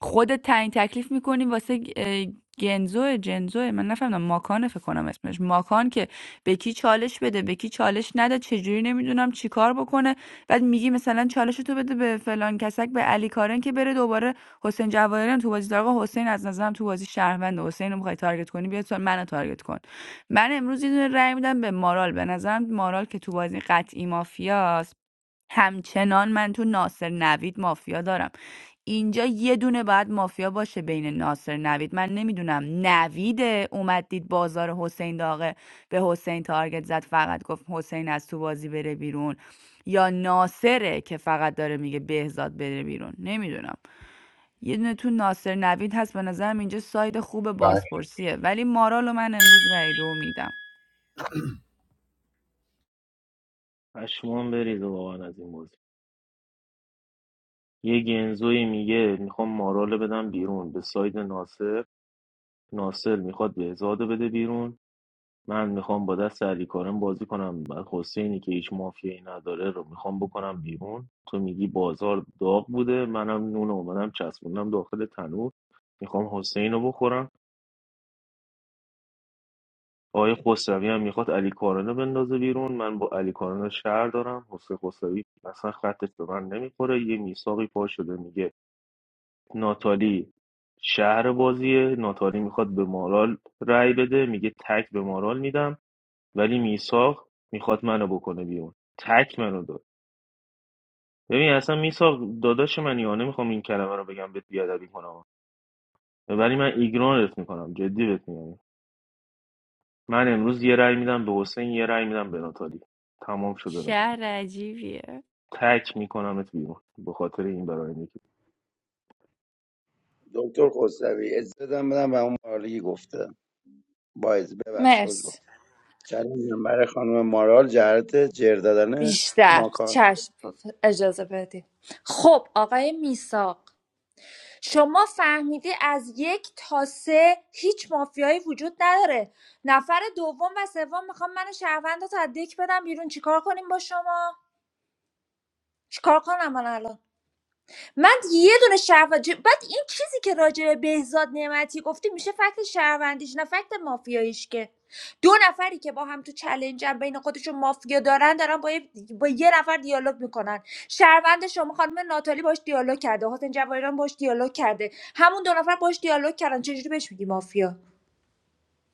S12: خودت تعیین تکلیف میکنی واسه گ- اه، گنزوه جنزوه من نفهمیدم ماکانه فکر کنم اسمش ماکان که به کی چالش بده به کی چالش نده چجوری نمیدونم چیکار بکنه بعد میگی مثلا چالش تو بده به فلان کسک به علی کارن که بره دوباره حسین جواهریان تو بازی داره. آقا حسین از نظرم تو بازی شهروند حسین رو میخوای تارگت کنی بیا تو منو تارگت کن من امروز یه دونه رأی میدم به مارال به نظرم مارال که تو بازی قطعی مافیاست همچنان من تو ناصر نوید مافیا دارم اینجا یه دونه باید مافیا باشه بین ناصر نوید من نمیدونم نویده اومد دید بازار حسین داغه به حسین تارگت زد فقط گفت حسین از تو بازی بره بیرون یا ناصره که فقط داره میگه بهزاد بره بیرون نمیدونم یه دونه تو ناصر نوید هست به نظرم اینجا ساید خوب
S15: تایم.
S12: بازپرسیه ولی مارالو من امروز رای دو میدم
S2: پشمام بریزه واقعا از این موضوع یه گنزوی میگه میخوام مارال بدم بیرون به ساید ناصر ناصر میخواد بهزادو بده بیرون من میخوام با دست علی کارم بازی کنم بعد حسینی که هیچ مافیایی نداره رو میخوام بکنم بیرون تو میگی بازار داغ بوده منم نون اومدم چسبوندم داخل تنور میخوام حسین رو بخورم آقای خسروی هم میخواد علی کارنه بندازه بیرون من با علی کارنه شهر دارم حسین خسروی اصلا خطش به من نمیخوره یه میساقی پا شده میگه ناتالی شهر بازیه ناتالی میخواد به مارال رأی بده میگه تک به مارال میدم ولی میساق میخواد منو بکنه بیرون تک منو داد ببین اصلا میساق داداش منی یا نمیخوام این کلمه رو بگم بهت بیادبی کنم ولی من ایگنورت میکنم جدی بهت میگم من امروز یه رأی میدم به حسین یه رأی میدم به ناتالی تمام شده رفت
S12: شهر عجیبیه
S2: تک میکنمت بیرون به خاطر این برای که
S18: دکتر خسروی اجازه بدم و اون مارلی گفته باید ببخش رو
S17: مرسی
S18: چندم برای خانم مارال جهت جر دادن
S17: بیشتر
S18: ماکان
S17: چشم اجازه بدید خب آقای میساق شما فهمیدی از یک تا سه هیچ مافیایی وجود نداره نفر دوم و سوم میخوام من شهروند رو از بدم بیرون چیکار کنیم با شما چیکار کنم من الان من یه دونه شهروند ج- بعد این چیزی که راجع به بهزاد نعمتی گفتی میشه فکت شهروندیش نه فکت مافیاییش که دو نفری که با هم تو چلنجن بین خودشون مافیا دارن دارن با یه, با یه نفر دیالوگ میکنن شهروند شما خانم ناتالی باش دیالوگ کرده حسین جواهران باش دیالوگ کرده همون دو نفر باش دیالوگ کردن چجوری بهش میگی مافیا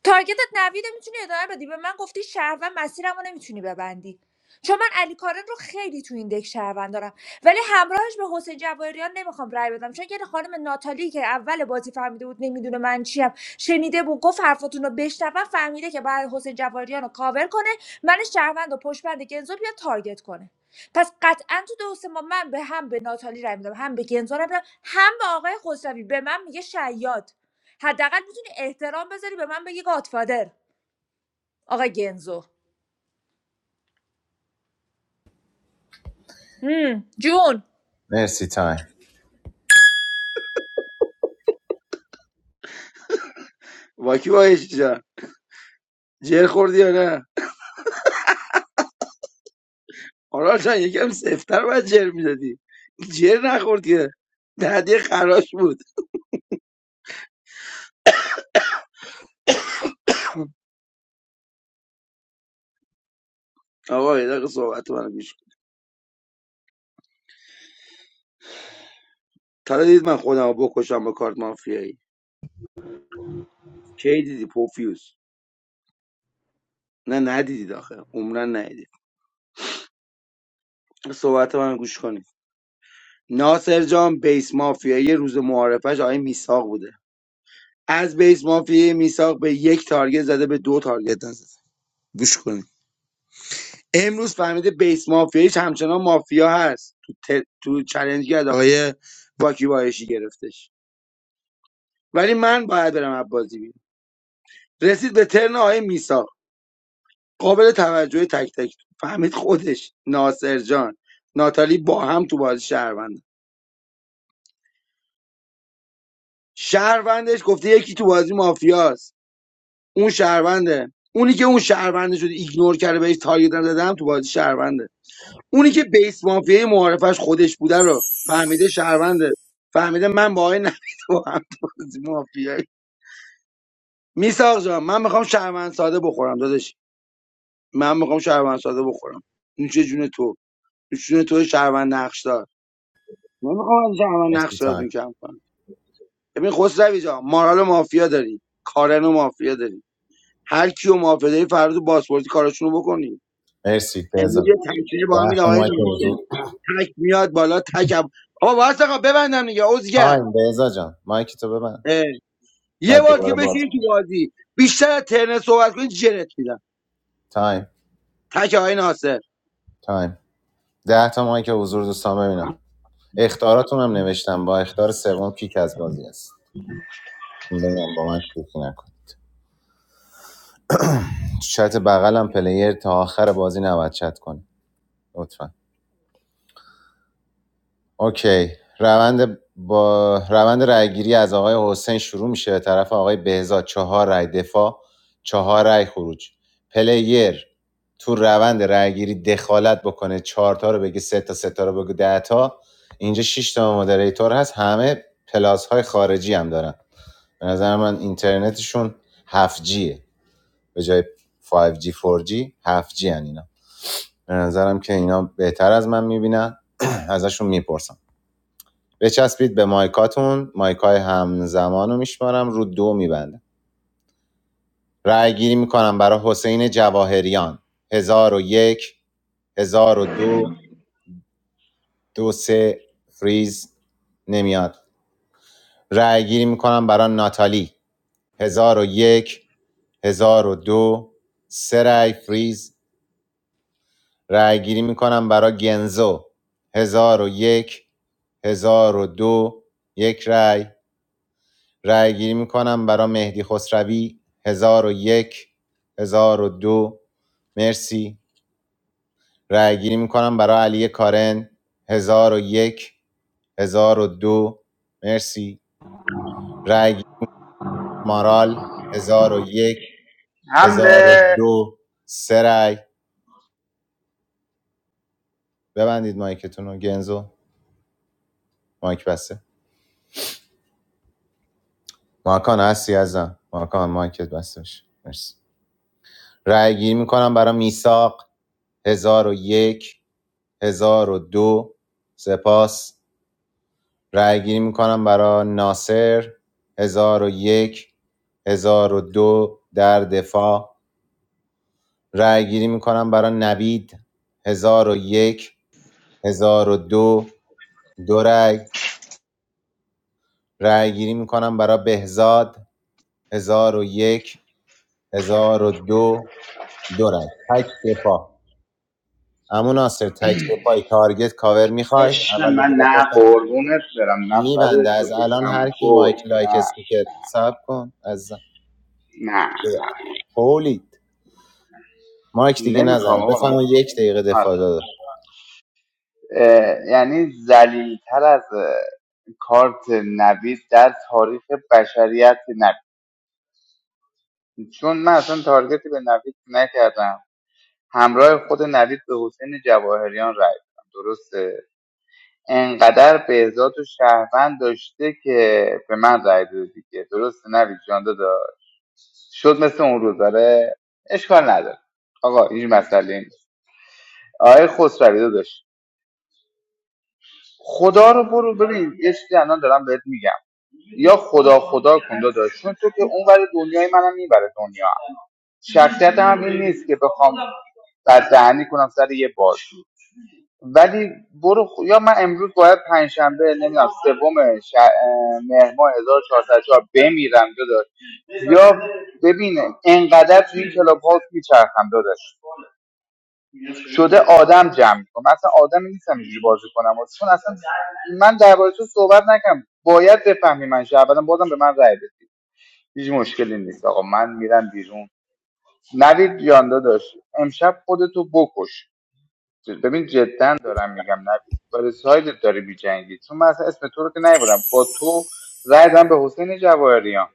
S17: تارگتت نوید میتونی ادامه بدی به من گفتی شهروند مسیرمو نمیتونی ببندی چون من علی کارن رو خیلی تو این دک شهروند دارم ولی همراهش به حسین جواهریان نمیخوام رای بدم چون یه خانم ناتالی که اول بازی فهمیده بود نمیدونه من چیم شنیده بود گفت حرفاتون رو بشنوم فهمیده که باید حسین جواهریان رو کاور کنه من شهروند و پشتبند گنزو بیا تارگت کنه پس قطعا تو دوست ما من به هم به ناتالی رای میدم هم به گنزو رای میدم هم به آقای خسروی به من میگه شیاد حداقل احترام بذاری به من بگی گادفادر آقا گنزو هم، جون
S15: مرسی تایم
S18: واکی باهش جان جر خوردی یا نه آرال جان یکم سفتر باید جر میدادی جر نخورد که دهدی خراش بود آقا یه دقیقه صحبت منو گوش کن تا حالا دید من خودم رو بکشم با کارت مافیایی کی دیدی پوفیوس نه ندیدید آخه عمرا ندیدید صحبت من رو گوش کنید ناصر جان بیس مافیایی روز معارفش آقای میساق بوده از بیس مافیای میساق به یک تارگت زده به دو تارگت نزده گوش کنید امروز فهمیده بیس مافیایش همچنان مافیا هست تو, ت... تو چلنج گرد آقای باکی بایشی گرفتش ولی من باید برم عبازی بیرون رسید به ترن آقای میساق قابل توجه تک تک فهمید خودش ناصر جان ناتالی با هم تو بازی شهروند شهروندش گفته یکی تو بازی مافیاست اون شهرونده اونی که اون شهرونده شده ایگنور کرده بهش تارگت نزدم تو بازی شهرونده اونی که بیس مافیای معارفش خودش بوده رو فهمیده شهرونده فهمیده من با آقای نبی تو هم تو بازی مافیایی میساق جان من میخوام شهروند ساده بخورم داداش من میخوام شهروند ساده بخورم این جون تو این جون تو شهروند نقش دار من میخوام از شهروند
S15: مرسی
S18: نقش دارتون
S15: تایم
S18: کم کنم ببین خسروی جان مارال مافیا داری کارن مافیا داری هر کیو موافقه داری فردا تو پاسپورتی کاراشونو بکنی
S15: مرسی بهزا
S18: امروز یه تکریه با هم
S15: ده تا
S18: آقای
S15: مایک
S18: ناصر
S15: حضور
S18: تک میاد بالا تک هم آقا واسه آقا ببندم دیگه عزگر
S15: تایم بهزا جان مایک تو ببند
S18: اه. یه
S15: بعد
S18: بار دیگه
S15: دوباره باز
S18: بشین تو بازی بیشتر از ترن صحبت کنی جرت میدم
S15: تایم
S18: تک آقای ناصر
S15: تایم ده تا مایک حضور دوستان ببینم اختاراتون هم نوشتم با اختار سوم کیک از بازی است بگم با من شوخی نکن تو چت بغلم پلیر تا آخر بازی نباید چت کنه لطفا اوکی روند با روند رأیگیری از آقای حسین شروع میشه به طرف آقای بهزاد چهار رأی دفاع چهار رأی خروج پلیر تو روند رأیگیری دخالت بکنه چهار تا رو بگه سه تا سه تا رو بگه ده تا اینجا شش تا مودریتور هست همه پلاس های خارجی هم دارن به نظر من اینترنتشون 7Gه به جای 5G 4G 7G هن اینا به نظرم که اینا بهتر از من میبینن ازشون میپرسم بچسبید به مایکاتون مایکای همزمان رو میشمارم رو دو میبندم رأی گیری میکنم برای حسین جواهریان هزار و یک هزار و دو دو سه فریز نمیاد رأی گیری میکنم برای ناتالی هزار و یک هزار و دو سه رأی فریز رأی گیری میکنم برای گنزو هزار و یک هزار و دو یک رأی رأی گیری میکنم برای مهدی خسروی 1001 1002 مرسی رأی گیری میکنم برای علی کارن 1001 1002 مرسی رأی گیری مارال 1001
S19: حمله
S15: 1002 سه رأی ببندید مایکتون رو گنزو مایک بسته ماکان هستی ازم ماکان مایکت بسته باشه. مرسی رأی گیری میکنم برای میساق 1001 هزار و دو سپاس رأی گیری میکنم برای ناصر هزار و یک هزار و دو در دفاع رأی گیری میکنم برای نوید هزار و یک هزار و دو دو رأی رأی گیری میکنم برای بهزاد هزار و یک هزار و دو دو رأی تک دفاع امو ناصر تک دفاعی تارگت کاور میخوای
S19: عشق
S15: اول
S19: من
S15: بگو
S19: نه
S15: بپرسم
S19: قربونت برم نه بعد
S15: میبنده
S19: تو
S15: از الان هر
S19: بشم
S15: کی
S19: گل
S15: مایک لایک
S19: نه
S15: استیکت ساب کن از
S19: نه نه
S15: هولید مایک دیگه
S19: نمیخوام
S15: نزن
S19: آقا
S15: بفهم
S19: نمیخوام
S15: یک دقیقه
S19: آره.
S15: دفاع داده
S19: اه، یعنی زلیلتر از اه، کارت نوید در تاریخ بشریت نبید چون من اصلا تارگتی به نوید نکردم همراه خود نوید به حسین جواهریان رای دادم درسته انقدر بهزاد و شهروند داشته که به من رای داده دیگه درسته نوید جان داشت شد مثل اون روز داره اشکال نداره آقا هیچ مسئله نیست آقای خسروی داشت خدا رو برو ببین یه چیزی الان دارم بهت میگم یا خدا خدا کن داشت چون تو که اون ور دنیای منم میبره دنیا شخصیت هم این نیست که بخوام بددهنی کنم سر یه بار ولی برو خ- یا من امروز باید پنجشنبه نمیدونم سوم ش... اه، مهر ماه 1404 بمیرم داداش یا ببین انقدر تو این کلاب هاوس میچرخم داداش شده آدم جمع میکنم اصلا آدمی نیستم اینجوری بازی کنم واسه چون اصلا من درباره تو صحبت نکنم باید بفهمی من شهروندم بازم به من رأی بدی هیچ مشکلی نیست آقا من میرم بیرون نوید جان داداش امشب خودتو بکش ببین جدا دارم میگم نه برای سایدت داری میجنگی چون من اصلا اسم تو رو که نیبرم با تو رای دادم به حسین جواهریان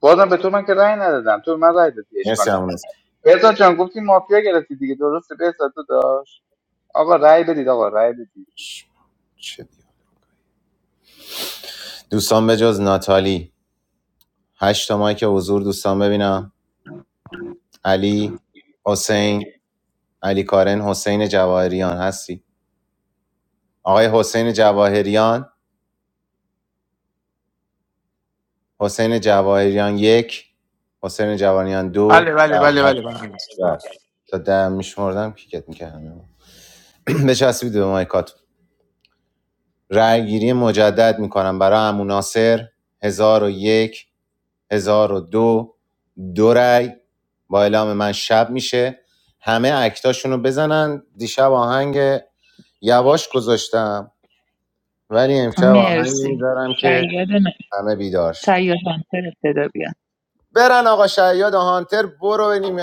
S19: بازم به تو من که رای ندادم تو به من رای دادی اشکال
S15: مرسی
S19: نداره
S15: همون
S19: بهزاد جان گفتی مافیا گرفتی دیگه درسته بهزاد تو داشت آقا رای بدید آقا رای بدید
S15: دوستان به جز ناتالی هشت تا مایک حضور دوستان ببینم علی حسین علی کارن حسین جواهریان هستی آقای حسین جواهریان حسین جواهریان یک حسین جواهریان
S5: بله
S15: دو
S5: بله
S15: بله
S5: بله بله
S15: هستی
S5: من درست. بله.
S15: بله تا ده میشمردم کیکت میکردم بچسبید به مایکات رأیگیری مجدد میکنم برای عمو ناصر 1001 1002 دو دو رأی با اعلام من شب میشه همه اکتاشونو بزنن دیشب آهنگ یواش گذاشتم ولی امشب آهنگی
S3: مرسی
S15: میذارم که
S3: شاید نه
S15: همه بیدارش
S3: شاید هانتر ابتدا بیان
S15: برن آقا شیاد و هانتر برو بریم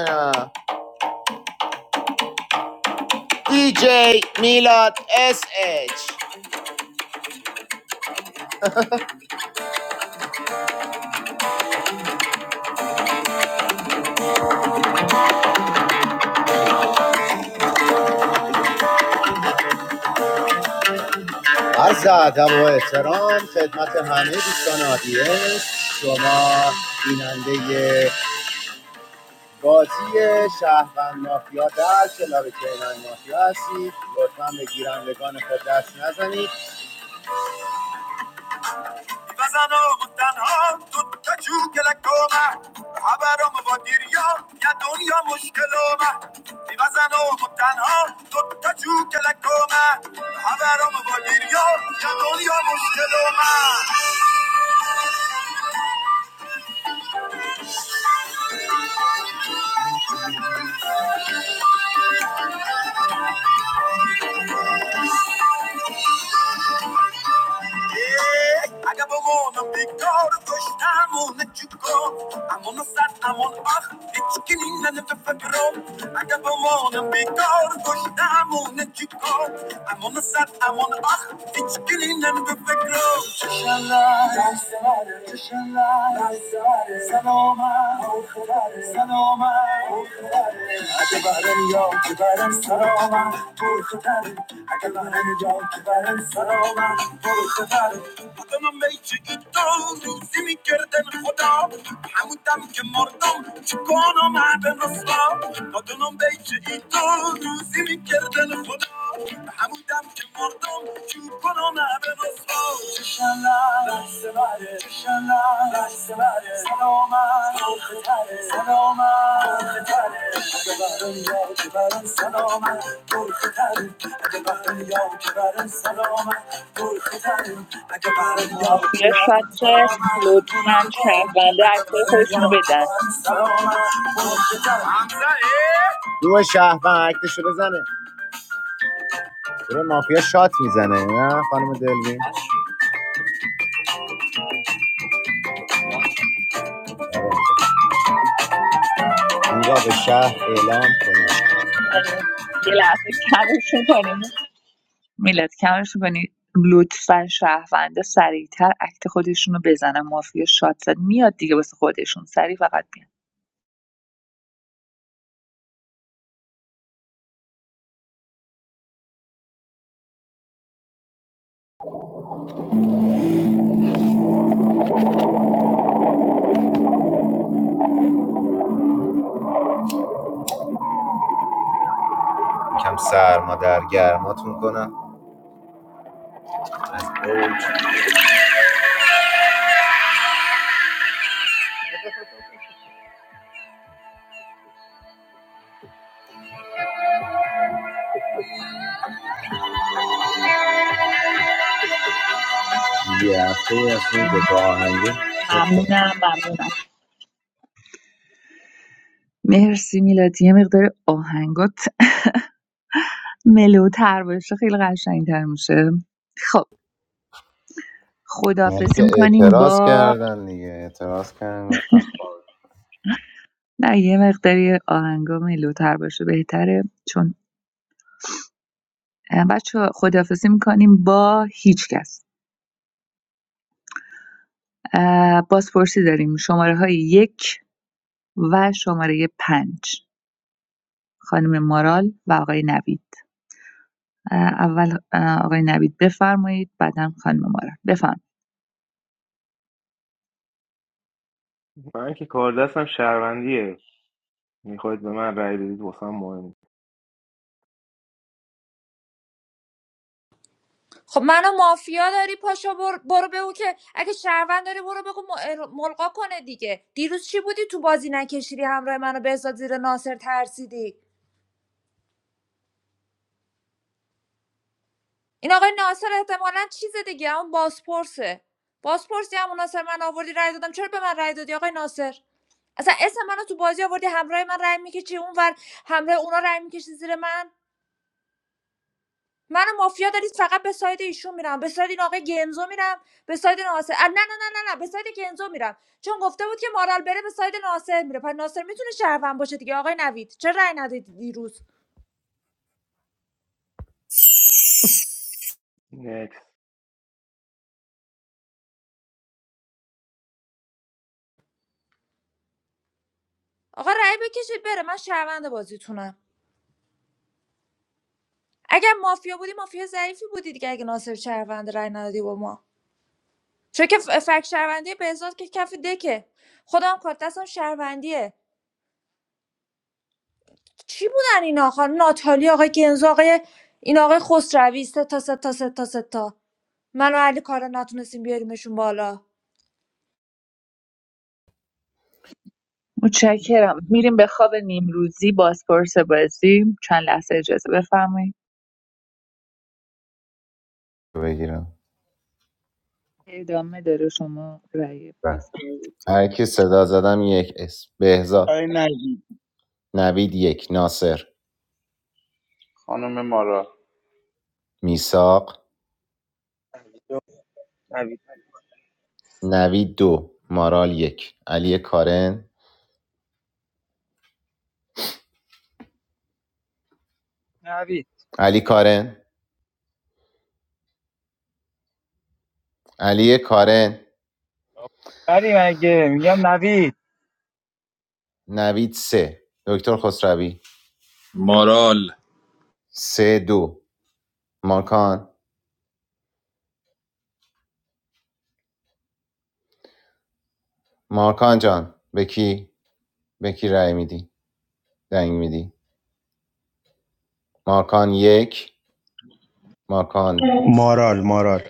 S15: دی جی میلاد اس اچ عرض ادب و احترام خدمت همه دوستان آدینس شما بیننده بازی شهروند مافیا در کلاب کیهان مافیا هستید لطفا به گیرندگان خود دست نزنید آن دوتا جو کلکومه، خبرم با دنیا مشکلومه. بی وزن و بود تنها، دوتا جو کلکومه، خبرم با دریا، یه دنیا مشکلومه. Yeah, I got my own a big door. The first time I'll let you go. I'm on the side, I'm on the off. It's killing and if I grow. I got my own a big door. The first time I'll let you go. I'm on the side, I'm on the off. It's killing and if I grow. Shashala, Shashala, Saloma, Saloma. saloma. اگه برم یا که برم سرامم برخه تره اگه برم یا که برم سرامم برخه تره آدمم بیچه ایدان روزی میگردن خدا همودم که مردم چکانم معدن رسوا آدمم بیچه ایدان روزی میگردن خدا همودم که مردم چکانم معدن رسوا
S3: مافیا شاد زد. لطفا شهرونده اکتای خودشونو بدن
S15: دو شهروند عکتشو بزنه گروه مافیا شات میزنه نه خانم دلوین اینجا به شهر اعلام کنه
S3: آره. یه لحظه کمش کنیم میلاد کمش میکنی لطفا شهروندا سریعتر اکت خودشونو بزنن مافیا شاد زد میاد دیگه واسه خودشون سریع فقط میاد
S15: یکم سرما در گرماتون کنم از اوج یه هفته ای از این دوتا آهنگه چک کردم
S3: ممنونم ممنونم مرسی میلاد یه مقدار آهنگات ملوتر باشه خیلی قشنگتر میشه خب
S15: اونا
S3: خدافزی
S15: دیگه
S3: میکنیم
S15: اعتراض
S3: با
S15: کردن دیگه اعتراض کردن گفتم
S3: نه یه مقداری آهنگا ملوتر باشه بهتره چون بچه خدافزی میکنیم با هیچ کس اه، بازپرسی داریم شماره های یک و شماره پنج خانم مارال و آقای نوید اول آقای نوید بفرمایید بعدم خانم مارال بفرمایید
S2: من که کار دستم شهروندیه میخواید به من رأی بدید واسم مهم
S17: خب منو مافیا داری پاشا بر- برو بگو که اگه شهروند داری برو بگو م- ملقا کنه دیگه دیروز چی بودی تو بازی نکشیدی همراه منو بهزاد زیر ناصر ترسیدی این آقای ناصر احتمالا چیز دیگه اون بازپرسه بازپرسی همون ناصر من آوردی رای دادم چرا به من رای دادی آقای ناصر اصلا اسم منو تو بازی آوردی همراه من رای میکشی اونور همراه اونا رای میکشی زیر من منو مافیا دارید فقط به ساید ایشون میرم به ساید این آقای گنزو میرم به ساید ناصر اه، نه نه نه نه نه به ساید گنزو میرم چون گفته بود که مارال بره به ساید ناصر میره پس ناصر میتونه شهروند باشه دیگه آقای نوید چرا رأی ندادید دیروز
S2: نیست. Next.
S17: آقا رأی بکشید بره من شهروند بازیتونم اگر مافیا بودی مافیا ضعیفی بودی دیگه اگه ناصر شهروند رأی ندادی با ما چون که ف- فک شهروندی بهزاد که کف دکه خودم کارت دستم شهروندیه چی بودن اینا آخر ناتالی آقای گنزو آقای این آقای خسروی سه تا سه تا سه تا سه تا. منو علی کارا نتونستیم بیاریمشون بالا
S3: متشکرم میریم به خواب نیمروزی بازپرس بازی چند لحظه اجازه بفرمایید
S15: بگیرم
S3: ادامه داره شما رأی
S15: بله.
S3: باز کنید.
S15: هر کی صدا زدم یک اسم بهزاد
S18: آقای نجیب
S15: نوید یک ناصر
S19: خانم مارا
S15: میساق نوید دو مارال یک علی کارن
S22: نوید
S15: علی کارن علی کارن
S22: ولی مگه میگم نوید
S15: نوید سه دکتر خسروی
S14: مارال
S15: سه دو مارکان مارکان جان به کی به کی رأی میدی دنگ میدی مارکان یک مارکان
S21: مارال مارال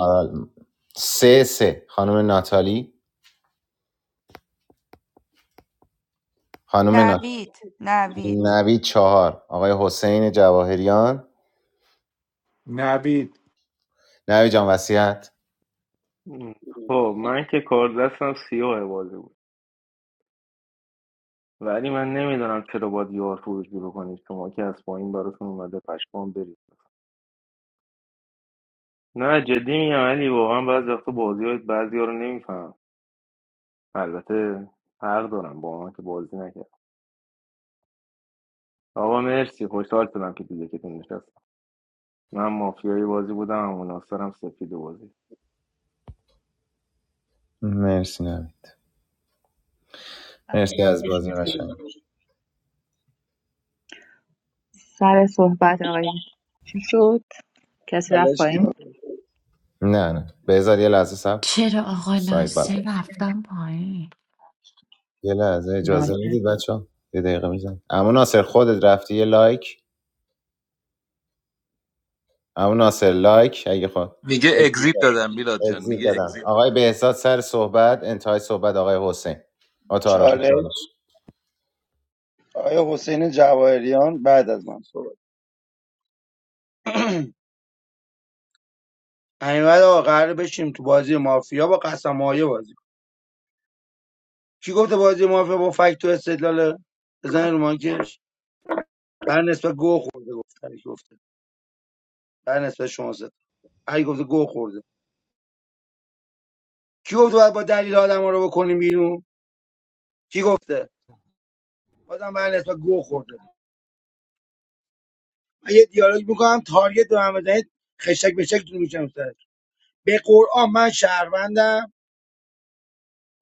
S15: آه، سه سه خانم ناتالی خانم ناتالی
S12: نوید نوید
S15: نوی چهار آقای حسین جواهریان
S5: نوید
S15: نوی جان وسیعت
S2: خب من که کار دستم سیاه بازی بود ولی من نمیدونم چرا باید یار فروشی رو کنید شما که از پایین براتون اومده پشمان برید نه جدی میگم علی واقعا بعضی وقتا بازی های بعضی ها رو نمیفهم البته حق دارم با من که بازی نکردم آقا مرسی خوشحال شدم که دیگه که نشستم من مافیای بازی بودم مناصرم سفید بازی
S15: مرسی نوی،
S3: بله
S15: مرسی از بازی
S3: وقتشون تمام
S15: قشنگ
S3: سر صحبت آقای چی شد کسی رفت
S18: بلش کی
S3: پایین
S18: بود؟
S15: نه نه بذار یه لحظه سب
S24: چرا آقا
S15: سایت بعد
S24: ناصر رفتن پایین
S15: یه لحظه اجازه
S3: ناصر
S15: میدید بچه یه دقیقه میزن اما ناصر خودت رفتی یه لایک همون ناصر لایک اگه خود
S14: میگه اگزیت دادم میلاد جان
S15: اگزیت
S14: میگه
S15: دادم
S14: اگزیت
S15: آقای
S14: دادم
S15: بهزاد سر صحبت انتهای صحبت آقای حسین با تعارف
S18: چاله
S15: چالش
S18: آقای حسین جواهریان بعد از من صحبت همینقدر آقا قراره بشیم تو بازی مافیا با قسم بازی کنیم. کی گفته بازی مافیا با فکت و استدلال بزن رو مایکش بر نسبت گو خورده گفته گفته بر نسبت شما زد هی گفته گو خورده کی گفته باید با دلیل آدم رو بکنیم بیرون کی گفته بازم بر نسبت گو خورده من یه دیالوگ میکنم تارگت به من بزنید خشک به شکتون میشم سر به قرآن من شهروندم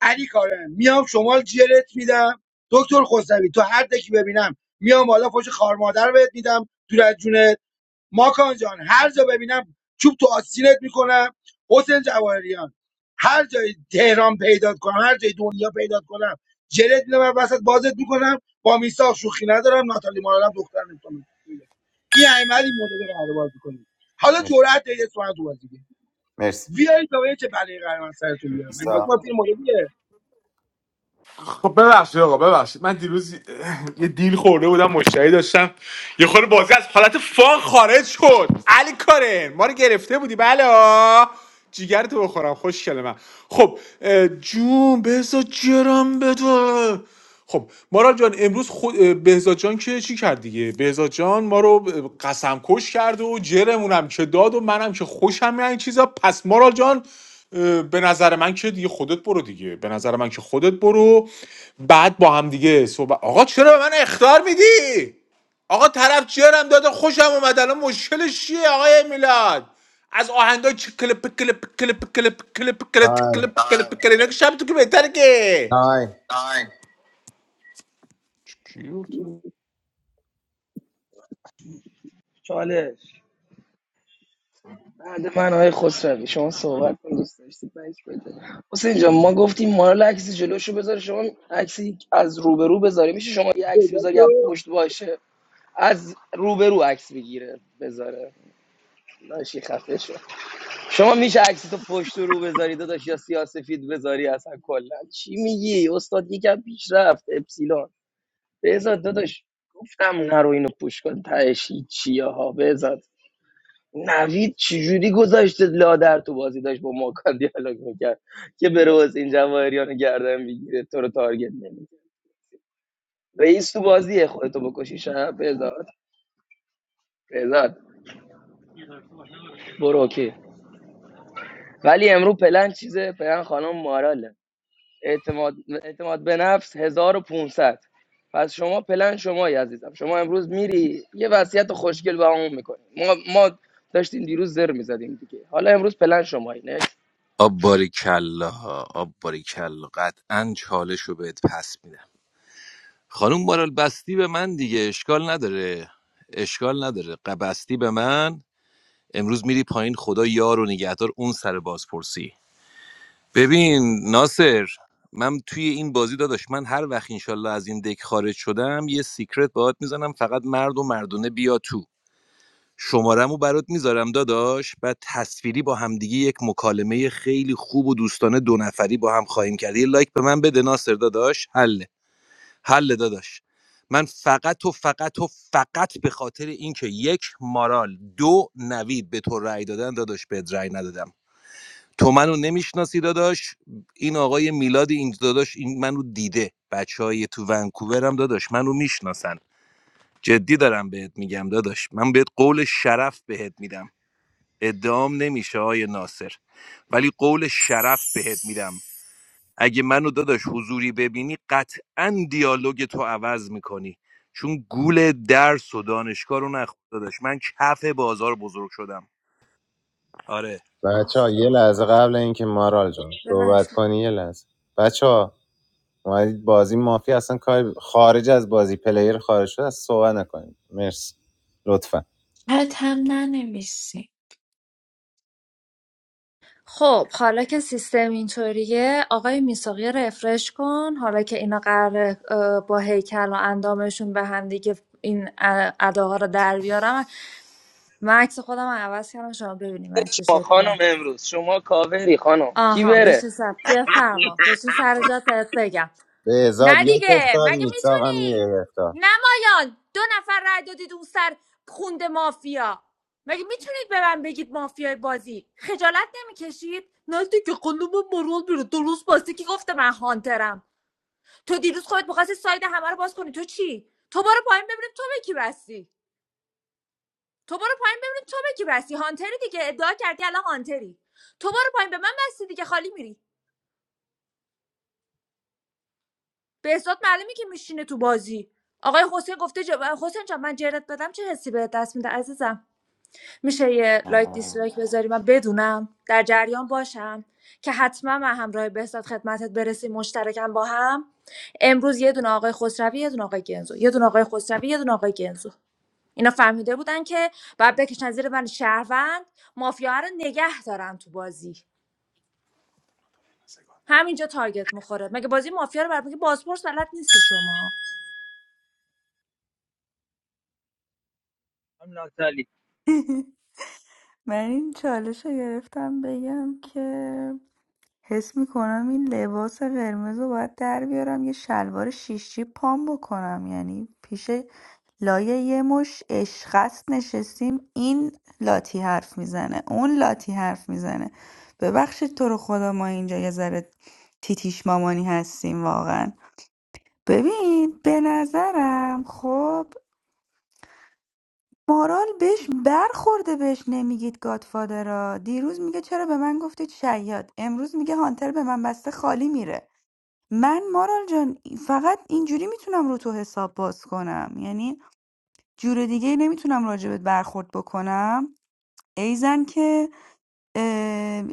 S18: علی کارم میام شمال جرت میدم دکتر خسروی تو هر دکی ببینم میام بالا فوش خار مادر بهت میدم دور از جونت ماکان جان هر جا ببینم چوب تو آستینت میکنم حسین جواهریان هر جای تهران پیدا کنم هر جای دنیا پیدا کنم جلد میدم من وسط بازت میکنم با میساق شوخی ندارم ناتالی مارالم دختر نمیتونم این احمد این مدل رو قرار باز میکنیم حالا
S15: مرسی
S18: جرأت دارید اسم تو بازی دیگه
S15: مرسی.
S18: بیایید تا چه بلایی قرار من سرتون بیارم این بازی
S15: ایسا
S18: ما فیلم مدلیه
S5: خب ببخشید آقا ببخشید من دیروز یه دیل خورده بودم مشتری داشتم یه خورده بازی از حالت فان خارج شد علی کارن ما رو گرفته بودی بله جیگر تو بخورم خوش من خب اه، جون بزا جرم بده خب مارال جان امروز خود بهزاد جان که چی کرد دیگه بهزاد جان ما رو قسم کش کرد و جرمونم که داد و منم که خوشم این چیزا پس مارال جان اه، به نظر من که دیگه خودت برو دیگه به نظر من که خودت برو بعد با هم دیگه صحبت آقا چرا به من اختار میدی آقا طرف جرم داده خوشم اومد الان مشکلش چیه آقای میلاد از آهنگای چه کلپ کلپ کلپ کلپ کلپ کلپ
S15: تایم
S5: کلپ کلپ کلپ اینا که شب تو که بهتره که
S15: تایم
S5: چی گفت؟
S23: چالش بعد من آقای خسروی شما صحبت کن دوست داشتید بک بده حسین جان ما گفتیم مارال عکس جلوشو بذاره شما عکس از روبرو بذاره میشه شما یه عکسی
S18: پیدا
S23: بذاری از
S18: شو.
S23: پشت باشه از روبرو عکس بگیره بذاره داشی خفه شو. شما میشه عکس تو پشت و رو بذاری داداش یا سیاسفید بذاری اصلا کلا چی میگی استاد یکم پیشرفت اپسیلون بذار داداش گفتم نرو اینو پوش کن تهش چیه ها بذار. نوید چجوری گذاشته لادر تو بازی داشت با ماکان دیالوگ میکرد که بره حسین جواهریان رو گردن بگیره تو رو تارگت نمیده رئیس تو بازیه خودتو بکشی شب بزاد بزاد برو اوکی ولی امرو پلن چیزه پلن خانم ماراله اعتماد, اعتماد به نفس 1500 پس شما پلن شمایی عزیزم شما امروز میری یه وصیت خوشگل به همون میکنی ما, ما داشتیم دیروز زر میزدیم دیگه حالا امروز پلن شمایی
S14: آب باریکلا آب باریکلا قطعا چالش رو بهت پس میدم خانم مارال بستی به من دیگه اشکال نداره اشکال نداره قبستی به من امروز میری پایین خدا یار و نگهدار اون سر بازپرسی ببین ناصر من توی این بازی داداش من هر وقت انشالله از این دک خارج شدم یه سیکرت باهات میزنم فقط مرد و مردونه بیا تو شمارمو برات میذارم داداش بعد تصویری با همدیگه یک مکالمه خیلی خوب و دوستانه دو نفری با هم خواهیم کرد یه لایک به من بده ناصر داداش حله حله داداش من فقط و فقط و فقط به خاطر اینکه یک مارال دو نوید به تو رأی دادن داداش بهت رأی ندادم تو منو نمیشناسی داداش این آقای میلاد این داداش این منو دیده بچه های تو ونکوورم داداش منو میشناسن جدی دارم بهت میگم داداش من بهت قول شرف بهت میدم ادام نمیشه آقای ناصر ولی قول شرف بهت میدم اگه منو داداش حضوری ببینی قطعا دیالوگ تو عوض میکنی چون گول درس و دانشگاه رو نخود داداش من کف بازار بزرگ شدم آره
S15: بچه ها
S17: آخ
S15: یه
S17: آخ
S15: لحظه
S17: آخ
S15: قبل اینکه مارال جان
S17: یه
S15: صحبت کنی یه لحظه بچه ها اومدید بازی مافی اصلا کار خارج از بازی پلیر خارج شده از صحبت نکنید مرسی لطفا
S24: چت هم ننویسی
S17: خب حالا که سیستم اینطوریه آقای میساقی رفرش کن حالا که اینا قراره اه، با هیکل و اندامشون به هم دیگه این ا- اداها رو در بیارم من عکس خودم رو عوض کردم شما ببینیم من چه
S23: ما خانم
S17: شکلیم
S23: امروز شما کاوری خانم کی
S17: آها
S23: بره
S17: بشین سر بیا فرما بشین سر جات بهت بگم
S15: بهزاد
S17: نه
S15: یک
S17: دیگه
S15: اختار
S17: مگه
S15: میساقم
S17: میتونی
S15: یه اختار
S17: نمایان دو نفر رای دادید اون سر خونده مافیا مگه میتونید به من بگید مافیای بازی خجالت نمیکشید نه دیگه قلوم مرول بیرو درست باسته که گفته من هانترم تو دیروز خودت میخواستی ساید همه رو باز کنی تو چی تو برو پایین ببینیم تو به کی بستی تو برو پایین ببینیم تو به کی بستی هانتری دیگه ادعا کردی الان هانتری تو برو پایین به من بستی دیگه خالی میری بهزاد معلومه که میشینه تو بازی آقای حسین گفته جا... حسین جان من جرت بدم چه حسی به دست میده عزیزم میشه یه لایک دیسلایک بذاری من بدونم در جریان باشم که حتما من همراه بهزاد خدمتت برسیم مشترکم با هم امروز یه دونه آقای خسروی یه دونه آقای گنزو یه دونه آقای خسروی یه دونه آقای گنزو اینا فهمیده بودن که بعد بکشن زیر من شهروند مافیا رو نگه دارن تو بازی همینجا تارگت میخوره مگه بازی مافیا رو برای مگه بازپرس بلد نیستید شما
S22: هم ناتالی
S12: من این چالش رو گرفتم بگم که حس میکنم این لباس قرمز رو باید در بیارم یه شلوار شیش جیب پام بکنم یعنی پیش لایه یه مش اشخص نشستیم این لاتی حرف میزنه اون لاتی حرف میزنه ببخشید تو رو خدا ما اینجا یه ذره تیتیش مامانی هستیم واقعا ببین به نظرم خب مارال بهش برخورده بهش نمیگید گادفادرا دیروز میگه چرا به من گفتید شیاد امروز میگه هانتر به من بسته خالی میره من مارال جان فقط اینجوری میتونم رو تو حساب باز کنم یعنی جور دیگه نمیتونم راجبت برخورد بکنم ایزن که اه،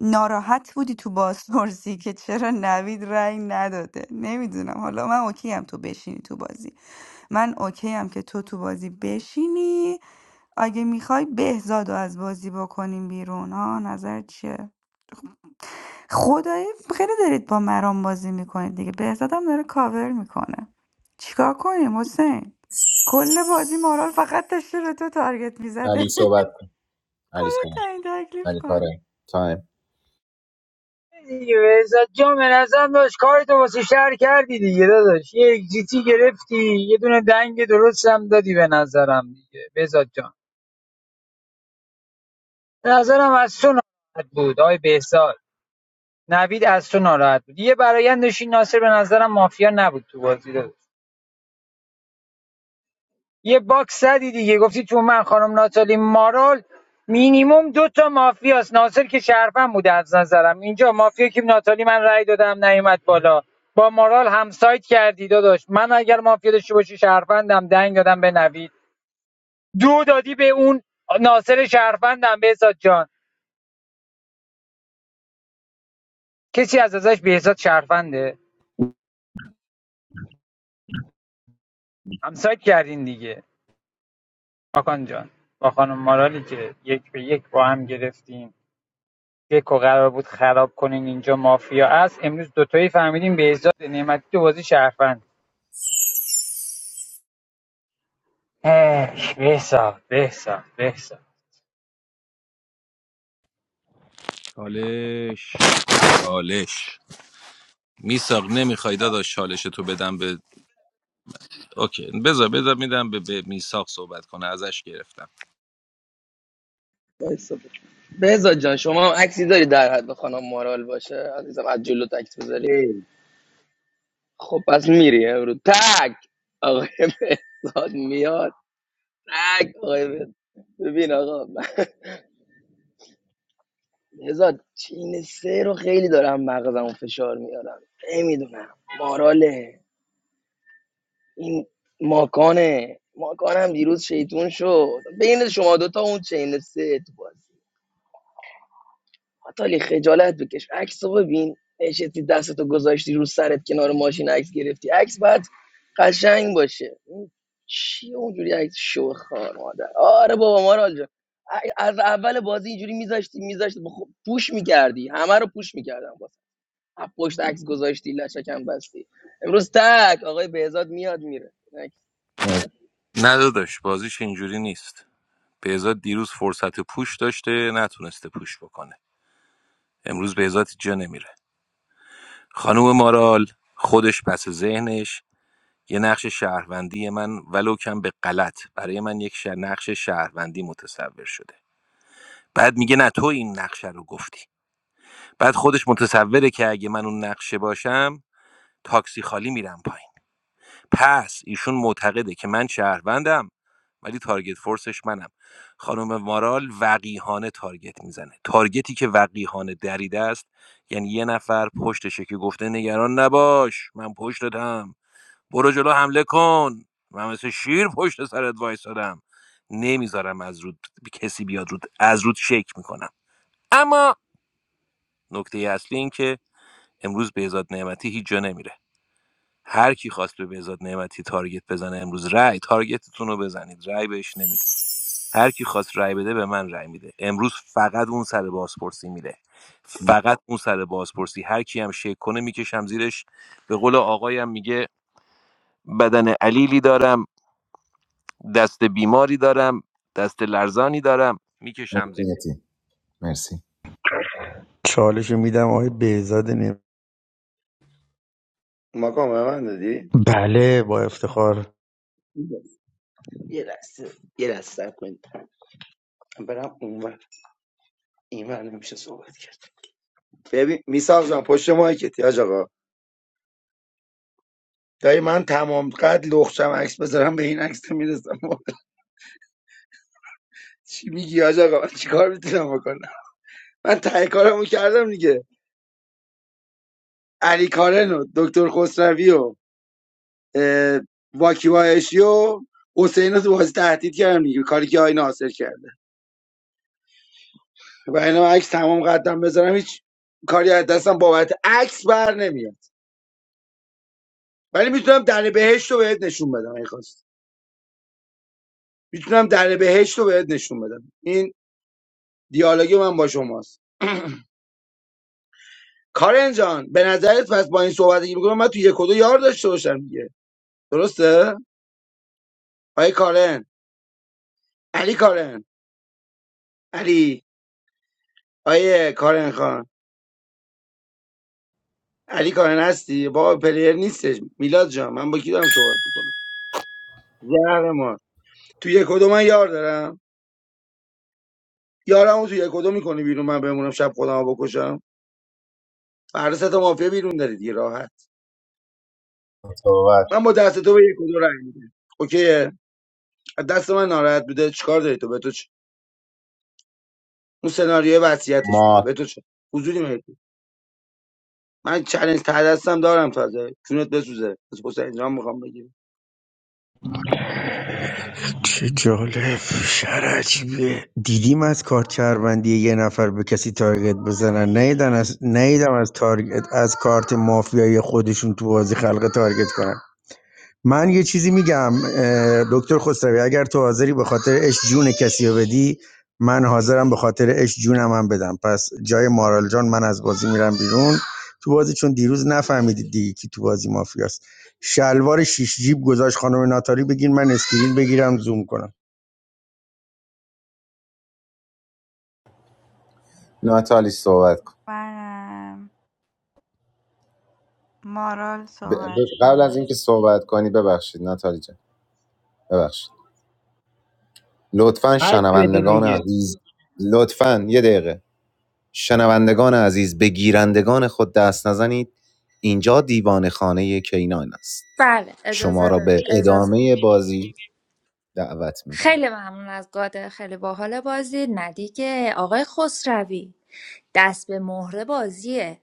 S12: ناراحت بودی تو بازپرسی که چرا نوید رأی نداده نمیدونم حالا من اوکی هم تو بشینی تو بازی من اوکی هم که تو تو بازی بشینی اگه میخوای بهزاد رو از بازی بکنیم بیرون ها نظر چیه خدایی خیلی دارید با مرام بازی میکنید دیگه بهزاد هم داره کاور میکنه چیکار کنیم حسین کل بازی مارال فقط داشته به تو تارگت میزده
S15: علی صحبت کن علی صحبت
S12: این تکلیف
S15: علی
S12: کن
S15: کاره تایم
S22: دیگه بهزاد جان به نظرم داشت کارتو واسه شهر کردی دیگه داداش یه اگزیتی گرفتی یه دونه دنگ درست هم دادی به نظرم دیگه بهزاد جان به نظرم از تو ناراحت بود آقای بهزاد نوید از تو ناراحت بود یه برایند داشتی ناصر به نظرم مافیا نبود تو بازی داشت یه باکس زدی دیگه گفتی تو من خانم ناتالی مارال مینیمم دو تا مافیاست ناصر که شرفم بوده از نظرم اینجا مافیا که ناتالی من رأی دادم نیومد بالا با مارال همسایت کردی داداش من اگر مافیا داشته باشی شرفندم دنگ دادم به نوید دو دادی به اون ناصر شرفندم بهزاد جان کسی از ازش بهزاد شرفنده همسایت کردین دیگه ماکان جان با خانم مارالی که یک به یک با هم گرفتیم دکو قرار بود خراب کنین اینجا مافیا است امروز دوتایی فهمیدیم بهزاد نعمتی تو بازی شرفند هش بهزاد بهزاد بهزاد
S14: چالش چالش میساق نمیخوای داداش چالشتو بدم به اوکی بذار بذار میدم به, به میساق صحبت کنه ازش گرفتم
S23: وایسا. بهزاد جان شما هم عکسی داری در حد خانم مارال باشه عزیزم از جلو عکس بذاری
S18: ای
S23: خب پس میری امروز تک آقای بهزاد میاد تک آقای بهزاد ببین آقا من بهزاد چین سه رو خیلی دارم مغزمو فشار میارم نمیدونم ماراله این ماکانه ماکانم دیروز شیطون شد بین شما دوتا اون چین سه تو بازی آتالی خجالت بکش عکس رو ببین نشستی دستتو گذاشتی رو سرت کنار ماشین عکس گرفتی عکس باید قشنگ باشه این چی اونجوری عکس شو خار مادر آره بابا مارال جان ا- از اول بازی اینجوری میذاشتی میذاشتی خب پوش میکردی همه رو پوش میکردم باز پشت عکس گذاشتی لشکم بستی امروز تک آقای بهزاد میاد میره
S15: اه،
S14: نه داداش بازیش اینجوری نیست بهزاد دیروز فرصت پوش داشته نتونسته پوش بکنه امروز بهزاد جا نمیره خانم مارال خودش پس ذهنش یه نقش شهروندی من ولو کم به غلط برای من یک شه- نقش شهروندی متصور شده بعد میگه نه تو این نقشه رو گفتی بعد خودش متصوره که اگه من اون نقشه باشم تاکسی خالی میرم پایین پس ایشون معتقده که من شهروندم ولی تارگت فورسش منم خانم مارال وقیهانه تارگت میزنه تارگتی که وقیهانه دریده است یعنی یه نفر پشتشه که گفته نگران نباش من پشتتم برو جلو حمله کن من مثل شیر پشت سرت وایسادم نمیذارم از رود کسی بیاد رود از رود شک میکنم اما نکته اصلی این که امروز بهزاد نعمتی هیچ جا نمیره هر کی خواست به بهزاد نعمتی تارگت بزنه امروز رأی تارگتتون رو بزنید رأی بهش نمیدید هر کی خواست رأی بده به من رأی میده امروز فقط اون سر بازپرسی میره
S15: ما-
S14: فقط اون سر بازپرسی هر کی هم شک کنه میکشم زیرش به قول آقایم میگه بدن علیلی دارم دست بیماری دارم دست لرزانی دارم میکشم زیر
S15: مرسی
S21: چالش میدم آقای بهزاد نیم
S18: ماکان به من دادی
S21: بله با افتخار
S18: یه لحظه یه لحظه صبر کنید برم اونور اینور نمیشه صحبت کرد ببین میساق جان پشت مایکت یاج آقا دایی من تمام قد لخشم عکس بذارم به این عکس میرسم چی میگی یاج آقا من چیکار میتونم بکنم من تهی کارمو کردم دیگه علی کارن و دکتر خسروی و اه، واکی وایشی و حسین رو تو بازی تهدید کردم دیگه کاری که آی ناصر کرده و اینا عکس تمام قدم بذارم هیچ کاری از دستم بابت عکس بر نمیاد ولی میتونم در بهشت رو بهت نشون بدم اگه خواستی. میتونم در بهشت رو بهت نشون بدم این دیالوگ من با شماست کارن جان به نظرت پس با این صحبتی که میکنم من تو یک و دو یار داشته باشم دیگه درسته آیه کارن علی کارن علی آیه کارن خان علی کارن هستی با پلیر نیستش میلاد جان من با کی دارم صحبت میکنم زهر ما تو یک و دو من یار دارم یارمو تو یک و دو میکنی بیرون من بمونم شب خودمو بکشم فردا سه تا مافیا بیرون داری دیگه راحت
S15: صحبت
S18: من با دست تو به یک و دو رنگ میدم اوکی دست من ناراحت بوده چیکار داری تو به تو اون سناریو وصیتش بوده
S15: ما
S18: به تو چه حضوری مهدی من چالش ته دستم دارم تازه جونت بسوزه بس پس انجام میخوام بگیرم
S21: چه جالب شهر عجیبیه دیدیم از کارت شهروندی یه نفر به کسی تارگت بزنن نیدن از نیدم از تارگت از کارت مافیایی خودشون تو بازی خلق تارگت کنن من یه چیزی میگم اه، دکتر خسروی اگر تو حاضری به خاطر اش جون کسی رو بدی من حاضرم به خاطر اش جونم هم بدم پس جای مارال جان من از بازی میرم بیرون تو بازی چون دیروز نفهمیدید دیگه کی تو بازی مافیاست شلوار شیش جیب گذاشت خانم ناتاری بگین من اسکرین بگیرم زوم کنم
S15: ناتالی صحبت کن
S12: منم مارال
S15: ب- ب-
S12: صحبت
S15: قبل از
S12: کنم
S15: اینکه صحبت کنی ببخشید ناتالی جان ببخشید لطفا
S22: حد بده
S15: شنوندگان
S22: دیگه
S15: عزیز لطفا یه دقیقه شنوندگان عزیز به گیرندگان خود دست نزنید اینجا دیوان خانه کینان است
S17: بله
S15: شما
S17: اجازه
S15: را به
S17: بده اجازه
S15: ادامه بازی دعوت میکنم
S17: خیلی ممنون از گاده خیلی باحال بازی نه دیگه آقای خسروی دست به مهره بازیه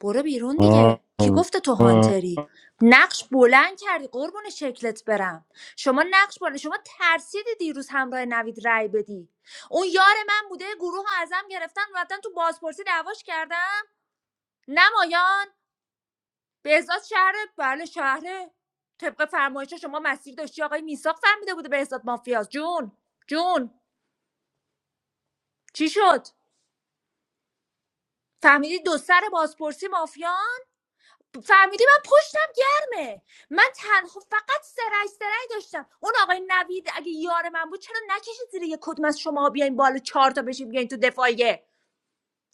S17: برو بیرون دیگه کی گفته تو هانتری نقش بلند کردی قربون شکلت برم شما نقش بلند شما ترسیدی دیروز همراه نوید رای بدی اون یار من بوده گروه ازم گرفتن رفتن تو بازپرسی دعواش کردم نمایان بهزاد شهر بله شهره طبق فرمایش شما مسیر داشتی آقای میساق فهمیده بوده بهزاد مافیاست جون جون چی شد فهمیدی دو سر بازپرسی مافیا فهمیدی من پشتم گرمه من تنها فقط سرش سرش داشتم اون آقای نوید اگه یار من بود چرا نکشید زیر یه کدوم از شما بیاین بالا چهار تا بشین بیاین تو دفاعیه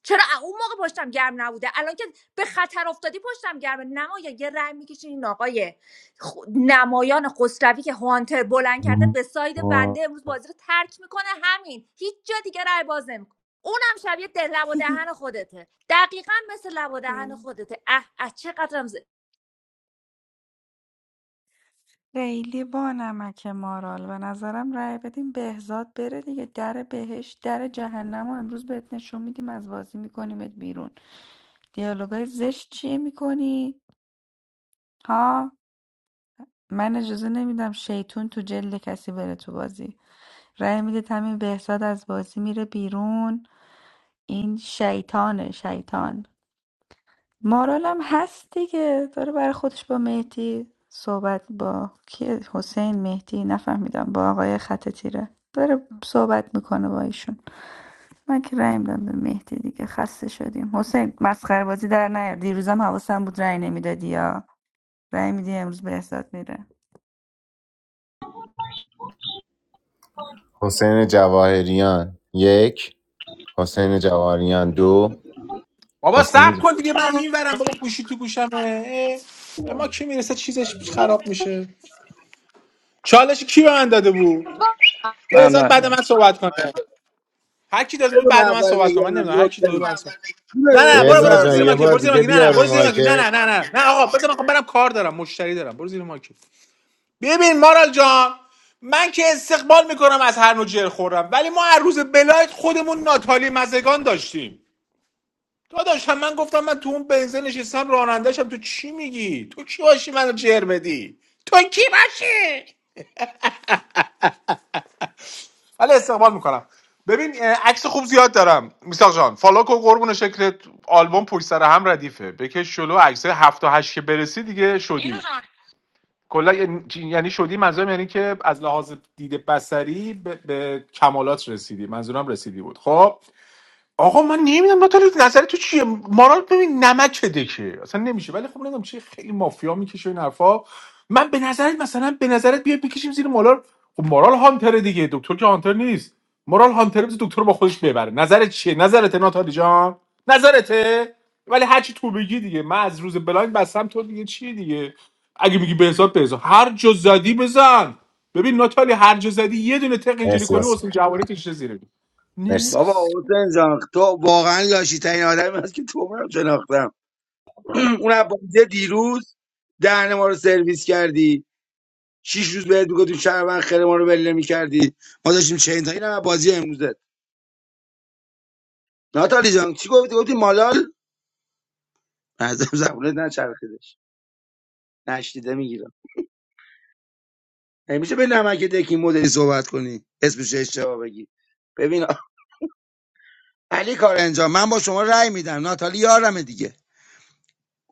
S17: چرا ا- اون موقع پشتم گرم نبوده الان که به خطر افتادی پشتم گرمه نمایا یه رأی میکشین این آقای خ- نمایان خسروی که هانتر بلند کرده به ساید بنده امروز بازی رو ترک میکنه همین هیچ جا دیگه رأی باز نمیکنه اونم شبیه دل لب و دهن خودته دقیقا مثل لب و دهن خودته اه اه چقدرم ز...
S12: خیلی با نمک مارال به نظرم رأی بدیم بهزاد بره دیگه در بهش در جهنم و امروز بهت نشون میدیم از بازی میکنیمت بیرون دیالوگای زشت چیه میکنی؟ ها من اجازه نمیدم شیطون تو جلد کسی بره تو بازی رأی میدید همین بهزاد از بازی میره بیرون این شیطانه شیطان مارالم هست دیگه داره برای خودش با مهدی صحبت با کی حسین مهدی نفهمیدم با آقای خط تیره داره صحبت میکنه با ایشون من که رأی میدم به مهدی دیگه خسته شدیم حسین مسخره بازی در نیار دیروزم حواسم بود رأی نمیدادی یا رأی میدی امروز بهزاد میره
S15: حسین جواهریان یک حسین جواهریان دو
S5: بابا
S15: حسین
S5: صبر کن دیگه من این ورم بابا گوشی تو گوشمه اه، به ما کی میرسه چیزش خراب میشه چالش کی به من داده بود بهزاد
S23: محمد
S5: بعد من صحبت کنه هر کی داده بود
S18: بذار من
S5: بعد من
S18: اول
S5: صحبت کنه من
S18: بگم
S5: نمیدونم هر کی داده بود
S18: لطفا
S5: بعد من صحبت.
S18: جونه
S5: نه نه
S18: بده،
S5: برو
S18: بذار
S5: برو
S18: من
S15: بهزاد
S5: برو
S15: جان
S5: زیر
S18: اول
S15: یه
S5: ماکی
S15: بار
S5: برو
S18: بگم
S5: زیر
S15: دیگه
S5: ماکی نه نه
S15: بیا رو
S5: برو زیر ماکی نه نه
S15: مارکت
S5: نه نه نه آقا بذار من خب برم کار دارم مشتری دارم برو زیر ماکی ببین مارال جان من که استقبال میکنم از هر نوع جر خورم ولی ما هر روز بلایت خودمون ناتالی مزگان داشتیم داداش هم من گفتم من تو اون بنزه نشستم رانندهشم تو چی میگی تو کی باشی منو جر بدی تو کی باشی ولی استقبال میکنم ببین عکس خوب زیاد دارم میساق جان فالا کن قربون شکلت آلبوم پشت سر هم ردیفه بکش جلو عکس هفت و هشت که برسی دیگه شدی کلا یعنی یعنی شدی منظورم یعنی که از لحاظ دید بصری به, به کمالات رسیدی منظورم رسیدی بود خب آقا من نمیدونم ناتالی نظر تو چیه مارال ببین نمک دکه اصلا نمیشه ولی خب نمیدونم چیه خیلی مافیا میکشه این حرفا من به نظرت مثلا به نظرت بیا بکشیم زیر مارال خب مارال هانتره دیگه دکتر که هانتر نیست مارال هانتره بز دکتر رو با خودش ببره نظرت چیه نظرت ناتالی جان نظرته ولی هرچی تو بگی دیگه من از روز بلایند بستم تو دیگه چیه دیگه اگه میگی به حساب به حساب هر جا زدی بزن ببین ناتالی هر جا زدی یه دونه تق اینجوری
S15: مرسی
S5: کنی
S15: آسان
S5: حسین جواری کشته زیره
S15: مرسی
S5: نیکس
S18: بابا حسین جان تو واقعا لاشی ترین آدمی هست که تو عمرم شناختم اون عبازی دیروز دهن ما رو سرویس کردی شیش روز بهت میگفتیم شهروند خیر ما رو بله میکردی ما داشتیم چه تا اینم بازی امروزت ناتالی جان چی گفتی گفتی مالال از زبونت نچرخیدش نشنیده میگیره نمیشه به نمک دکی مدلی صحبت کنی اسمش اشتباه بگی ببین آ- علی کار انجام من با شما رأی میدم ناتالی یارمه دیگه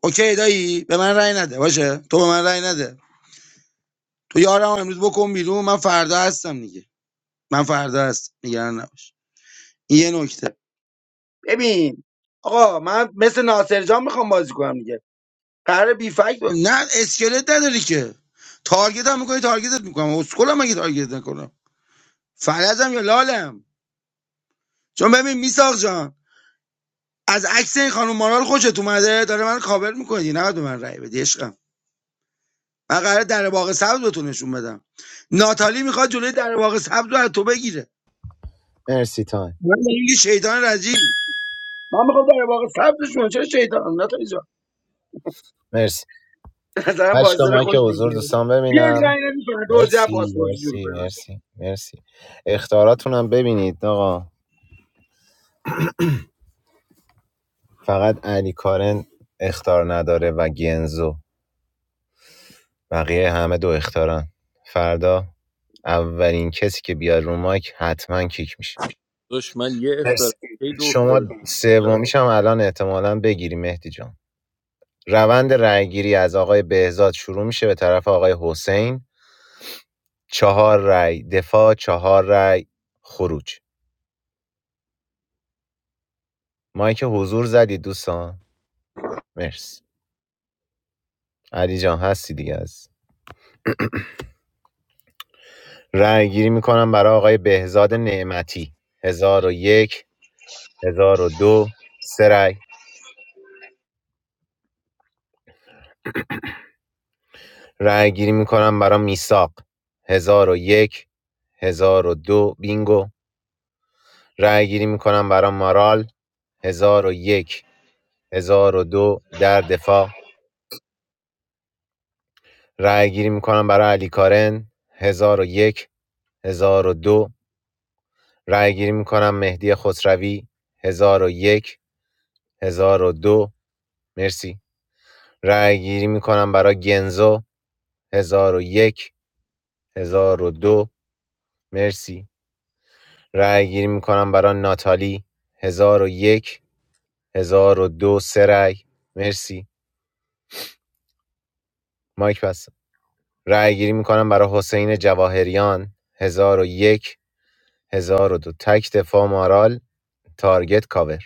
S18: اوکی دایی به من رأی نده باشه تو به من رأی نده تو یارم امروز بکن بیرون من فردا هستم دیگه من فردا هستم نگران نباش این یه نکته ببین آقا من مثل ناصر جان میخوام بازی کنم دیگه قرار بی فکت با- نه اسکلت نداری که تارگت هم میکنی تارگتت میکنم اسکلم مگه تارگت نکنم فرزم یا لالم چون ببین میساق جان از عکس این خانم مارال خوشت اومده داره من کاور میکنی نه به من رأی بدی عشقم من قراره در باغ سبز بهتون نشون بدم ناتالی میخواد جلوی در باغ سبز رو از تو بگیره
S15: مرسی تایم
S18: من میگی شیطان رجیم من میخوام در باغ سبز شون چه شیطان ناتالی جان
S15: مرسی
S18: به
S15: هشت
S18: نظرم
S15: هشتا
S18: بازدار
S15: مایک
S18: خوش
S15: حضور
S18: میگیره
S15: دوستان
S18: بیا
S15: ببینم
S18: رنگ نمیکنه دو جب
S15: مرسی
S18: پاسپورت جور
S15: مرسی
S18: کنیم
S15: مرسی مرسی اختاراتون هم ببینید آقا فقط علی کارن اختار نداره و گنزو بقیه همه دو اختارن فردا اولین کسی که بیاد رو مایک حتما کیک میشه
S14: داداش من یه اختار
S15: مرسی
S14: کی دو
S15: شما
S14: اختار میلاد
S15: سومیش هم الان احتمالا بگیری مهدی جان روند رأیگیری از آقای بهزاد شروع میشه به طرف آقای حسین چهار رأی دفاع چهار رأی خروج مایک حضور زدید دوستان مرسی علی جان هستی دیگه از رأیگیری میکنم برای آقای بهزاد نعمتی هزار و یک هزار و دو سه رأی. رأی‌گیری می‌کنم برای میثاق هزار و یک، هزار و دو بینگو رأی‌گیری می‌کنم برای مارال هزار هزار و یک هزار و دو در دفاع رأی‌گیری می‌کنم برای علی کارن هزار هزار و و یک هزار و دو ۱۰۰۲ رأی‌گیری می‌کنم مهدی خسروی هزار و یک، هزار و دو مرسی رأی‌گیری می‌کنم برای گنزو هزار و یک، هزار و دو مرسی رأی‌گیری می‌کنم برای ناتالی هزار و یک هزار و دو سه رأی مرسی مایک بسته رأی گیری میکنم برای حسین جواهریان هزار و یک هزار و دو تک دفاع مارال تارگت کاور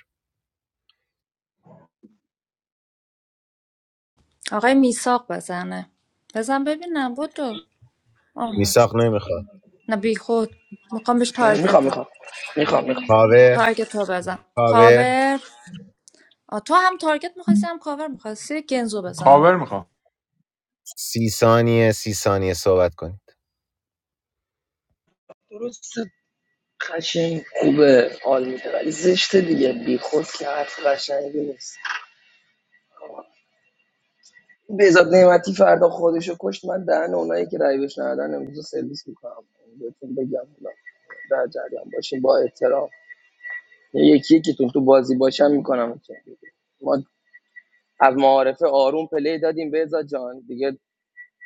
S17: آقای میساق بزنه بزن ببینم بودو آها
S15: میساق نمیخواد
S17: نه بی خود میخوام بهش تارگت
S23: میخوام
S17: بزن
S23: میخوام میخوام
S15: کاور
S17: تارگت رو بزن
S15: کاور
S17: کاور آ، تو هم تارگت میخواستی هم کاور میخواستی گنزو بزن
S5: کاور میخوام
S15: سی ثانیه سی ثانیه صحبت کنید
S23: میخوام قشنگ خوبه حال میده ولی زشته دیگه بیخود که حرف قشنگی نیست بهزاد نعمتی فردا خودشو کشت من دهن اونایی که رای بهش ندادن امروز رو سرویس میکنم بهتون بگم اونا در جریان باشین با احترام یکی یکیتون تو بازی باشم میکنم ما از معارفه آروم پلی دادیم بهزاد جان دیگه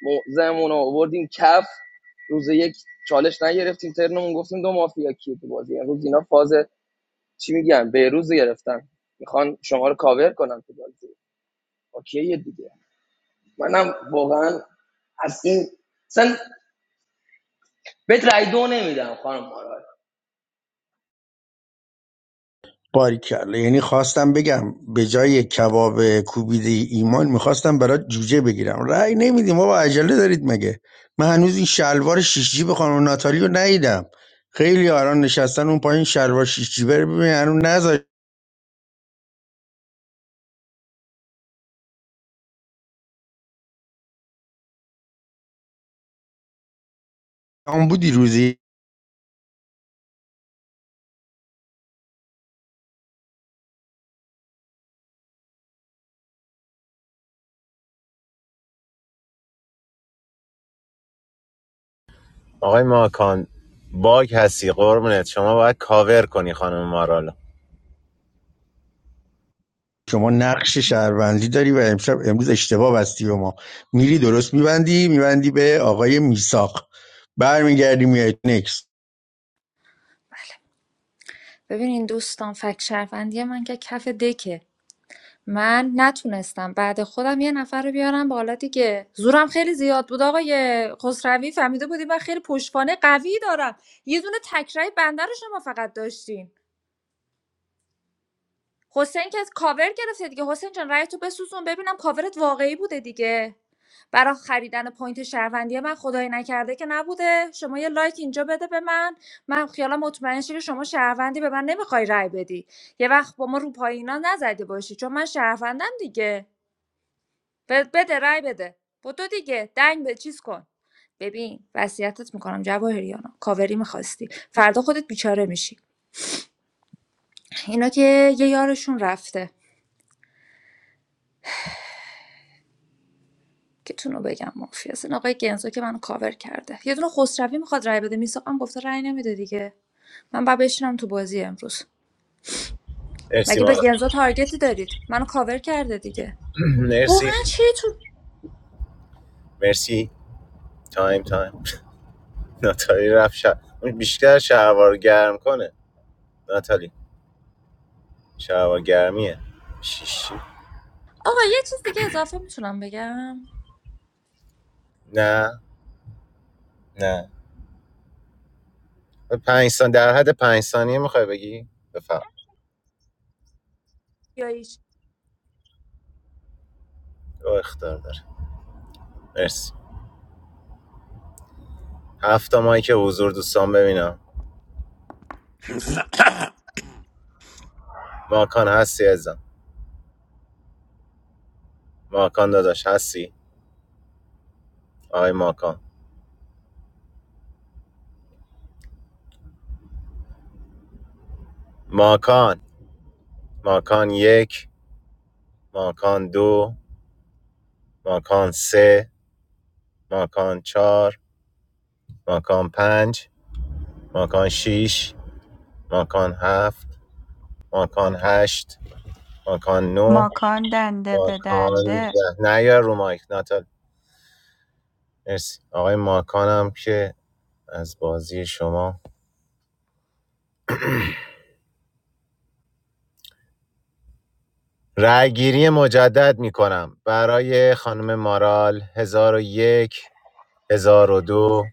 S23: موزمون رو آوردیم کف روز یک چالش نگرفتیم ترنمون گفتیم دو مافیا کیه تو بازی امروز اینا فاز چی میگن بهروز رو گرفتن میخوان شما رو کاور کنن تو بازی اوکیه دیگه منم واقعا از این مثلا بهت رای دو نمیدم خانم مارال
S21: باریکلا یعنی خواستم بگم به جای کباب کوبیده ایمان میخواستم برات جوجه بگیرم رأی نمیدیم بابا عجله دارید مگه من هنوز این شلوار شیش جیب خانم ناتالی رو ندیدم خیلی آران نشستن اون پایین شلوار شیش جیبه رو ببین هنوز نذاری آن بودی روزی
S15: آقای ماکان باگ هستی قربونت شما باید کاور کنی خانم مارالو
S21: شما نقش شهروندی داری و امشب امروز اشتباه بستی به ما میری درست میبندی میبندی به آقای میساق برمیگردی میای نکس
S17: ببین این دوستان فک شرفندی من که کف دکه من نتونستم بعد خودم یه نفر رو بیارم بالا دیگه زورم خیلی زیاد بود آقای خسروی فهمیده بودی من خیلی پشتوانه قوی دارم یه دونه تکرای بنده رو شما فقط داشتین حسین که کاور گرفته دیگه حسین جان رأی تو بسوزون ببینم کاورت واقعی بوده دیگه برای خریدن پوینت شهروندی من خدای نکرده که نبوده شما یه لایک اینجا بده به من من خیالم مطمئن شه که شما شهروندی به من نمیخوای رأی بدی یه وقت با ما رو پایینا نزدی باشی چون من شهروندم دیگه ب- بده رأی بده بدو دیگه دنگ به چیز کن ببین وصیتت میکنم جواهریانا کاوری میخواستی فردا خودت بیچاره میشی اینا که یه یارشون رفته که تونو بگم مافیا است. این آقای گنزو که منو کاور کرده یه دونه خسروی میخواد رای بده میساقم گفته رای نمیده دیگه من بعد بشینم تو بازی امروز
S15: مرسی
S17: مگه به
S15: مامان
S17: گنزو تارگتی دارید منو کاور کرده دیگه
S15: مرسی
S17: واقعا چی تو
S15: مرسی تایم تایم ناتالی رفت شد اون بیشتر شهوار گرم کنه ناتالی شهوار گرمیه شیشی
S17: آقا یه چیز دیگه اضافه میتونم بگم
S15: نه نه پنج سان در حد پنج ثانیه میخوای بگی بفهم
S17: یا هیچ
S15: او اختار داره مرسی هفت ماهی که حضور دوستان ببینم ماکان هستی ازم ماکان داداش هستی آقای ماکان ماکان ماکان یک ماکان دو ماکان سه ماکان چهار ماکان پنج ماکان شیش ماکان هفت ماکان هشت ماکان نه،
S12: ماکان دنده به
S15: ماکان
S12: دنده
S15: ده نه یا رو مایک ناتال مرسی آقای ماکانم که از بازی شما رأی گیری مجدد می کنم برای خانم مارال هزار و یک هزار و دو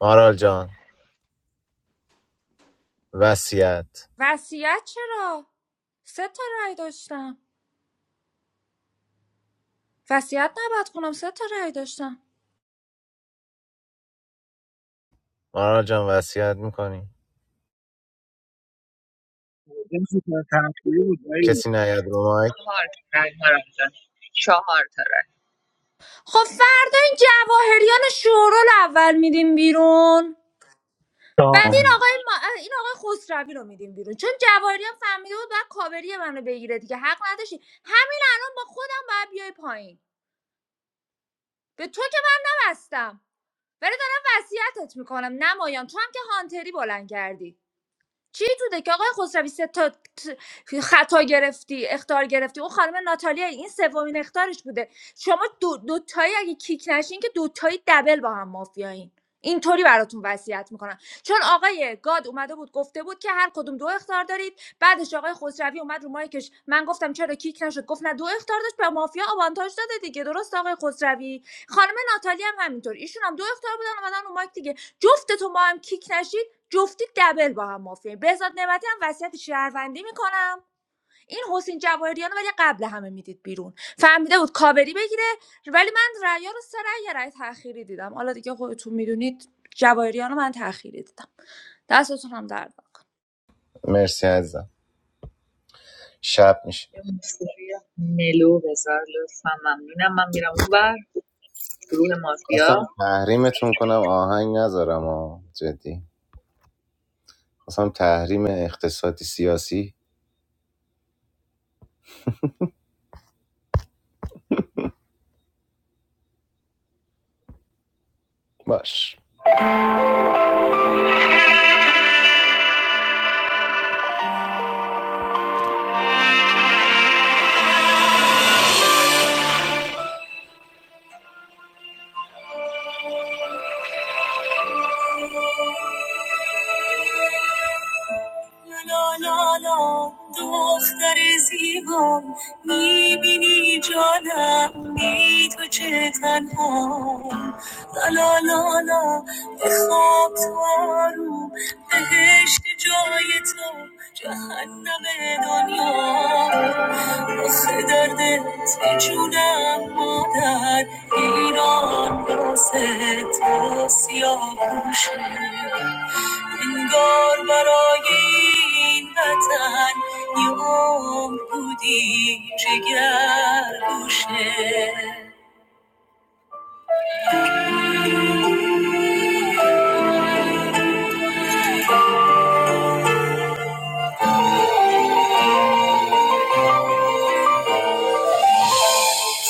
S15: مارال جان وصیت
S17: وصیت چرا سه تا رای داشتم وصیت نباید کنم سه تا رای داشتم
S15: مارال جان وصیت میکنی
S18: نمیشه که تنفری بود ولی
S15: کسی نیاد رو مایک
S3: چهار تا رأی مارال جان. چهار تا
S17: خب فردا این جواهریان شورول اول میدیم بیرون بعد این آقای ما... این آقای خسروی رو میدیم بیرون چون جواهری هم فهمیده بود بعد کاوری منو بگیره دیگه حق نداشتی همین الان با خودم باید بیای پایین به تو که من نبستم ولی دارم وصیتت میکنم نمایان تو هم که هانتری بلند کردی چی توده که آقای خسروی سه تا ت- خطا گرفتی اختار گرفتی اون خانم ناتالیا این سومین اختارش بوده شما دو, دو تایی اگه کیک نشین که دو تایی دبل با هم مافیایین اینطوری براتون وصیت میکنم چون آقای گاد اومده بود گفته بود که هر کدوم دو اختار دارید بعدش آقای خسروی اومد رو مایکش من گفتم چرا کیک نشد گفت نه دو اختار داشت به مافیا آوانتاژ داده دیگه درست آقای خسروی خانم ناتالیا هم همینطور ایشون هم دو اختار بودن اومدن رو مایک دیگه جفتتون با هم کیک نشید جفتی دبل با هم مافیایی بهزاد نعمتی هم وصیت شهروندی میکنم این حسین جواهریان ولی قبل همه میدید بیرون فهمیده بود کابری بگیره ولی من رأیا رو سه رأی یه رأی تأخیری دیدم حالا دیگه خودتون میدونید جواهریان رو من تأخیری دیدم دستتون هم درد
S15: مرسی عزیزم شب میشه
S3: یه موسیقی ملو بذار لطفا ممنونم من میرم اونور گروه مافیا
S15: خواستم تحریمتون کنم آهنگ نذارم آه. جدی خواستم تحریم اقتصادی سیاسی باش به خواب تو آروم بهشت جای تو جهنم دنیا آخه دردت دلت یه جونم مادر ایران واسه تو سیاه انگار برای این وطن یه عمر بودی جگر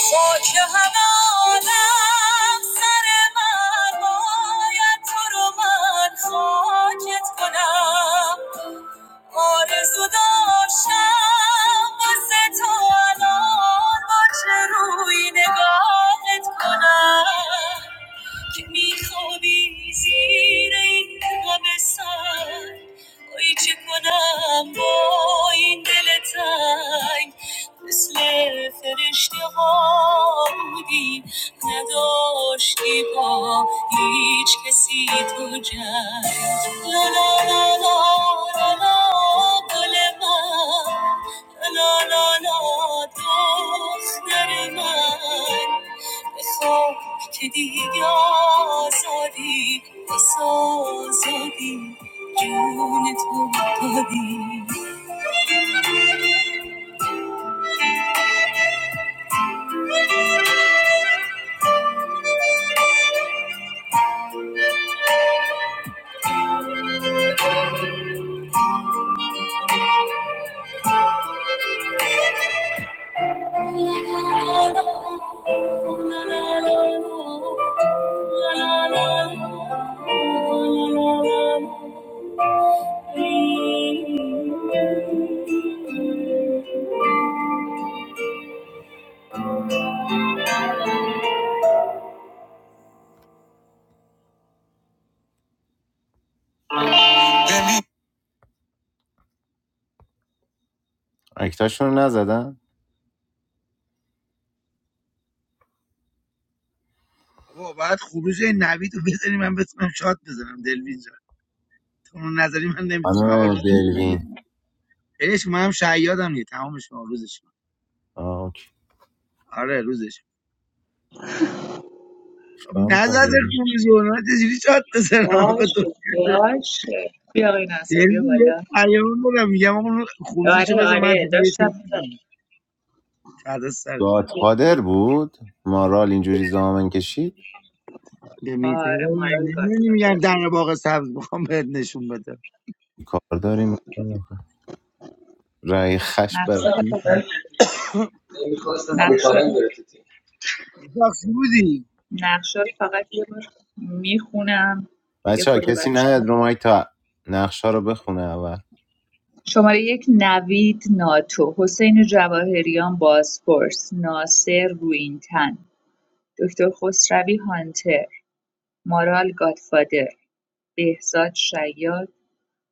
S15: خاک همه عالم سر من باید تو رو من خاکت کنم آرزو داشتم واسه تو الان با چه روی نگاهت کنم که میخوابی زیر این غم سنگ ای چه کنم با این دل تنگ مثل فرشته ها بودی نداشتی با هیچ کسی تو جنگ لا لا لا لا لا لا، گل من لا لا لا دختر من بخواب که دیگه آزادی بس آزادی جون تو دادی اکتاشون رو نزدن
S18: بابا بعد خروج این نوید رو بذاری من بتونم شاد بزنم دلوین جان تو اون نظری من نمیتونم آقا
S15: خانم
S18: روزی
S15: دلوین
S18: عشق من هم شیادم نیه تمام شما روزش
S15: آه، اوکی
S18: آره روزش خب
S15: چیکار می‌کنی
S18: نزده
S15: دلوین؟
S18: رو میزونه چجوری شاد بزنم آقا
S3: باش
S18: تو
S3: باش بیا آقای
S18: دل
S3: ناصر بیا
S18: یه
S3: بالا
S18: پیام دارم میگم آقا اون خروزشو
S3: آره
S18: بزن من
S3: آره
S18: دل یه
S3: داشتم
S18: شات بزنم فردا سرت
S3: می‌زدم.
S15: گادفادر بود مارال اینجوری زامن کشید
S18: به میتره
S3: آره
S18: من
S3: مارال
S18: نمیدونی
S3: گادفادر
S18: میگم در باغ سبز میخوام بهت نشون بدم
S15: کار داریم رای خش بر
S3: نقشه رو فقط
S23: من تو تیم میخواستم علی
S3: نقشه
S23: کارن
S3: رو
S23: بره تو تیم
S18: میساق چی بودی
S3: نقشه رو فقط یه بار میخونم دیگه
S15: بچه ها
S3: خود
S15: کسی
S3: بچه
S15: نیاد
S3: ها
S15: رو مایک تا نقشه رو بخونه اول
S3: شماره یک نوید ناتو حسین جواهریان بازپرس ناصر روینتن دکتر خسروی هانتر، مارال گادفادر، بهزاد شیاد،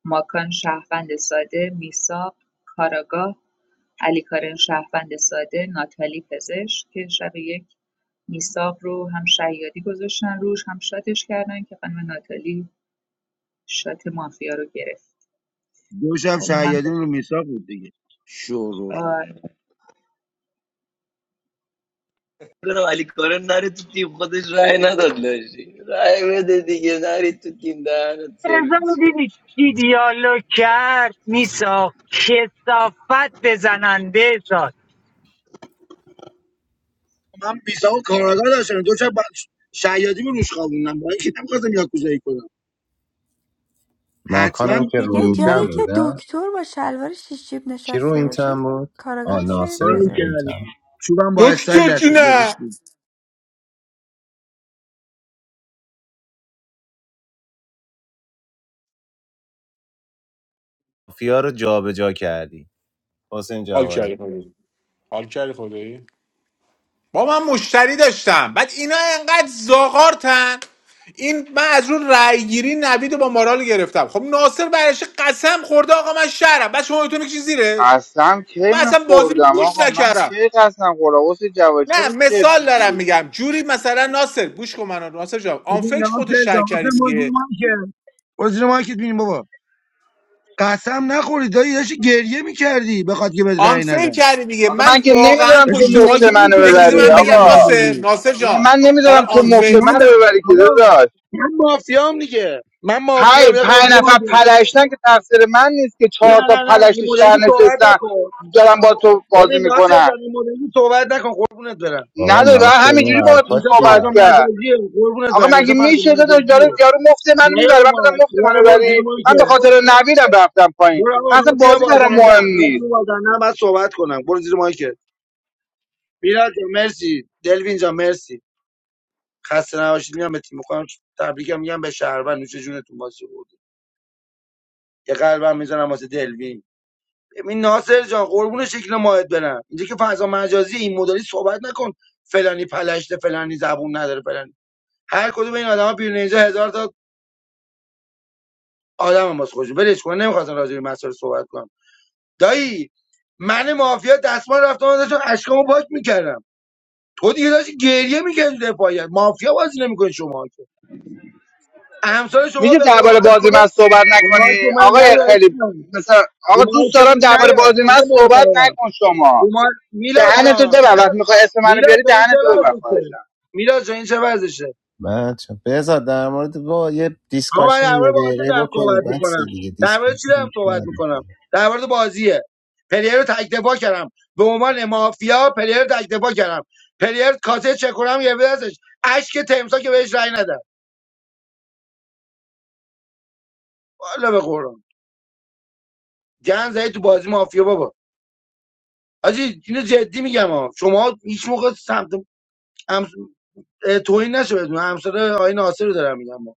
S3: ماکان شهروند ساده، میساق کاراگاه، علیکارن شهروند ساده، ناتالی پزشک که شب یک میساق رو هم شیادی گذاشتن روش هم شاتش کردن که خانم ناتالی شات مافیا رو گرفت
S18: دو شب
S3: خب
S18: شهیادین رو میساق بود دیگه شورور
S3: من
S23: دارم علی کارن نره تو تیم خودش رای نداد لاشی رای بده دیگه نری تو تیم دهنت
S22: بهزاد
S23: سرویس شه.
S22: دیدی کی دیالوگ کرد میساخت کسافت بزنن بهزاد
S18: من میساق و کاراگاه داشتم دو شب شهیادی رو روش خوابوندم برای اینکه نمیخواستم یاکوزایی کنم حتما
S15: ماکانم که رو
S12: دیگه
S15: این
S18: اون
S12: جایی
S15: تم
S12: که
S18: رو
S15: بود نه
S12: دکتر با شلوار شیشیب
S15: کی رو
S12: نشسته
S15: این
S12: بود
S15: تم بود
S12: کار
S15: آه، ناصر رو
S18: کاری
S12: داره.
S15: این تم
S18: کردم چوبم با
S5: دکتر
S18: استایل لطمه
S5: جونه
S18: گرفت
S15: مافیا رو جابجا کردی حسین
S5: حال کردی
S15: جواهری
S5: خدایی حال کردی خدایی با من مشتری داشتم بعد اینا انقدر زاغارتن این من از اون رأیگیری نوید رو با مارال گرفتم خب ناصر برش قسم خورده آقا من شهرم بعد شما تو میکشی زیرش
S19: قسم کی
S5: من
S19: من
S5: اصلا بازی رو
S19: خوردم
S5: گوش
S19: آقا من
S5: نکردم
S19: کی قسم خوردم حسین جواهر چرا
S5: نه
S19: چرت
S5: مثال دارم
S19: میگی
S5: میگم جوری مثلا ناصر گوش کن منو ناصر جان
S18: ببین
S5: آنفیک خودتو
S18: ناصر
S5: شر
S18: جان واسه
S5: کردی دیگه
S18: موضوع ما که موضوع ما که ببین بابا قسم نخوری دایی داشتی گریه میکردی بخواد که بهت رأی
S5: آنفیل
S18: ندن
S5: کردی دیگه
S19: آقا من
S5: من
S19: که
S5: واقعا
S19: نمیدونم
S18: داشتی
S19: تو
S5: پشت
S18: گریه
S19: مفت
S5: مایک
S19: منو
S5: یه
S18: میکردی
S5: چیزی
S19: ببری
S18: واسه
S5: من
S18: اینکه
S5: بگم
S19: آقا
S18: رأی
S5: ناصر
S18: ندی.
S5: ناصر
S19: نه
S5: جان
S19: من
S5: برای
S19: نمیدونم تو مفت
S5: آنفیل
S18: من
S19: منو
S18: در
S19: ببری که
S18: آقا
S19: داداش
S18: من مافیام دیگه من
S19: پنج
S18: مافیام یه
S19: پنج
S18: موضوع ما
S19: نفر
S18: که
S19: پلشتن که تقصیر من نیست که
S18: نه
S19: چهار تا
S18: نه نه
S19: پلشت
S18: این مدلی
S19: شهر
S18: که صحبت
S19: نشستن
S18: نکن
S19: دارن با تو بازی
S18: ببین ناصر
S19: میکنن
S18: جان این مدلی که صحبت نکن قربونت برم
S15: بابا
S19: نداری و
S15: ناصر این
S19: همینجوری با تو
S15: حرفات
S18: اینجا
S19: صحبت
S15: چیه
S18: فضا
S19: کرد
S18: مجازیه قربونت
S19: آقا
S18: برم اینجا
S19: مگه
S18: فضا
S19: میشه تو داشت داره
S18: مجازیه
S19: یارو مفت منو
S18: نه
S19: میبره
S18: رو
S19: من
S18: ما
S19: بدم مفت
S18: یه
S19: منو
S18: موضوع
S19: بری
S18: ما
S19: من به خاطر نویدم رفتم پایین
S18: برو آقا
S19: من اصلا
S18: من تیم
S19: بازی برام
S18: بازنده
S19: مهم
S18: من
S19: نیست
S18: تیم بازنده بعد صحبت کنم برو زیر مایکت میلاد جان مرسی دلوین جان مرسی خسته نباشید میام به تیم خودم تبریکم میگم به شهروند نوش جونتون بازی بود یه قلبم میزنم واسه دلوین ببین ناصر جان قربون شکل ماهت برم اینجا که فضا مجازی این مدلی صحبت نکن فلانی پلشته فلانی زبون نداره فلانی هر کدوم این آدما بیرون اینجا هزار تا آدم واسه خودشون ولش کن نمیخواستم راجع به این مسائل صحبت کنم دایی من مافیا دستمال رفتم داشتم اشکامو پاک میکردم تو دیگه داشتی گریه میکردی تو دفاعیت مافیا بازی نمیکنی شما که همسال شما
S19: میشه
S18: به
S19: درباره
S18: قرآن به
S19: بازی
S18: خدا
S19: من صحبت
S18: رو ماهی که
S19: نکنی
S18: من
S19: آقای
S18: نیارش
S19: خیلی مثلا
S18: رو
S19: آقا
S18: ماهی
S19: دوست
S18: که من
S19: دارم درباره
S18: نیا
S19: بازی من
S18: نه
S19: صحبت
S18: محترم
S19: نکن شما
S18: رو ماه میلاد
S19: دهنتو
S18: جان
S19: ببر وقتی میخوای اسم منو
S18: میلاد
S19: بیاری
S18: جان این چه
S19: دهنتو ببر
S18: ورزشه
S19: خواهشم
S18: میلاد جان این چه ورزشه
S15: من چه- بذار در مورد با یه
S18: آقا من
S15: دیسکاشن
S18: در
S15: یه
S18: مورد بازی
S15: دقیقه
S18: دارم
S15: بکنید
S18: صحبت
S15: بس
S18: میکنم
S15: دیگه
S18: در مورد چی
S15: دیسکاشن
S18: دارم صحبت میکنم
S15: نمی‌کنه.
S18: در مورد بازیه پلیر رو تک دفاع کردم به عنوان مافیا پلیر رو تک دفاع کردم پلیر کاسه چکونم یه ازش اشک تمسا که بهش رأی نداد والا به قرآن گن زدی تو بازی مافیا بابا آجی اینو جدی میگم ها شما هیچ موقع سمت هم... اه، توهین نشه بدون همسر آقای ناصر رو دارم میگم ما.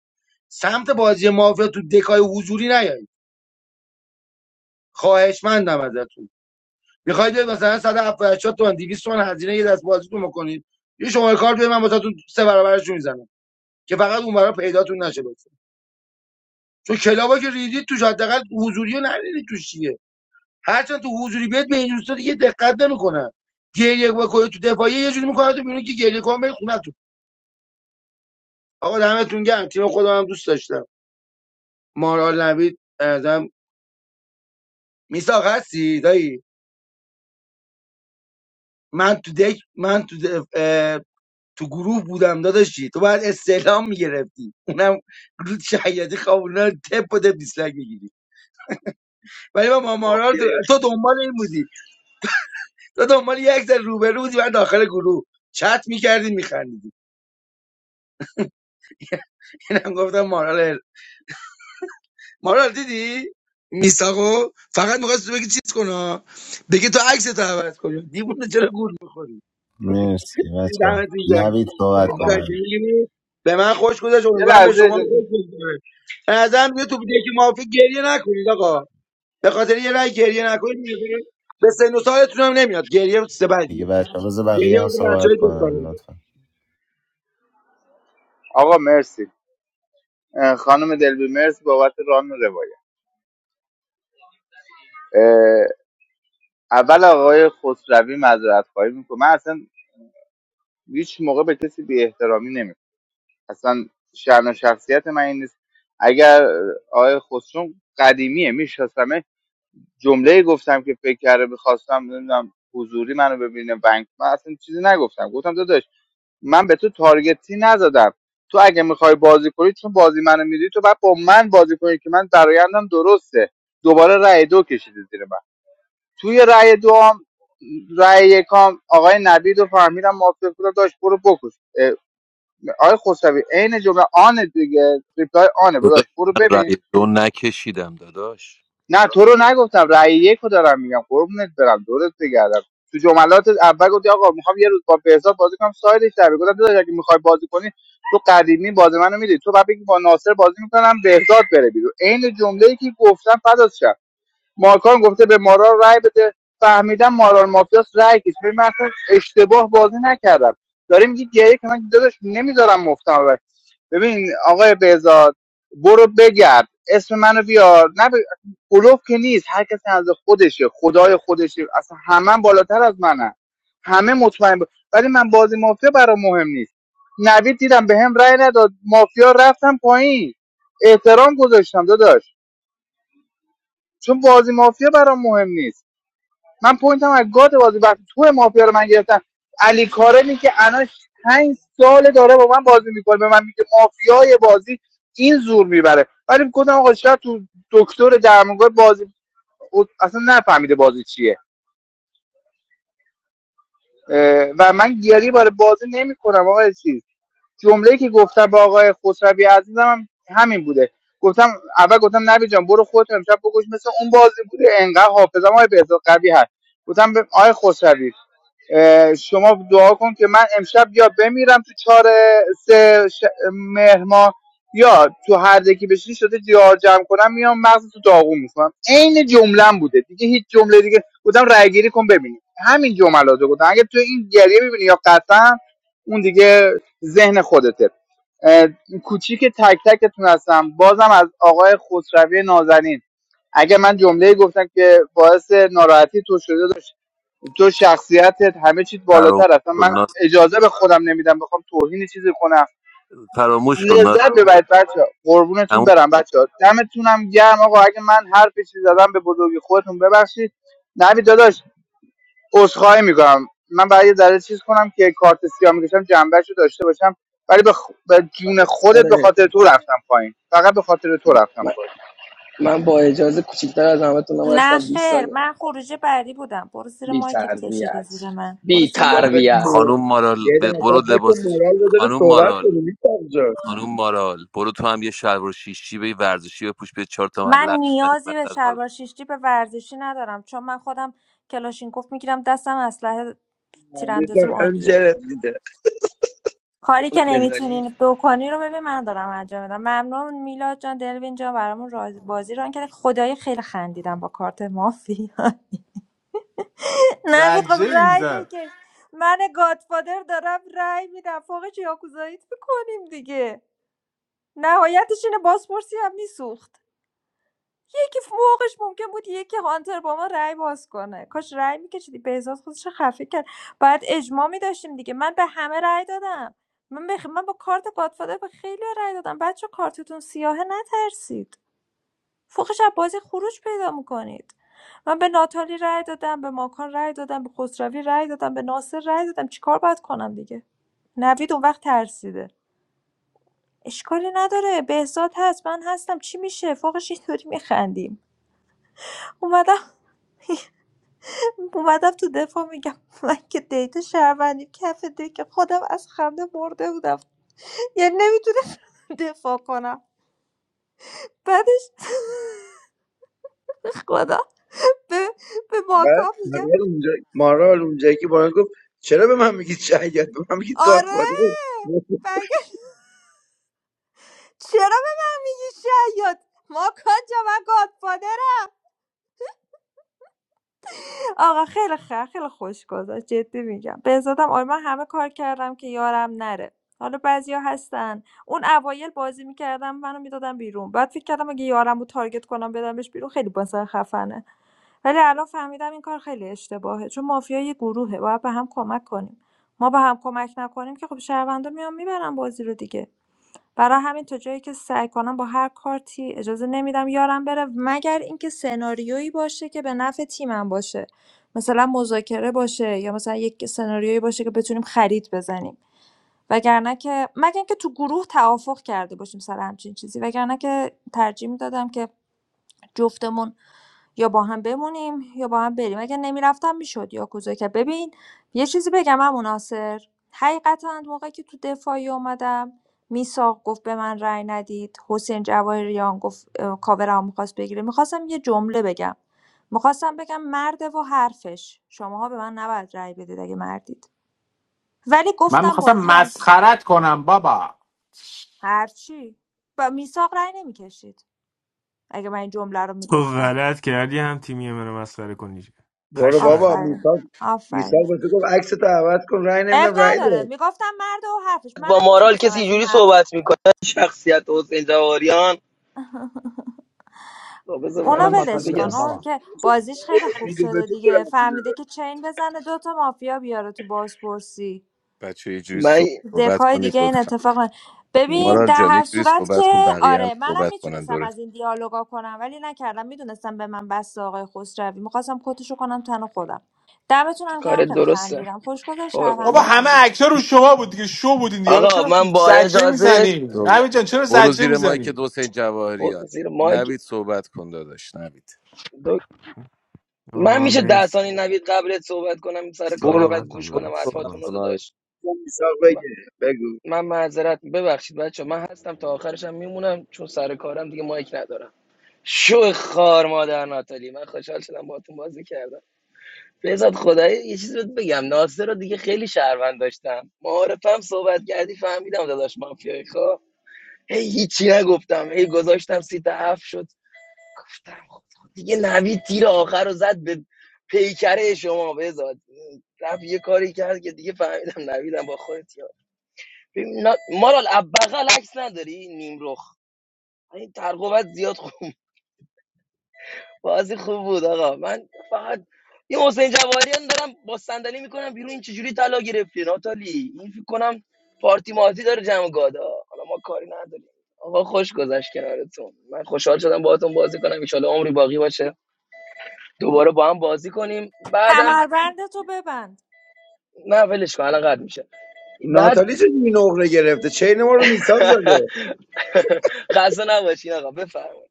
S18: سمت بازی مافیا تو دکای حضوری نیایید خواهشمندم ازتون میخواید بیاید مثلا 178 تومن 200 تومن هزینه یه دست بازیتون بکنید یه شماره کارت بده من واسهتون سه برابرش میزنم که فقط اون برا پیداتون نشه بشه چون کلابا که ریدید توش حداقل حضوری رو نریدید توش هرچند تو حضوری بیاد به این دوستا دیگه دقت نمیکنن گریه بکنه تو دفاعی یه جوری میکنه تو میبینی که گریه کن بری خونتون آقا دمتون گرم تیم خودم هم دوست داشتم مارال نوید ازم میساق هستی دایی من تو دک من تو دف... اه، تو گروه بودم داداشی تو باید استعلام میگرفتی اونم رود شهیدی خوابونا رو تپ و تپ دیسلک میگیری ولی من با مارال تو,
S23: مافیای آخه
S18: تو دنبال این بودی تو دنبال یک ذره روبرو بودی من داخل گروه چت میکردی میخندیدی اینم گفتم مارال مارال دیدی میساقو فقط میخواست بگی چیز کنه بگی تو عکس تو عوض کنی دیوونه چرا گول میخوری
S15: مرسی بچه
S18: دمت این جایی
S15: نوید صحبت
S19: آقا
S15: کنن
S18: قشنگی بود به من خوش گذشت
S19: یه
S18: امیدوارم به
S19: لحظه
S18: شما
S19: اجازه
S18: خوش بگذره به نظرم دیگه تو دیگه مافی گریه نکنید آقا به خاطر یه رای گریه نکنید به نظرم به سن و سالتون هم نمیاد گریه سه
S15: دیگه
S18: بدیه
S15: بچه بذار
S18: گریه
S15: بقیه هم
S18: آقا بچه
S15: صحبت
S18: های دوستانه
S15: کنن لطفا
S19: آقا مرسی اه، خانم دلبی مرسی بابت ران و روایت اه، اول آقای خسروی معذرت خواهی میکنه من اصلا هیچ موقع به کسی بی احترامی نمیکنم اصلا شأن و شخصیت من این نیست اگر اه، آقای خسرو قدیمیه میشناسمه جمله گفتم که فکر کرده میخواستم نمیدونم حضوری منو ببینه بنک من اصلا چیزی نگفتم گفتم داداش من به تو تارگتی نزدم تو اگه میخوای بازی کنی چون بازی منو میدی تو باید با من بازی کنی که من برایندم درسته دوباره رأی دو کشیده زیر من توی رأی دو هم رأی یکام آقای نبید رو فهمیدم موافق بودم داشت برو بکش اه، آقای خسروی عین جمله آن دیگه ریپلای آنه
S14: داداش
S19: داشت برو
S14: من
S19: ببین
S14: رأی دو نکشیدم داداش
S19: نه تو رو نگفتم رأی یک رو دارم میگم قربونت برم دورت بگردم تو جملات اول گفتی آقا میخوام یه روز با بهزاد بازی کنم سایدش در بیاد. گفتم داداش اگه میخوای بازی کنی تو قدیمی بازی منو میدی تو بعد بگی با ناصر بازی میکنم بهزاد بره بیرون عین جمله ای که گفتم فدات شم. ماکان گفته به مارال رای بده فهمیدم مارال مافیاس رای کش ببین من اصلا اشتباه بازی نکردم داریم میگی گریه که من داداش نمیذارم مفتم ببر ببین آقای بهزاد برو بگرد اسم منو بیار نه ب... بلوف که نیست هر کسی از خودشه خدای خودشه اصلا همه بالاتر از منه همه مطمئن ب... ولی من بازی مافیا برام مهم نیست نوید دیدم به هم رأی نداد مافیا رفتم پایین احترام گذاشتم داداش چون بازی مافیا برام مهم نیست من پوینتم از گاد بازی وقتی تو مافیا رو من گرفتم علی کارمی که الان پنج سال داره با من بازی میکنه به من میگه مافیای بازی این زور میبره ولی گفتم آقا شاید تو دکتر درمانگاه بازی اصلا نفهمیده بازی چیه و من گری بار بازی نمیکنم آقا چیز جمله‌ای که گفتم با آقای خسروی عزیزم هم همین بوده گفتم اول گفتم نبی جان برو خودت امشب بگوش مثل اون بازی بوده انقدر حافظم های بهزاد قوی هست گفتم به آقای خسروی شما دعا کن که من امشب یا بمیرم تو چهار سه ش... مهر ماه، یا تو هر دکی بشی شده دیار جمع کنم میام مغز تو داغون میکنم عین جملم بوده دیگه هیچ جمله دیگه بودم رای گیری کن ببینیم همین جملاتو گفتم اگه تو این گریه ببینی یا قطعا اون دیگه ذهن خودته اه، کوچیک تک تکتون هستم بازم از آقای خسروی نازنین اگه من جمله گفتم که باعث ناراحتی تو شده تو شخصیتت همه چیز
S14: فراموش
S19: بالاتر اصلا
S14: کن
S19: من
S14: ناس
S19: اجازه به خودم نمیدم بخوام توهین چیزی کنم
S14: فراموش کن ناس
S19: لذت ببرید بچه قربونتون برم بچه دمتونم گرم آقا اگه من هر چیزی زدم به بزرگی خودتون ببخشید نبی داداش عذرخواهی میکنم من برای یه ذره چیز کنم که کارت سیاه میکشم جنبهش رو داشته باشم ولی به, خ- به جون
S23: فدا
S19: خودت به
S23: سره
S19: خاطر تو رفتم پایین فقط به خاطر تو رفتم
S23: من,
S19: پایین
S23: من با اجازه کوچیکتر از
S17: نکنه.
S23: همتونم
S17: نه
S23: هستم 20
S17: خیر
S23: ثانیه
S17: من خروج بعدی بودم برو زیر
S23: بی
S17: مایکت کشیدی
S23: تربیت
S17: زیر من برو
S23: بی
S17: زیر مایکت
S18: فکر
S23: تربیت
S18: کنم-
S14: خانوم مارال
S18: یه
S14: ب-
S18: دفعه
S14: برو
S18: فکر کنم
S14: لباس
S18: مارال بذاره
S14: خانوم
S18: صحبت
S14: مارال
S18: کنیم نیست آنجا،
S14: خانوم مارال برو تو هم یه شلوار شیشی به ورزشی بپوش به چهار تا
S17: من
S14: ملق بزنیم
S17: نیازی به
S14: وسط حال
S17: شلوار شیشتی به ورزشی ندارم چون من خودم کلاشینکوف میگیرم دستم اسلحه
S18: خنده
S17: تیراندازیم
S18: تا
S17: عالیه
S18: خنجرت
S17: کاری که
S23: بذاری
S17: نمیتونین بکنی رو ببین من دارم انجام میدم ممنون میلاد جان دلوین جان برامون راز- بازی رو کرد خدای خیلی خندیدم با کارت مافی نوید خب
S5: زجه
S17: رای
S5: میزد
S17: بکش من گادفادر دارم رای میدم فوقش یاکوزاییت میکنیم دیگه نهایتش اینه بازپرسی هم میسوخت یکی فوقش ممکن بود یکی هانتر با ما رأی باز کنه کاش رأی میکشیدی بهزاد خودش رو خفه کرد باید اجماع میداشتیم دیگه من به همه رأی دادم من, به- من با کارت گادفادر به خیلی رأی دادم بچه کارتتون سیاهه نترسید فوقش از بازی خروج پیدا میکنید من به ناتالی رأی دادم به ماکان رأی دادم به خسروی رأی دادم به ناصر رأی دادم چیکار باید کنم دیگه نوید اون وقت ترسیده اشکالی نداره بهزاد هست من هستم چی میشه فوقش اینطوری میخندیم اومدم اومدم تو دفاع میگم من که دیتا شهروندی کف که خودم از خنده مرده بودم یعنی نمیتونم دفاع کنم بعدش خدا به, به
S18: بعد
S17: ماکا میگم
S18: مارال اونجا مارال اونجایی که باران گفت چرا به من میگید شهید به من میگید
S17: آره
S18: گادفادر
S17: مگه چرا به من میگی شیاد ماکا جا من گادفادرم. آقا خیلی خ- خیلی خوش گذشت جدی میگم بهزادم آره من همه کار کردم که یارم نره حالا بعضیا هستن اون اوایل بازی میکردم منو میدادم بیرون بعد فکر کردم اگه یارم رو تارگت کنم بدمش بیرون خیلی باسه خفنه ولی الان فهمیدم این کار خیلی اشتباهه چون مافیا یه گروهه باید به هم کمک کنیم ما به هم کمک نکنیم که خب شهروندا میان میبرن بازی رو دیگه برای همین تا جایی که سعی کنم با هر کارتی اجازه نمی‌دم یارم بره مگر اینکه سناریویی باشه که به نفع تیمم باشه مثلا مذاکره باشه یا مثلا یک سناریویی باشه که بتونیم خرید بزنیم وگرنه که مگر اینکه تو گروه توافق کرده باشیم سر همچین چیزی وگرنه که ترجیح میدادم که جفتمون یا با هم بمونیم یا با هم بریم اگه نمیرفتم میشد یا که ببین یه چیزی بگم عمو ناصر حقیقتا موقعی که تو دفاعی اومدم میساق گفت به من رأی ندید حسین جواهریان گفت اه، کاورم میخواست بگیره میخواستم یه جمله بگم میخواستم بگم مرده و حرفش شماها به من نباید رأی بدید اگه مردید ولی
S5: من
S17: گفتم
S5: میخواستم
S17: بازی
S5: مسخرت کنم بابا
S17: هرچی با میساق رأی نمیکشید اگه من این جمله رو
S2: تو
S17: میگفتم
S2: غلط کردی هم تیمی منو مسخره کنی
S18: برو
S2: پشمک
S18: بابا
S17: آفرین
S18: میثاق
S17: آفرین
S18: میثاق به تو گفت عکس تو عوض کن رأی
S17: اب
S18: نمیدم رأی
S17: نداره
S18: داد
S17: میگفتم مرد و حرفش
S23: با
S17: منم
S23: مارال
S17: میتونستم
S23: کسی
S17: از این
S23: اینجوری
S17: حرف
S23: صحبت میکنه شخصیت حسین جواهریان خب بذار
S5: من
S23: من
S17: اونا
S5: خودم
S23: یه چیزی
S17: ولش
S5: ناتوازی
S23: بگم
S17: کن
S5: دارم
S17: اون
S5: بابا
S17: که بازیش خیلی خوب
S18: دیگه به
S17: شده
S18: تو که
S17: دیگه
S18: رفت
S17: فهمیده
S18: بده.
S17: که چین بزنه دوتا مافیا بیاره تو بازپرسی
S14: بچه یه جوری
S23: من
S14: صحبت
S17: دکای
S14: کنید
S17: دیگه این
S14: لطفا
S17: اتفاق نه.
S23: م،
S17: ببین
S14: مارال
S17: در
S14: جان
S17: هر
S14: یه جوری
S17: صورت
S14: صحبت کن
S17: که
S14: بقیه هم
S17: آره منم
S14: صحبت کنن
S17: میتونستم
S14: دورت
S17: از این دیالوگا کنم ولی نکردم میدونستم به من بس آقای خسروی میخواستم کتشو کنم تن خودم دمتونم هم
S23: کار
S17: خیلی
S23: درسته
S17: خندیدم خوشگذر
S23: قربون.
S5: بابا
S17: شهروندام
S23: من
S5: همه
S17: عالی
S5: عکس‌ها رو شما بود دیگه شو بودین دیگه حالا
S23: آقا
S5: چرا
S23: من با
S5: زجه
S23: اجازه
S5: میزنی
S14: صحبت.
S5: نوید جان چرا
S14: برو
S5: زجه
S14: زیر مایی که
S5: میزنی
S14: حسین
S23: برو
S14: جواهریان
S23: زیر مایک
S14: نوید صحبت کن داداش نوید
S23: دو...
S2: آه،
S23: من میشه ده ثانیه نوید قبلت صحبت کنم سر کارم
S14: برو
S23: بعد
S2: صحبت هم
S23: گوش
S14: برو
S2: داره
S23: کنم
S14: صحبت
S23: حرفاتون
S2: صحبت
S14: کن
S23: رو
S14: آی.
S23: داشت
S18: میثاق بگه بگو
S23: من معذرت ببخشید بچه من هستم تا آخرشم میمونم چون سر کارم دیگه مایک ندارم شو خار مادر ناتالی من خوشحال شدم باهاتون بازی کردم بذات خدایی یه چیز بهت بگم ناصر رو دیگه خیلی شهروند داشتم معارفم صحبت کردی فهمیدم داداش مافیای خب هی هیچی نگفتم هی گذاشتم سیت هفت شد گفتم خب خب دیگه نوید تیر آخر رو زد به پیکره شما بذات رفت یه کاری کرد که دیگه فهمیدم نویدم با خودت یار ببین، نا- مارال اب- بغل عکس نداری نیم رخ این ترقوبت زیاد بازی خوب بود آقا من فقط یه حسین جواهریان دارم با صندلی میکنم بیرون این چجوری طلا گرفتی ناتالی این فکر کنم پارتی مارتی داره جمع گادا حالا ما کاری نداریم آقا خوش گذشت کنارتون من خوشحال شدم باهاتون بازی کنم ان عمری باقی باشه دوباره با هم بازی کنیم بعدم
S17: کمربند تو ببند
S23: نه ولش کن الان قد میشه بعد
S18: ناتالی چه جوری نقره گرفته چین ما رو میثاق زده
S23: خسته نباشین آقا بفرمایید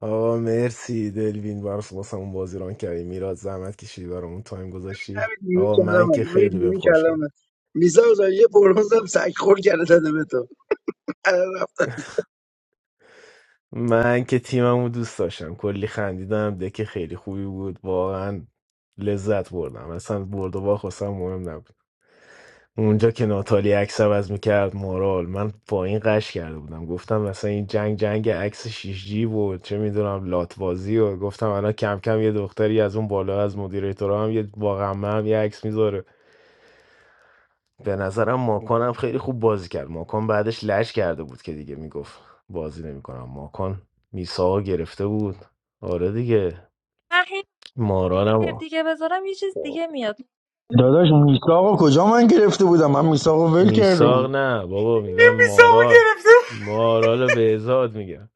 S2: آقا مرسی دلوین براس واسمون بازی ران کردی میلاد زحمت کشیدی برامون تایم گذاشتی
S18: همین نیمه
S2: آقا من
S18: کلمه
S2: که خیلی
S18: همین
S2: بهم
S18: نیمه
S2: خوش گذشت
S18: کلمه میثاق زده یه برونز هم سگ خور کرده داده به تو الان رفت.
S2: من که تیممو دوست داشتم کلی خندیدم دکه خیلی خوبی بود واقعا لذت بردم اصلا برد و باخت واسم مهم نبود اونجا که ناتالی عکس عوض میکرد مورال من پایین قش کرده بودم گفتم مثلا این جنگ جنگ عکس 6 جی بود چه میدونم لاتوازی و گفتم الان کم کم یه دختری از اون بالا از مدیریتورا هم یه واقعا هم یه عکس میذاره به نظرم ماکان هم خیلی خوب بازی کرد ماکان بعدش لش کرده بود که دیگه میگفت بازی نمیکنم ماکان میساق گرفته بود آره دیگه
S17: من هی
S2: مارال هم
S17: دیگه بذارم یه چیز دیگه میاد
S21: داداش میثاقو کجا من گرفته بودم من میثاقو ول کرده
S2: میساق
S21: بودم
S2: نه بابا میگم مارال مارال بهزاد میگم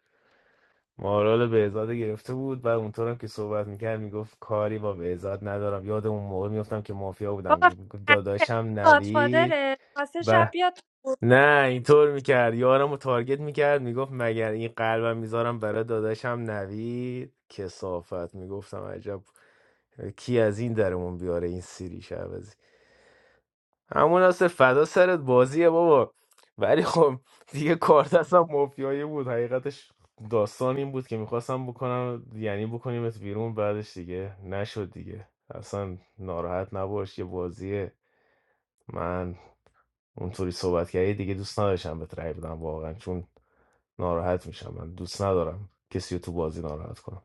S2: مارال بهزاد گرفته بود و اونطورم که صحبت میکرد میگفت کاری با بهزاد ندارم یاد اون موقع میفتم که مافیا بودم
S17: بابا
S2: گفت
S17: فکر کرده
S2: داداشم نوید
S17: گادفادره واسه شب بیاد
S2: نه اینطور میکرد یارم رو تارگت میکرد میگفت مگر این قلبم میذارم برای داداشم نوید کسافت میگفتم عجب کی از این درمون بیاره این سیری شعبازی همون اصل فدا سرت بازیه بابا ولی خب دیگه کار دستم مافیایی بود حقیقتش داستان این بود که میخواستم بکنم یعنی بکنیمت بیرون بعدش دیگه نشد دیگه اصلا ناراحت نباش یه بازیه من اونطوری صحبت کردی دیگه دوست نداشتم بهت رأی بدم واقعا چون ناراحت میشم من دوست ندارم کسی رو تو بازی ناراحت کنم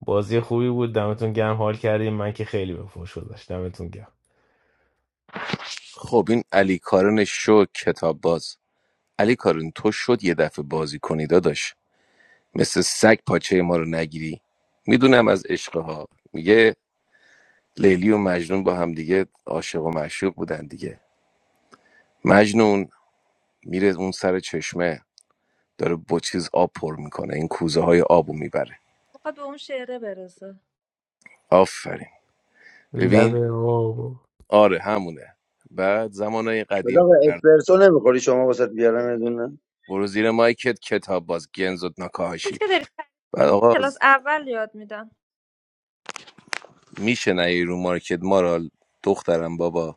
S2: بازی خوبی بود دمتون گرم حال کردیم من که خیلی به فوش گذاشت دمتون گرم
S14: خب این علی کارن شو کتاب باز علی کارن تو شد یه دفعه بازی کنی داداش مثل سگ پاچه ما رو نگیری میدونم از عشقها میگه لیلی و مجنون با هم دیگه عاشق و معشوق بودن دیگه مجنون میره اون سر چشمه داره با چیز آب پر میکنه این کوزه های آبو میبره
S17: میخواد به اون شعره برسه
S14: آفرین
S2: لب
S14: ببین
S2: آب
S14: آره همونه بعد زمانای قدیم
S18: بذار آقا، اسپرسو نمیخوری شما واسه بیارم یه دونه
S14: برو زیر مایکت کتاب باز گنزت
S17: چیزی
S14: ناکاهاشی
S17: که داری
S14: بعد آقا
S17: کلاس اول یاد میدن
S14: میشه نهی رو مارکت ما را دخترم بابا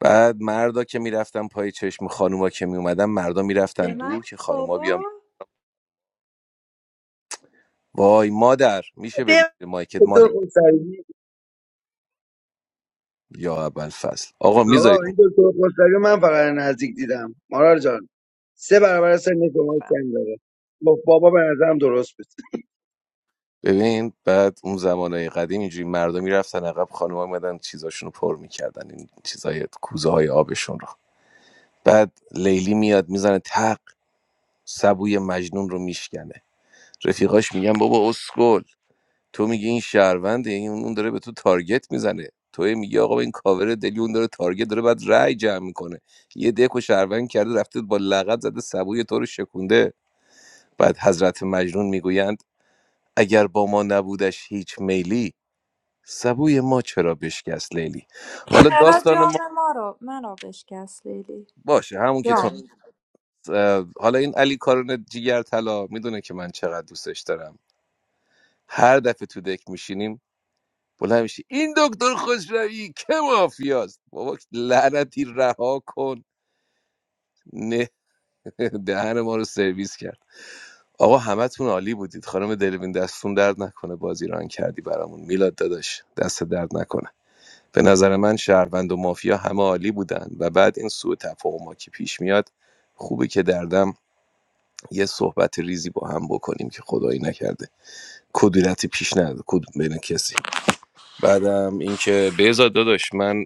S14: بعد مردا که میرفتن پای چشم خانوما که میومدن مردا میرفتن
S17: به من
S14: دور که خانوما
S17: بابا
S14: بیان وای مادر میشه برید به مایکت
S18: دکتر
S14: مادر
S18: خود
S14: یا اول فصل آقا
S18: آقا
S14: میذارید
S18: این دکتر خسروی من فقط نزدیک دیدم مارال جان سه برابر سن شما
S17: فهم.
S18: کم داره با بابا به نظرم درست بود
S14: ببین بعد اون زمانهای قدیم اینجوری مردا میرفتن عقب خانوما میمدن چیزاشونو پر میکردن این چیزای کوزه های آبشون رو بعد لیلی میاد میزنه تق سبوی مجنون رو میشکنه رفیقاش میگن بابا اسکل تو میگی این شهرونده این اون داره به تو تارگت میزنه تو هی میگی آقا این کاور دلی اون داره تارگت داره بعد رأی جمع میکنه یه دک و شهروند کرده رفته با لغت زده سبوی تو رو شکونده بعد حضرت مجنون میگویند اگر با ما نبودش هیچ میلی سبوی ما چرا بشکست لیلی حالا
S17: چرا
S14: داستان ما
S17: جام ما رو من رو بشکست لیلی
S14: باشه همون که تو
S17: جام
S14: اه، حالا این علی کارون جیگر طلا میدونه که من چقدر دوستش دارم هر دفعه تو دک میشینیم بلند میشه این دکتر خسروی که مافیاست بابا لعنتی رها کن نه دهن ما رو سرویس کرد آقا همتون عالی بودید خانم دلوین دستون درد نکنه بازی ران کردی برامون میلاد داداش دست درد نکنه به نظر من شهروند و مافیا همه عالی بودن و بعد این سوء تفاهما که پیش میاد خوبه که دردم یه صحبت ریزی با هم بکنیم که خدایی نکرده کدورتی پیش نده کدوم بین کسی بعدم اینکه بهزاد داداش من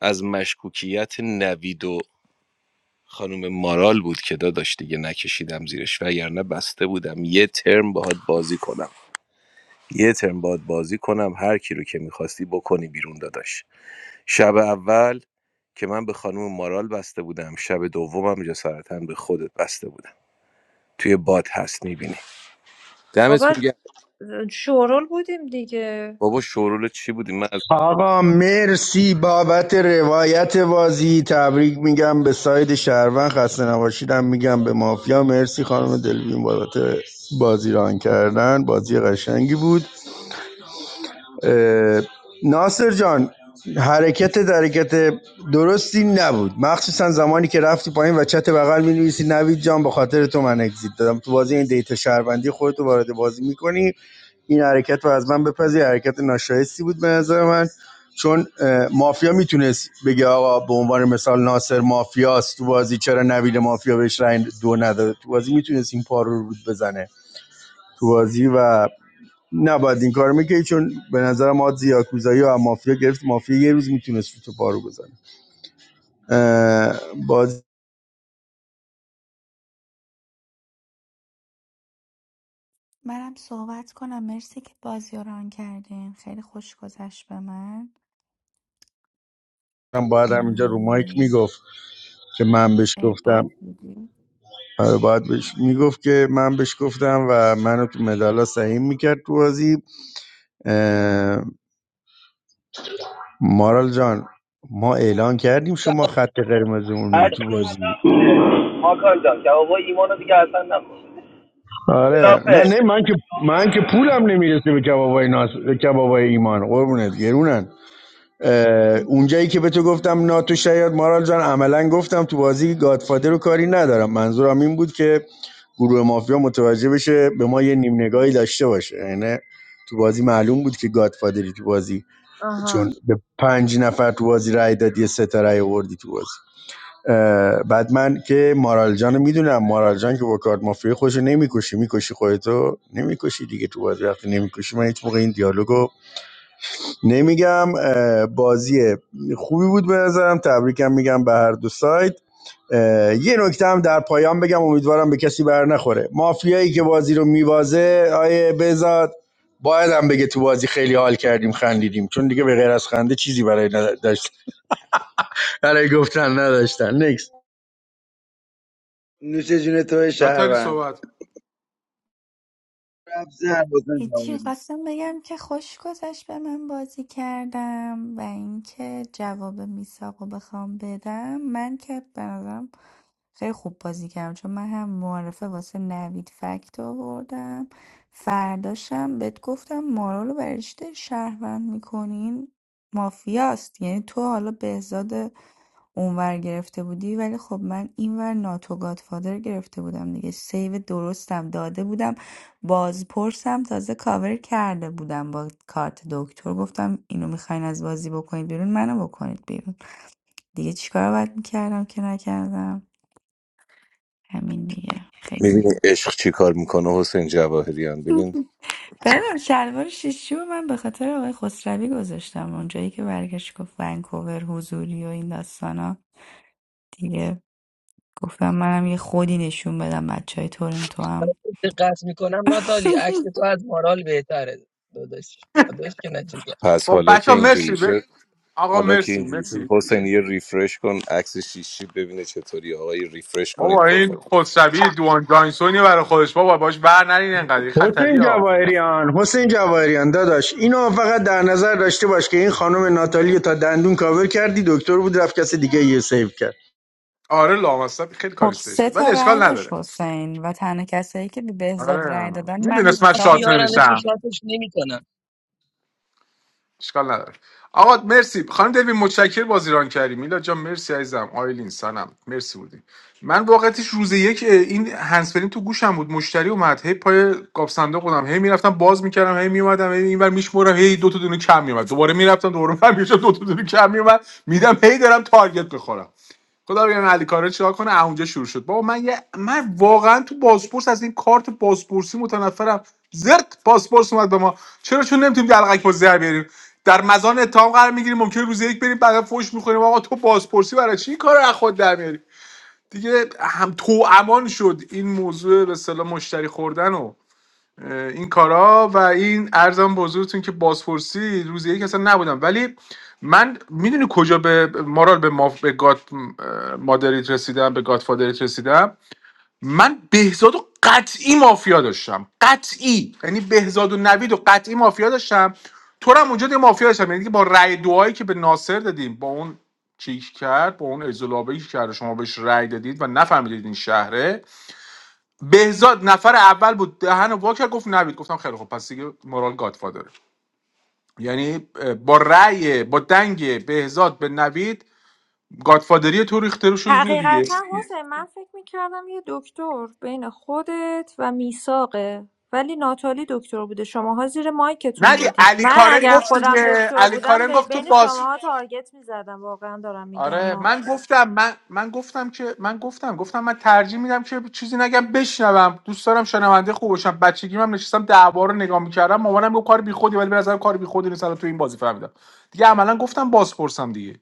S14: از مشکوکیت نوید و خانم مارال بود که داداش دیگه نکشیدم زیرش وگرنه بسته بودم یه ترم باهات بازی کنم یه ترم باهات بازی کنم هر کی رو که میخواستی بکنی بیرون داداش شب اول که من به خانم مارال بسته بودم شب دومم جسارتا به خودت بسته بودم توی باد هست میبینی
S17: بابا
S14: دمتون گرم
S17: شورول بودیم دیگه
S14: بابا شورول چی بودی من از
S21: آقا مرسی بابت روایت بازی تبریک میگم به ساید شهروند خسته نباشیدم میگم به مافیا مرسی خانم دلوین بابت بازی ران کردن بازی قشنگی بود اه، ناصر جان حرکت درکت درستی نبود مخصوصا زمانی که رفتی پایین و چت بغل می نویسی نوید جان به خاطر تو من اگزیت دادم تو بازی این دیتا شهروندی خودتو وارد بازی میکنی این حرکت رو از من بپذیر حرکت ناشایستی بود به نظر من چون مافیا میتونست بگه آقا به عنوان مثال ناصر مافیاست تو بازی چرا نوید مافیا بهش رنگ دو نداده تو بازی میتونست این پارو رو رود بزنه تو بازی و نباید این کار میکرد چون به نظر ما زیاکوزایی و از مافیا گرفت مافیا یه روز میتونست تو پارو بزنه اه، باز
S12: منم صحبت کنم مرسی که بازی رو ران کردین خیلی خوش گذشت به من
S21: هم باید همینجا رو مایک
S12: ام،
S21: میگفت که من بهش
S12: اه، باگ
S21: گفتم
S12: بودی
S21: آره، باید بهش میگفت که من بهش گفتم و منو تو مدالا سهیم میکرد تو بازی اه، مارال جان ما اعلان کردیم شما خط قرمزمونی
S23: بعد
S21: تو بازی
S23: ماکان جان جوابای ایمان رو دیگه اصلا نکن
S21: آره
S23: خلافه
S21: نه نه من که من که پولم نمیرسه به کبابای ناس به کبابای ایمان قربونت گرونن اه، اونجایی که به تو گفتم ناتو شیاد مارال جان عملا گفتم تو بازی گادفادر رو کاری ندارم منظورم این بود که گروه مافیا متوجه بشه به ما یه نیم نگاهی داشته باشه یعنی تو بازی معلوم بود که گادفادری تو بازی
S17: آها.
S21: چون به پنج نفر تو بازی رای دادی یه سه تا رای آوردی تو بازی بعد من که مارال جان میدونم مارال جان که با کارت مافیا خوش نمیکشی میکشی خودتو نمیکشی دیگه تو بازی وقتی نمیکشی من هیچ موقع این دیالوگو نمیگم بازی خوبی بود به نظرم تبریکم میگم به هر دو سایت یه نکته هم در پایان بگم امیدوارم به کسی بر نخوره مافیایی که بازی رو میوازه آیه بزاد باید هم بگه تو بازی خیلی حال کردیم خندیدیم چون دیگه به غیر از خنده چیزی برای نداشت برای گفتن نداشتن نکس.
S18: نوش جون تو
S5: ناتالی
S18: شهروند
S5: صحبت کن.
S18: رفت زهر
S12: هیچی
S18: بزن
S12: خواستم بگم که خوش گذشت به من بازی کردم و اینکه جواب میساقو بخوام بدم من که به نظرم خیلی خوب بازی کردم چون من هم معرفه واسه نوید فکت آوردم فرداشم بهت گفتم مارا رو برای چی داری شهروند میکنین مافیاست یعنی تو حالا بهزاد اونور گرفته بودی ولی خب من اینور ناتو گادفادر گرفته بودم دیگه سیو درستم داده بودم بازپرسم تازه کاور کرده بودم با کارت دکتر گفتم اینو میخواین از بازی بکنید بیرون منو بکنید بیرون دیگه چیکار باید میکردم که نکردم همین دیگه خیلی بود
S14: میبینی عشق چی کار میکنه حسین جواهریان ببین
S12: دادم شلوار شیشی و من به خاطر آقای خسروی گذاشتم اونجایی که برگشت گفت ونکوور حضوری و این داستانا دیگه گفتم منم یه خودی نشون بدم بچه های تورنتو هم
S23: دقت میکنم ناتالی عکس تو از مارال بهتره داداش داداش که نچیگر
S14: پس
S5: خب
S14: حالا که
S5: بچه مرسی
S14: اینجوری
S5: ب...
S14: شد
S5: آقا
S14: حالا که
S5: مرسی
S14: اینجوری شد
S5: مرسی
S14: حسین یه ریفرش کن عکس شیشی ببینه چطوری آقای ریفرش کنید
S5: بابا این
S14: پروفایل
S5: خودشبی دوان جانسونی برای خودش بابا باش بر نرین انقدر این خطری
S21: حسین
S5: ها
S21: جواهریان حسین جواهریان داداش اینو فقط در نظر داشته باش که این خانم ناتالی رو تا دندون کاور کردی دکتر بود رفت کس دیگه یه سیو کرد
S5: آره لامصب خیلی
S12: خب
S5: کاریستش
S12: سه
S5: بود
S12: تا
S5: ولی
S12: رأی
S5: اشکال
S12: داشت
S5: نداره
S12: حسین و تنها کسایی که به بهزاد
S5: آره
S12: رأی دادن من و
S5: میدونست من
S23: پس
S12: میساق
S5: شات
S23: میارن
S12: بودیم
S23: تو
S5: نمیشم
S23: شاتش
S5: اشکال نداره آقا مرسی خانم دوی متشکر بازی ران کردی میلا جان مرسی عزیزم آیلین سنم مرسی بودی من واقعتش روز یک این هنسفرین تو گوشم بود مشتری اومد هی پای قاب صندوق بودم هی میرفتم باز میکردم هی میومدم هی اینور میشمورم هی دو تا دونه کم میومد دوباره میرفتم دوباره برمیگشتم دو تا دونه کم میومد میدم هی دارم تارگت بخورم خدا بیان علی کارا چیکار کنه اه، اونجا شروع شد بابا من یه من واقعا تو بازپرس از این کارت بازپرسی متنفرم زرت بازپرس اومد به ما چرا چون نمیتونیم دلقک با زر بیاریم در مزان اتهام قرار میگیریم ممکنه روز یک بریم بعد فوش میخوریم آقا تو بازپرسی برای چی این کار رو از خود در میاری دیگه هم تو امان شد این موضوع به اصطلاح مشتری خوردن و این کارا و این ارزم به حضورتون که بازپرسی روز یک اصلا نبودم ولی من میدونی کجا به مارال به, ما به گاد مادریت رسیدم به گاد فادریت رسیدم من بهزاد و قطعی مافیا داشتم قطعی یعنی بهزاد و نوید و قطعی مافیا داشتم تو رو هم اونجا یه مافیا داشتم یعنی که با رأی دعایی که به ناصر دادیم با اون چیک کرد با اون ازولابه کرد شما بهش رأی دادید و نفهمیدید این شهره بهزاد نفر اول بود دهن وا کرد گفت نوید گفتم خیلی خوب پس دیگه مورال گادفادر یعنی اه، با رأی با دنگ بهزاد به نوید گادفادری تو ریخته رو شد رو دیگه
S17: حقیقتا حسین من فکر میکردم یه دکتر بین خودت و میساقه ولی ناتالی دکتر بوده شماها زیر
S5: نه
S17: مایکتون
S5: دیگه،
S17: بودین
S5: علی
S17: من
S5: کارن
S17: اگر
S5: گفت
S17: خودم
S5: دیگه
S17: دکتر
S5: علی
S17: بودم
S5: کارن
S17: به-
S5: گفت تو
S17: بین
S5: باز
S17: شماها تارگت میزدم واقعا دارم میگم
S5: آره من گفتم من من گفتم که من گفتم گفتم من ترجیح میدم که چیزی نگم بشنوم دوست دارم شنونده خوب باشم بچگیم من نشستم دعوا رو نگاه میکردم مامانم گفت کار بیخودی ولی به نظر کار بیخودی نیست الان تو این بازی فهمیدم دیگه عملا گفتم باز پرسم دیگه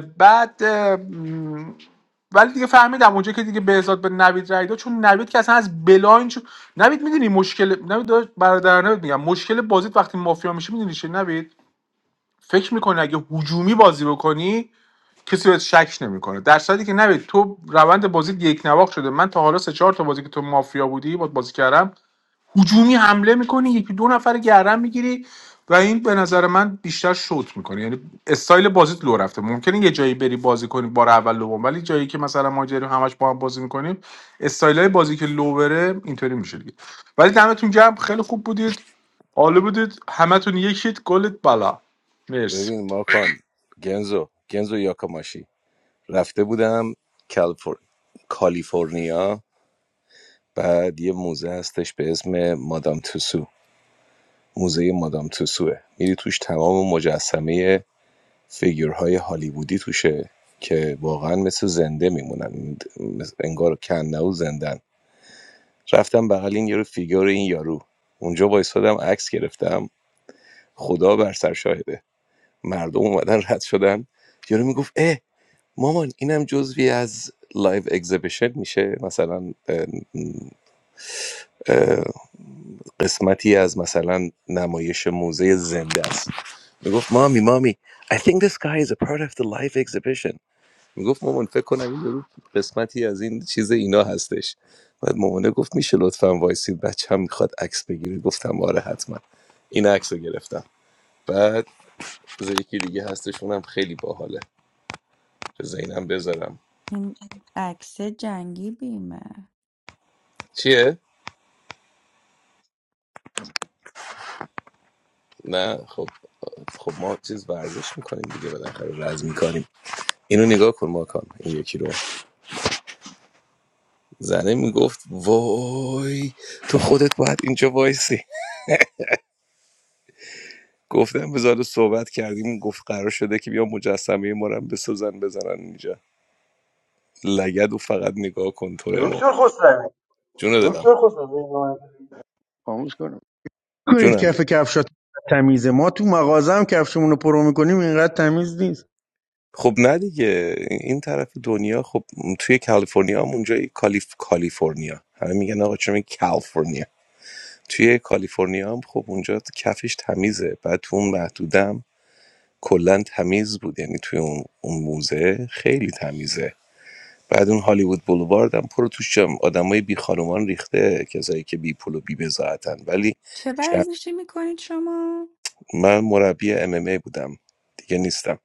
S5: بعد اه، م، ولی دیگه فهمیدم اونجا که دیگه بهزاد به نوید رای داد چون نوید که اصلا از بلاین چون نوید میدونی مشکل نوید داداش، برادر نوید میگم مشکل بازیت وقتی مافیا میشه میدونی چیه نوید فکر میکنه اگه هجومی بازی بکنی کسی بهت شک نمیکنه در صورتی که نوید تو روند بازی یک نواخت شده من تا حالا سه چهار تا بازی که تو مافیا بودی با بازی کردم هجومی حمله میکنی یکی دو نفر رو گردن میگیری و این به نظر من بیشتر شوت میکنه یعنی استایل بازیت لو رفته ممکنه یه جایی بری بازی کنی بار اول دوم ولی جایی که مثلا ما جریم همش با هم بازی میکنیم استایل بازی که لو بره اینطوری میشه دیگه ولی دمتون گرم خیلی خوب بودید عالی بودید همتون یکیت گلت بالا مرسی
S14: ببین ماکان گنزو گنزو یاکاماشی رفته بودم کالیفر... کالیفرنیا بعد یه موزه هستش به اسم مادام توسو موزه مادام توسوه میری توش تمام مجسمه فیگورهای هالیوودی توشه که واقعا مثل زنده میمونن انگار کنه و زندن رفتم بغل این یارو فیگور این یارو اونجا وایسادم عکس گرفتم خدا بر سر شاهده مردم اومدن رد شدن یارو میگفت اه مامان اینم جزوی از لایو اگزیبیشن میشه مثلا اه، اه، قسمتی از مثلا نمایش موزه زنده است میگفت مامی مامی I think this guy is a part of the live exhibition میگفت مامان فکر کنم این یارو قسمتی از این چیز اینا هستش بعد مامانه گفت میشه لطفا وایسید بچه هم میخواد عکس بگیره گفتم آره حتما این عکس رو گرفتم بعد بذار یکی دیگه هستش اونم خیلی باحاله بذار اینم بذارم
S12: این عکس جنگی بیمه
S14: چیه نه خب خب ما چیز ورزش میکنیم دیگه بالاخره رز میکنیم اینو نگاه کن ماکان این یکی رو زنه میگفت وای تو خودت باید اینجا وایسی گفتم بذار صحبت کردیم گفت قرار شده که بیا مجسمه ما رو هم بسازن بزنن اینجا لگد و فقط نگاه کن تو رو امام
S21: دکتر خسروی
S14: جون دلم
S21: دکتر خسروی خاموش کنم کنید
S14: جونم
S21: کف کفشات تمیزه ما تو مغازه هم کفشمون رو پرو میکنیم اینقدر تمیز نیست
S14: خب نه دیگه این طرف دنیا خب توی کالیفرنیا هم اونجا کالیف کالیفرنیا همه میگن آقا چرا کالیفرنیا توی کالیفرنیا هم خب اونجا کفش تمیزه بعد تو اون محدودم کلا تمیز بود یعنی توی اون, اون موزه خیلی تمیزه بعد اون هالیوود بولوارد هم پر توش آدمای بی خانومان ریخته کسایی که بی پول و بی بزاعتن ولی
S12: چه
S14: شب
S12: ورزشی میکنید شما؟
S14: من مربی ام ام ای بودم دیگه نیستم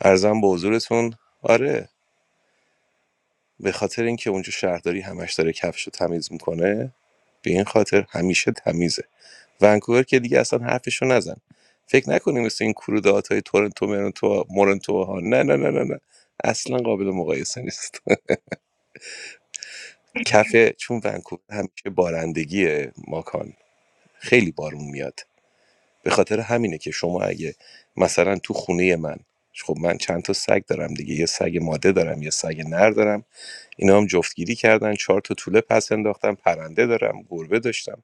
S14: ارزم به حضورتون آره به خاطر اینکه اونجا شهرداری همش داره کفشو تمیز میکنه به این خاطر همیشه تمیزه ونکوور که دیگه اصلا حرفشو نزن فکر نکنیم مثل این کرودات های تورنتو مرنتو مورنتو ها نه نه نه نه نه اصلا قابل مقایسه نیست کف چون ونکوور همیشه بارندگیه ماکان خیلی بارون میاد به خاطر همینه که شما اگه مثلا تو خونه من خب من چند تا سگ دارم دیگه یه سگ ماده دارم یه سگ نر دارم اینا هم جفتگیری کردن چهار تا توله پس انداختم پرنده دارم گربه داشتم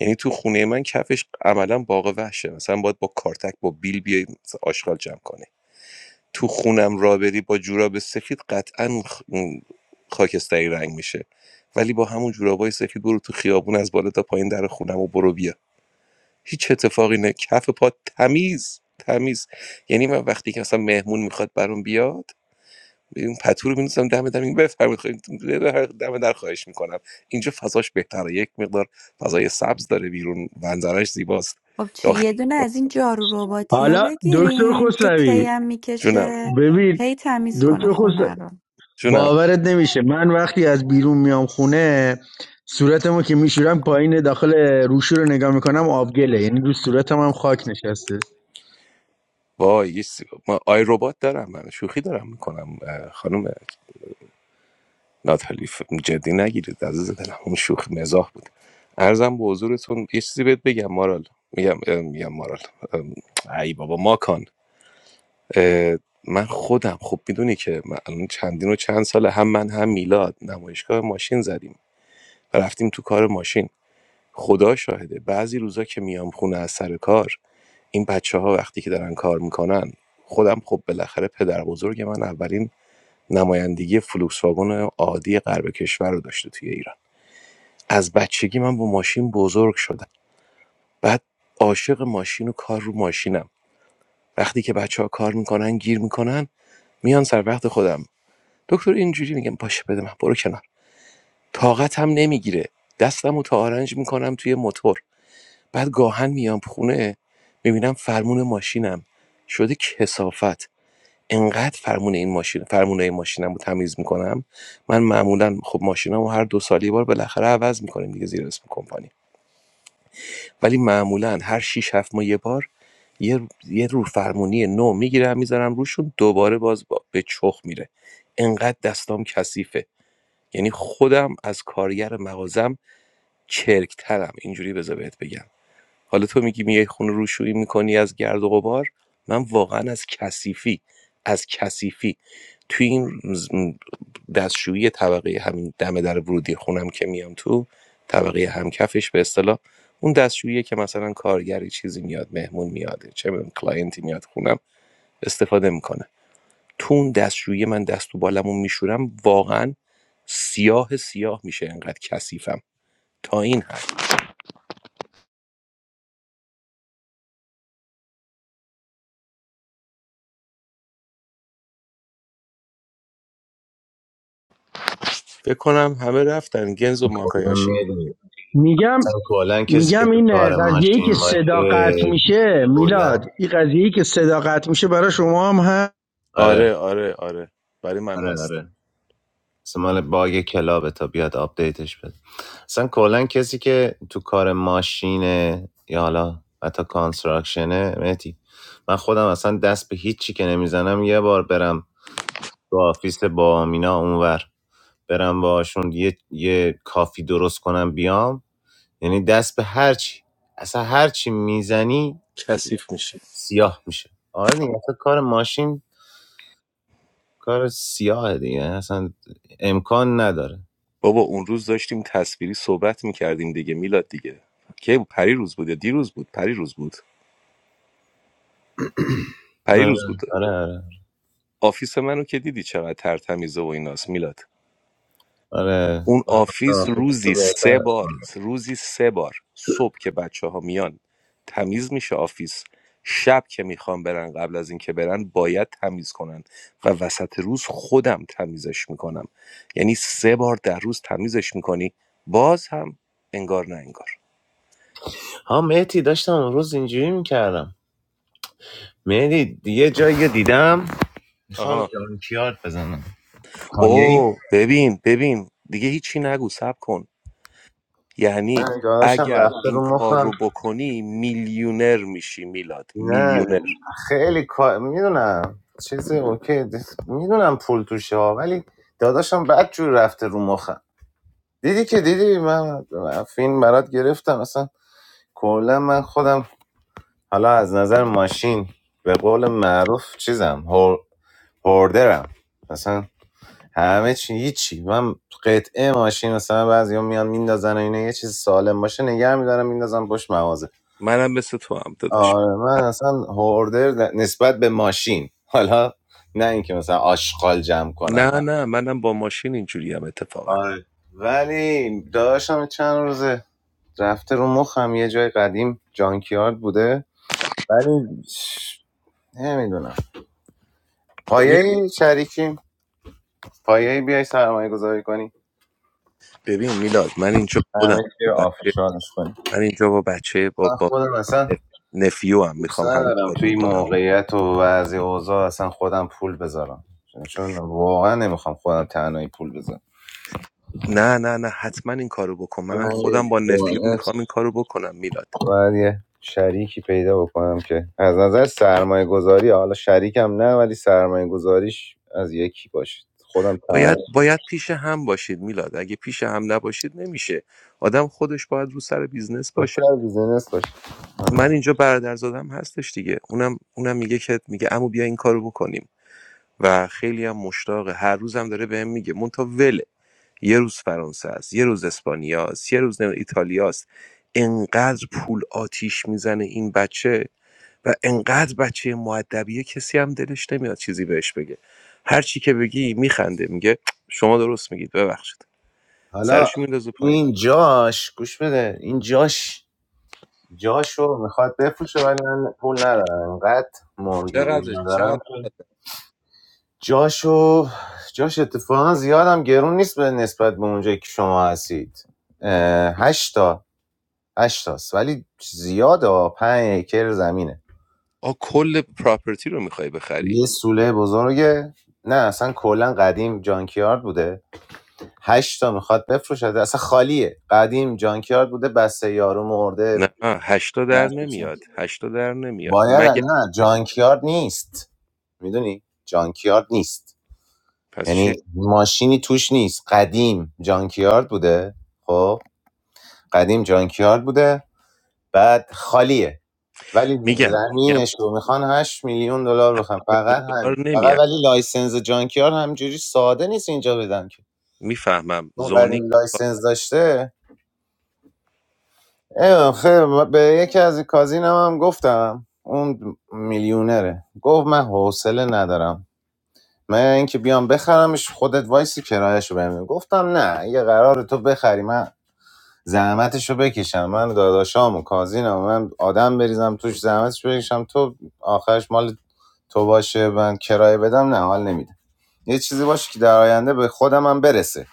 S14: یعنی تو خونه من کفش عملا باغ وحشه مثلا باید با کارتک با بیل بیای مثلا آشغال جمع کنی تو خونم را بری با جوراب سفید قطعا خاکستری رنگ میشه ولی با همون جورابای سفید برو تو خیابون از بالا تا پایین در خونم و برو بیا هیچ اتفاقی نه کف پا تمیز تمیز یعنی من وقتی که مثلا مهمون میخواد برام بیاد این پتو رو می‌نویسم دم در این بفرمایید خواهید دم در خواهش میکنم اینجا فضاش بهتره یک مقدار فضای سبز داره بیرون منظرش زیباست
S12: خب چه
S14: داخل
S12: یه دونه از این جارو رباتی ها
S21: حالا دکتر
S12: بگیرین که
S21: خسروی
S12: تیم
S14: جونم
S12: میکشه
S21: ببین
S12: هی تمیز کنه
S21: دکتر خسروی
S12: خونه رو
S14: جونم
S21: باورت نمیشه من وقتی از بیرون میام خونه صورتمو که میشورم پایین داخل روشو رو نگاه میکنم آبگله یعنی رو صورتم هم خاک نشسته
S14: وای یه سی- ما آی ربات دارم من شوخی دارم میکنم خانم ناتالی ف- جدی نگیرید عزیز دلم اون شوخ مزاح بود ارزم به حضورتون یه چیزی بهت بگم مارال میگم اه، میگم مارال ام، ای بابا ماکان اه، من خودم خب میدونی که من الان چندین و چند ساله هم من هم میلاد نمایشگاه ماشین زدیم و رفتیم تو کار ماشین خدا شاهده بعضی روزا که میام خونه از سر کار این بچه ها وقتی که دارن کار میکنن خودم خب بالاخره پدر بزرگ من اولین نمایندگی فلوکس واگن عادی غرب کشور رو داشته توی ایران از بچگی من با ماشین بزرگ شدم بعد عاشق ماشین و کار رو ماشینم وقتی که بچه کار میکنن گیر میکنن میان سر وقت خودم دکتر اینجوری میگم باشه بده من برو کنار طاقتم نمیگیره دستم و تا آرنج میکنم توی موتور بعد گاهن میام خونه میبینم فرمون ماشینم شده کسافت انقدر فرمون این ماشین فرمون این ماشینم رو تمیز میکنم من معمولا خب ماشینم رو هر دو سال یه بار بالاخره عوض میکنیم دیگه زیر اسم کمپانی ولی معمولا هر 6 7 ماه یه بار یه یه رو فرمونی نو میگیرم میذارم روشون دوباره باز با- به چخ میره انقدر دستام کثیفه یعنی خودم از کارگر مغازم چرکترم اینجوری بذار بهت بگم حالا تو میگی میای خونه روشویی میکنی از گرد و غبار من واقعا از کثیفی از کثیفی توی این دستشویی طبقه همین دم در ورودی خونم که میام تو طبقه همکفش به اصطلاح اون دستشویی که مثلا کارگری چیزی میاد مهمون میاد چه میدونم کلاینتی میاد خونم استفاده میکنه تو اون دستشویی من دست و بالمو میشورم واقعا سیاه سیاه میشه انقدر کثیفم تا این حد فکر کنم همه رفتن گنز
S15: کلا
S14: ماکایاشی
S15: میری
S21: میگم
S15: مثلا کلا کسی که
S21: میگم
S15: تو
S21: این
S15: کار
S21: قضیه ای که
S15: ماشین
S21: صدا
S15: باشه
S21: قطع میشه
S15: کلا
S21: میلاد این قضیه ای که صدا قطع میشه برای شما هم
S15: آره
S14: آره آره آره برای من
S15: آره
S14: هست
S15: آره مثل مال باگ کلابه تا بیاد آپدیتش اصلا کلا کسی که تو کار ماشینه یا حالا حتی کانستراکشنه مهدی من خودم اصلا دست به هیچی که نمیزنم یه بار برم تو آفیس با آمینا اونور برم باشون یه, یه کافی درست کنم بیام یعنی دست به هرچی اصلا هرچی میزنی
S14: کثیف میشه
S15: سیاه میشه آره دیگه اصلا کار ماشین کار سیاه دیگه اصلا امکان نداره
S14: بابا اون روز داشتیم تصویری صحبت میکردیم دیگه میلاد دیگه کی بود پری روز بود یا دیروز بود پری روز بود پری
S15: آره
S14: روز بود
S15: آره آره
S14: آفیس منو که دیدی چقدر ترتمیزه و ایناست میلاد
S15: آره
S14: اون آفیس روزی سه بار روزی سه بار صبح که بچه ها میان تمیز میشه آفیس شب که میخوام برن قبل از اینکه برن باید تمیز کنن و وسط روز خودم تمیزش میکنم یعنی سه بار در روز تمیزش میکنی باز هم انگار نه انگار
S15: ها مهدی داشتم اون روز اینجوری میکردم مهدی یه جایی دیدم میخوام
S14: آها
S15: جانکیارد بزنم
S14: او
S15: یه
S14: ببین ببین دیگه هیچی نگو سب کن یعنی
S15: نگاهاشم
S14: اگر
S15: رفته
S14: این
S15: رو
S14: کار
S15: مخم
S14: رو بکنی میلیونر میشی میلاد
S15: نه
S14: میلیونر
S15: خیلی کار میدونم چیزی اوکی میدونم پول توشه ها ولی داداشم بد جور رفته رو مخم دیدی که دیدی من من فیلم برات گرفتم اصلا کلا من خودم حالا از نظر ماشین به قول معروف چیزم هور- هوردرم اصلا همه چی هیچی من قطعه ماشین مثلا بعضیا میان میندازن و اینا یه چیز سالم باشه نگه میدارم میندازم پشت مغازه
S14: منم مثل تو هم داداش
S15: آره من اصلا هوردر نسبت به ماشین حالا نه اینکه مثلا آشغال جمع کنم
S14: نه
S15: نه
S14: نه منم با ماشین اینجوری هم اتفاقا
S15: آره ولی داشتم چند روزه رفته رو مخم یه جای قدیم جانکیارد بوده ولی نمیدونم
S14: ببین
S15: پایه شریکیم پایه بیای سرمایه گذاری کنی
S14: ببین میلاد من اینجا خودم
S15: همه چی رو
S14: بچه
S15: آفیشالش کنی
S14: من اینجا با بچه با
S15: من
S14: با
S15: خودم اصلا
S14: نفیو هم میخوام
S15: سر
S14: همین
S15: دارم
S14: کارو
S15: توی این
S14: بکنم
S15: موقعیت و وضع اوضاع اصلا خودم پول بذارم چون واقعا نمیخوام خودم تنهایی پول بذارم
S14: نه نه نه حتما این کارو بکن منم
S15: من
S14: خودم
S15: یه-
S14: با نفیو میخوام این کارو بکنم میلاد
S15: باید یه شریکی پیدا بکنم که از نظر سرمایه گذاری حالا شریکم نه ولی سرمایه گذاریش از یکی باشه خودم تنها
S14: باید باید پیش هم باشید میلاد اگه پیش هم نباشید نمیشه آدم خودش باید رو سر بیزنس
S15: دوتر
S14: باشه
S15: بیزینس باشه
S14: من اینجا برادرزادم هستش دیگه اونم اونم میگه که میگه عمو بیا این کارو بکنیم و خیلی هم مشتاقه هر روزم داره بهم میگه مونتا وله یه روز فرانسه است یه روز اسپانیا است یه روز نمیدونم ایتالیا است انقدر پول آتیش میزنه این بچه و انقدر بچه معدبیه کسی هم دلش نمیاد چیزی بهش بگه هر چی که بگی میخنده میگه شما درست میگید ببخشید
S15: حالا
S14: سرش میندازه پایین
S15: این جاش گوش بده این جاش جاشو میخواد بفروشه ولی من پول ندارم انقدر مورگیج
S14: چقدر
S15: ندارم
S14: چقدر
S15: که جاشو جاش اتفاقا زیادم گرون نیست به نسبت به اونجایی که شما هستید هشتا هشتاست ولی زیاده پنج اکر زمینه
S14: آ کل پراپرتی رو میخوای بخری
S15: یه سوله بزرگه نه اصلا کلا قدیم جانکیارد بوده هشتا میخواد بفروشه اصلا خالیه قدیم جانکیارد بوده بسته یارو
S14: نه
S15: مرده
S14: هشتا در نمیاد هشتا در نمیاد
S15: باید
S14: مگر
S15: نه جانکیارد نیست میدونی جانکیارد نیست
S14: پس چی
S15: یعنی ماشینی توش نیست قدیم جانکیارد بوده خب قدیم جانکیارد بوده بعد خالیه ولی
S14: میگم
S15: زمینش رو میخوان 8 میلیون دلار
S14: 8
S15: بخوام
S14: میلیون
S15: فقط همین
S14: دلار
S15: فقط
S14: نمیاد
S15: ولی لایسنس جانکیارد همجوری ساده نیست اینجا بدن که
S14: میفهمم
S15: اون
S14: زونینگ
S15: قدیم
S14: میخواد
S15: لایسنس داشته اه، خیلی به یکی از کازینم هم گفتم اون میلیونره گفت من حوصله ندارم من اینکه بیام بخرمش خودت وایسی کرایهشو بهم گفتم نه یه قرار تو بخری من زحمتش رو بکشم من داداشام و کازینم من آدم بریزم توش زحمتش بکشم تو آخرش مال تو باشه من کرایه بدم نه حال نمیده یه چیزی باشه که در آینده به خودم هم برسه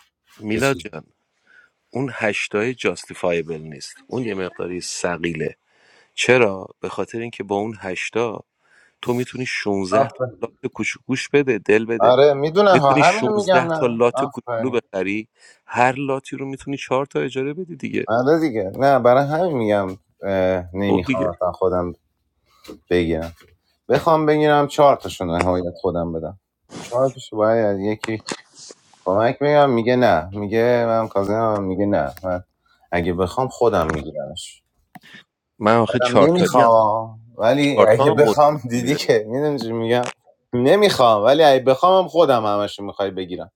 S15: یه
S14: میلاد
S15: چیز
S14: جان اون هشتای جاستیفایبل نیست اون یه مقداری سقیله چرا به خاطر اینکه با اون هشتا تو میتونی 16 تا لات کوچولوش بده دل بده
S15: آره میدونم
S14: میتونی
S15: همین
S14: 16
S15: میگم
S14: تا
S15: نه
S14: لات کوچولو
S15: آفرین
S14: بخری هر لاتی رو میتونی 4 تا اجاره بدی دیگه
S15: آره دیگه نه برای همین میگم
S14: خب
S15: نمیخوام
S14: دیگه
S15: اصلا خودم بگیرم بخوام بگیرم چهار تاشون نهایت خودم بدم چهار تاشو باید یکی کمک میگم میگه نه میگه من کازینم میگه نه من اگه بخوام خودم میگیرمش
S14: من آخه
S15: دارم
S14: 4 تایی هم
S15: نمیخوام ولی
S14: 4
S15: اگه
S14: تا هم
S15: بخوام
S14: وسم
S15: دیدی
S14: نمیره
S15: که میدونی چی میگم نمیخوام ولی اگه بخوام خودم همشو میخوای بگیرم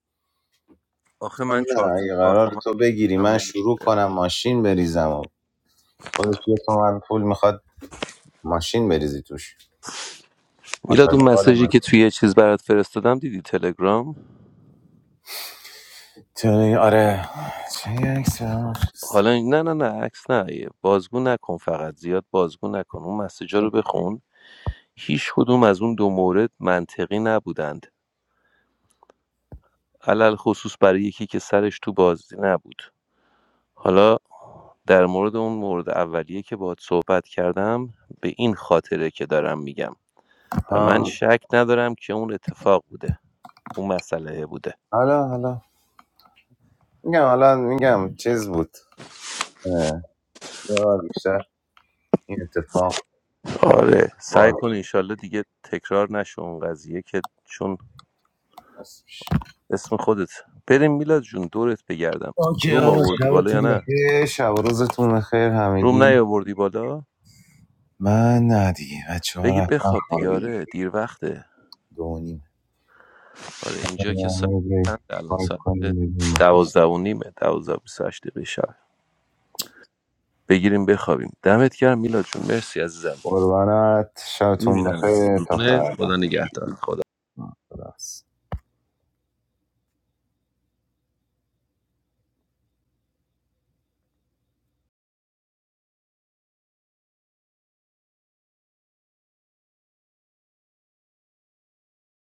S14: آخه
S15: گفتم
S14: من
S15: نه
S14: 4
S15: اگه
S14: 4
S15: قرار
S14: تومن
S15: تو بگیری
S14: هم
S15: من
S14: نمیره
S15: شروع کنم ماشین بریزم و خودش یه تومن پول میخواد ماشین بریزی توش
S14: میلاد اون
S15: آتشکال
S14: مسیجی که
S15: ماشین
S14: توی یه چیز برات فرستادم دیدی تلگرام
S15: تو- آره چه عکس برام؟
S14: حالا این- نه نه نه عکس نه یه بازگو نکن فقط زیاد بازگو نکن اون مسیجا رو بخون هیچ کدوم از اون دو مورد منطقی نبودند علل خصوص برای یکی که سرش تو بازی نبود حالا در مورد اون مورد اولیه که باهات صحبت کردم به این خاطره که دارم میگم و من
S15: ها.
S14: شک ندارم که اون اتفاق بوده اون مسئله بوده
S15: حالا حالا میگم حالا میگم چیز بود یه بار بیشتر این اتفاق
S14: آره سعی
S15: باز
S14: کن انشالله دیگه تکرار نشه اون قضیه که چون
S15: هست
S14: اسم خودت بریم میلاد جون دورت بگردم روم آوردی بالا یا نه
S15: یه شب و روزتون خیر
S14: روم
S15: همگی
S14: نیاوردی بالا
S15: من نه دیگه بچه ها
S14: بگی
S15: رفتن
S14: بخواب دیگه
S15: خوابیدن
S14: آره دیر وقته
S15: دو و نیم
S14: آره اینجا که
S15: سلام
S14: ساعت
S15: علیکم.
S14: چند الان
S15: چیکار
S14: ساعت
S15: کنیم بگیم؟
S14: دوازده و نیمه دوازده و بیست و هشت دقیقه شب بگیریم بخوابیم دمت گرم میلاد جون مرسی عزیزم
S15: قربانت شبتون
S14: میبینم
S15: بخیر تا
S14: خدا
S15: فردا
S14: نگهدار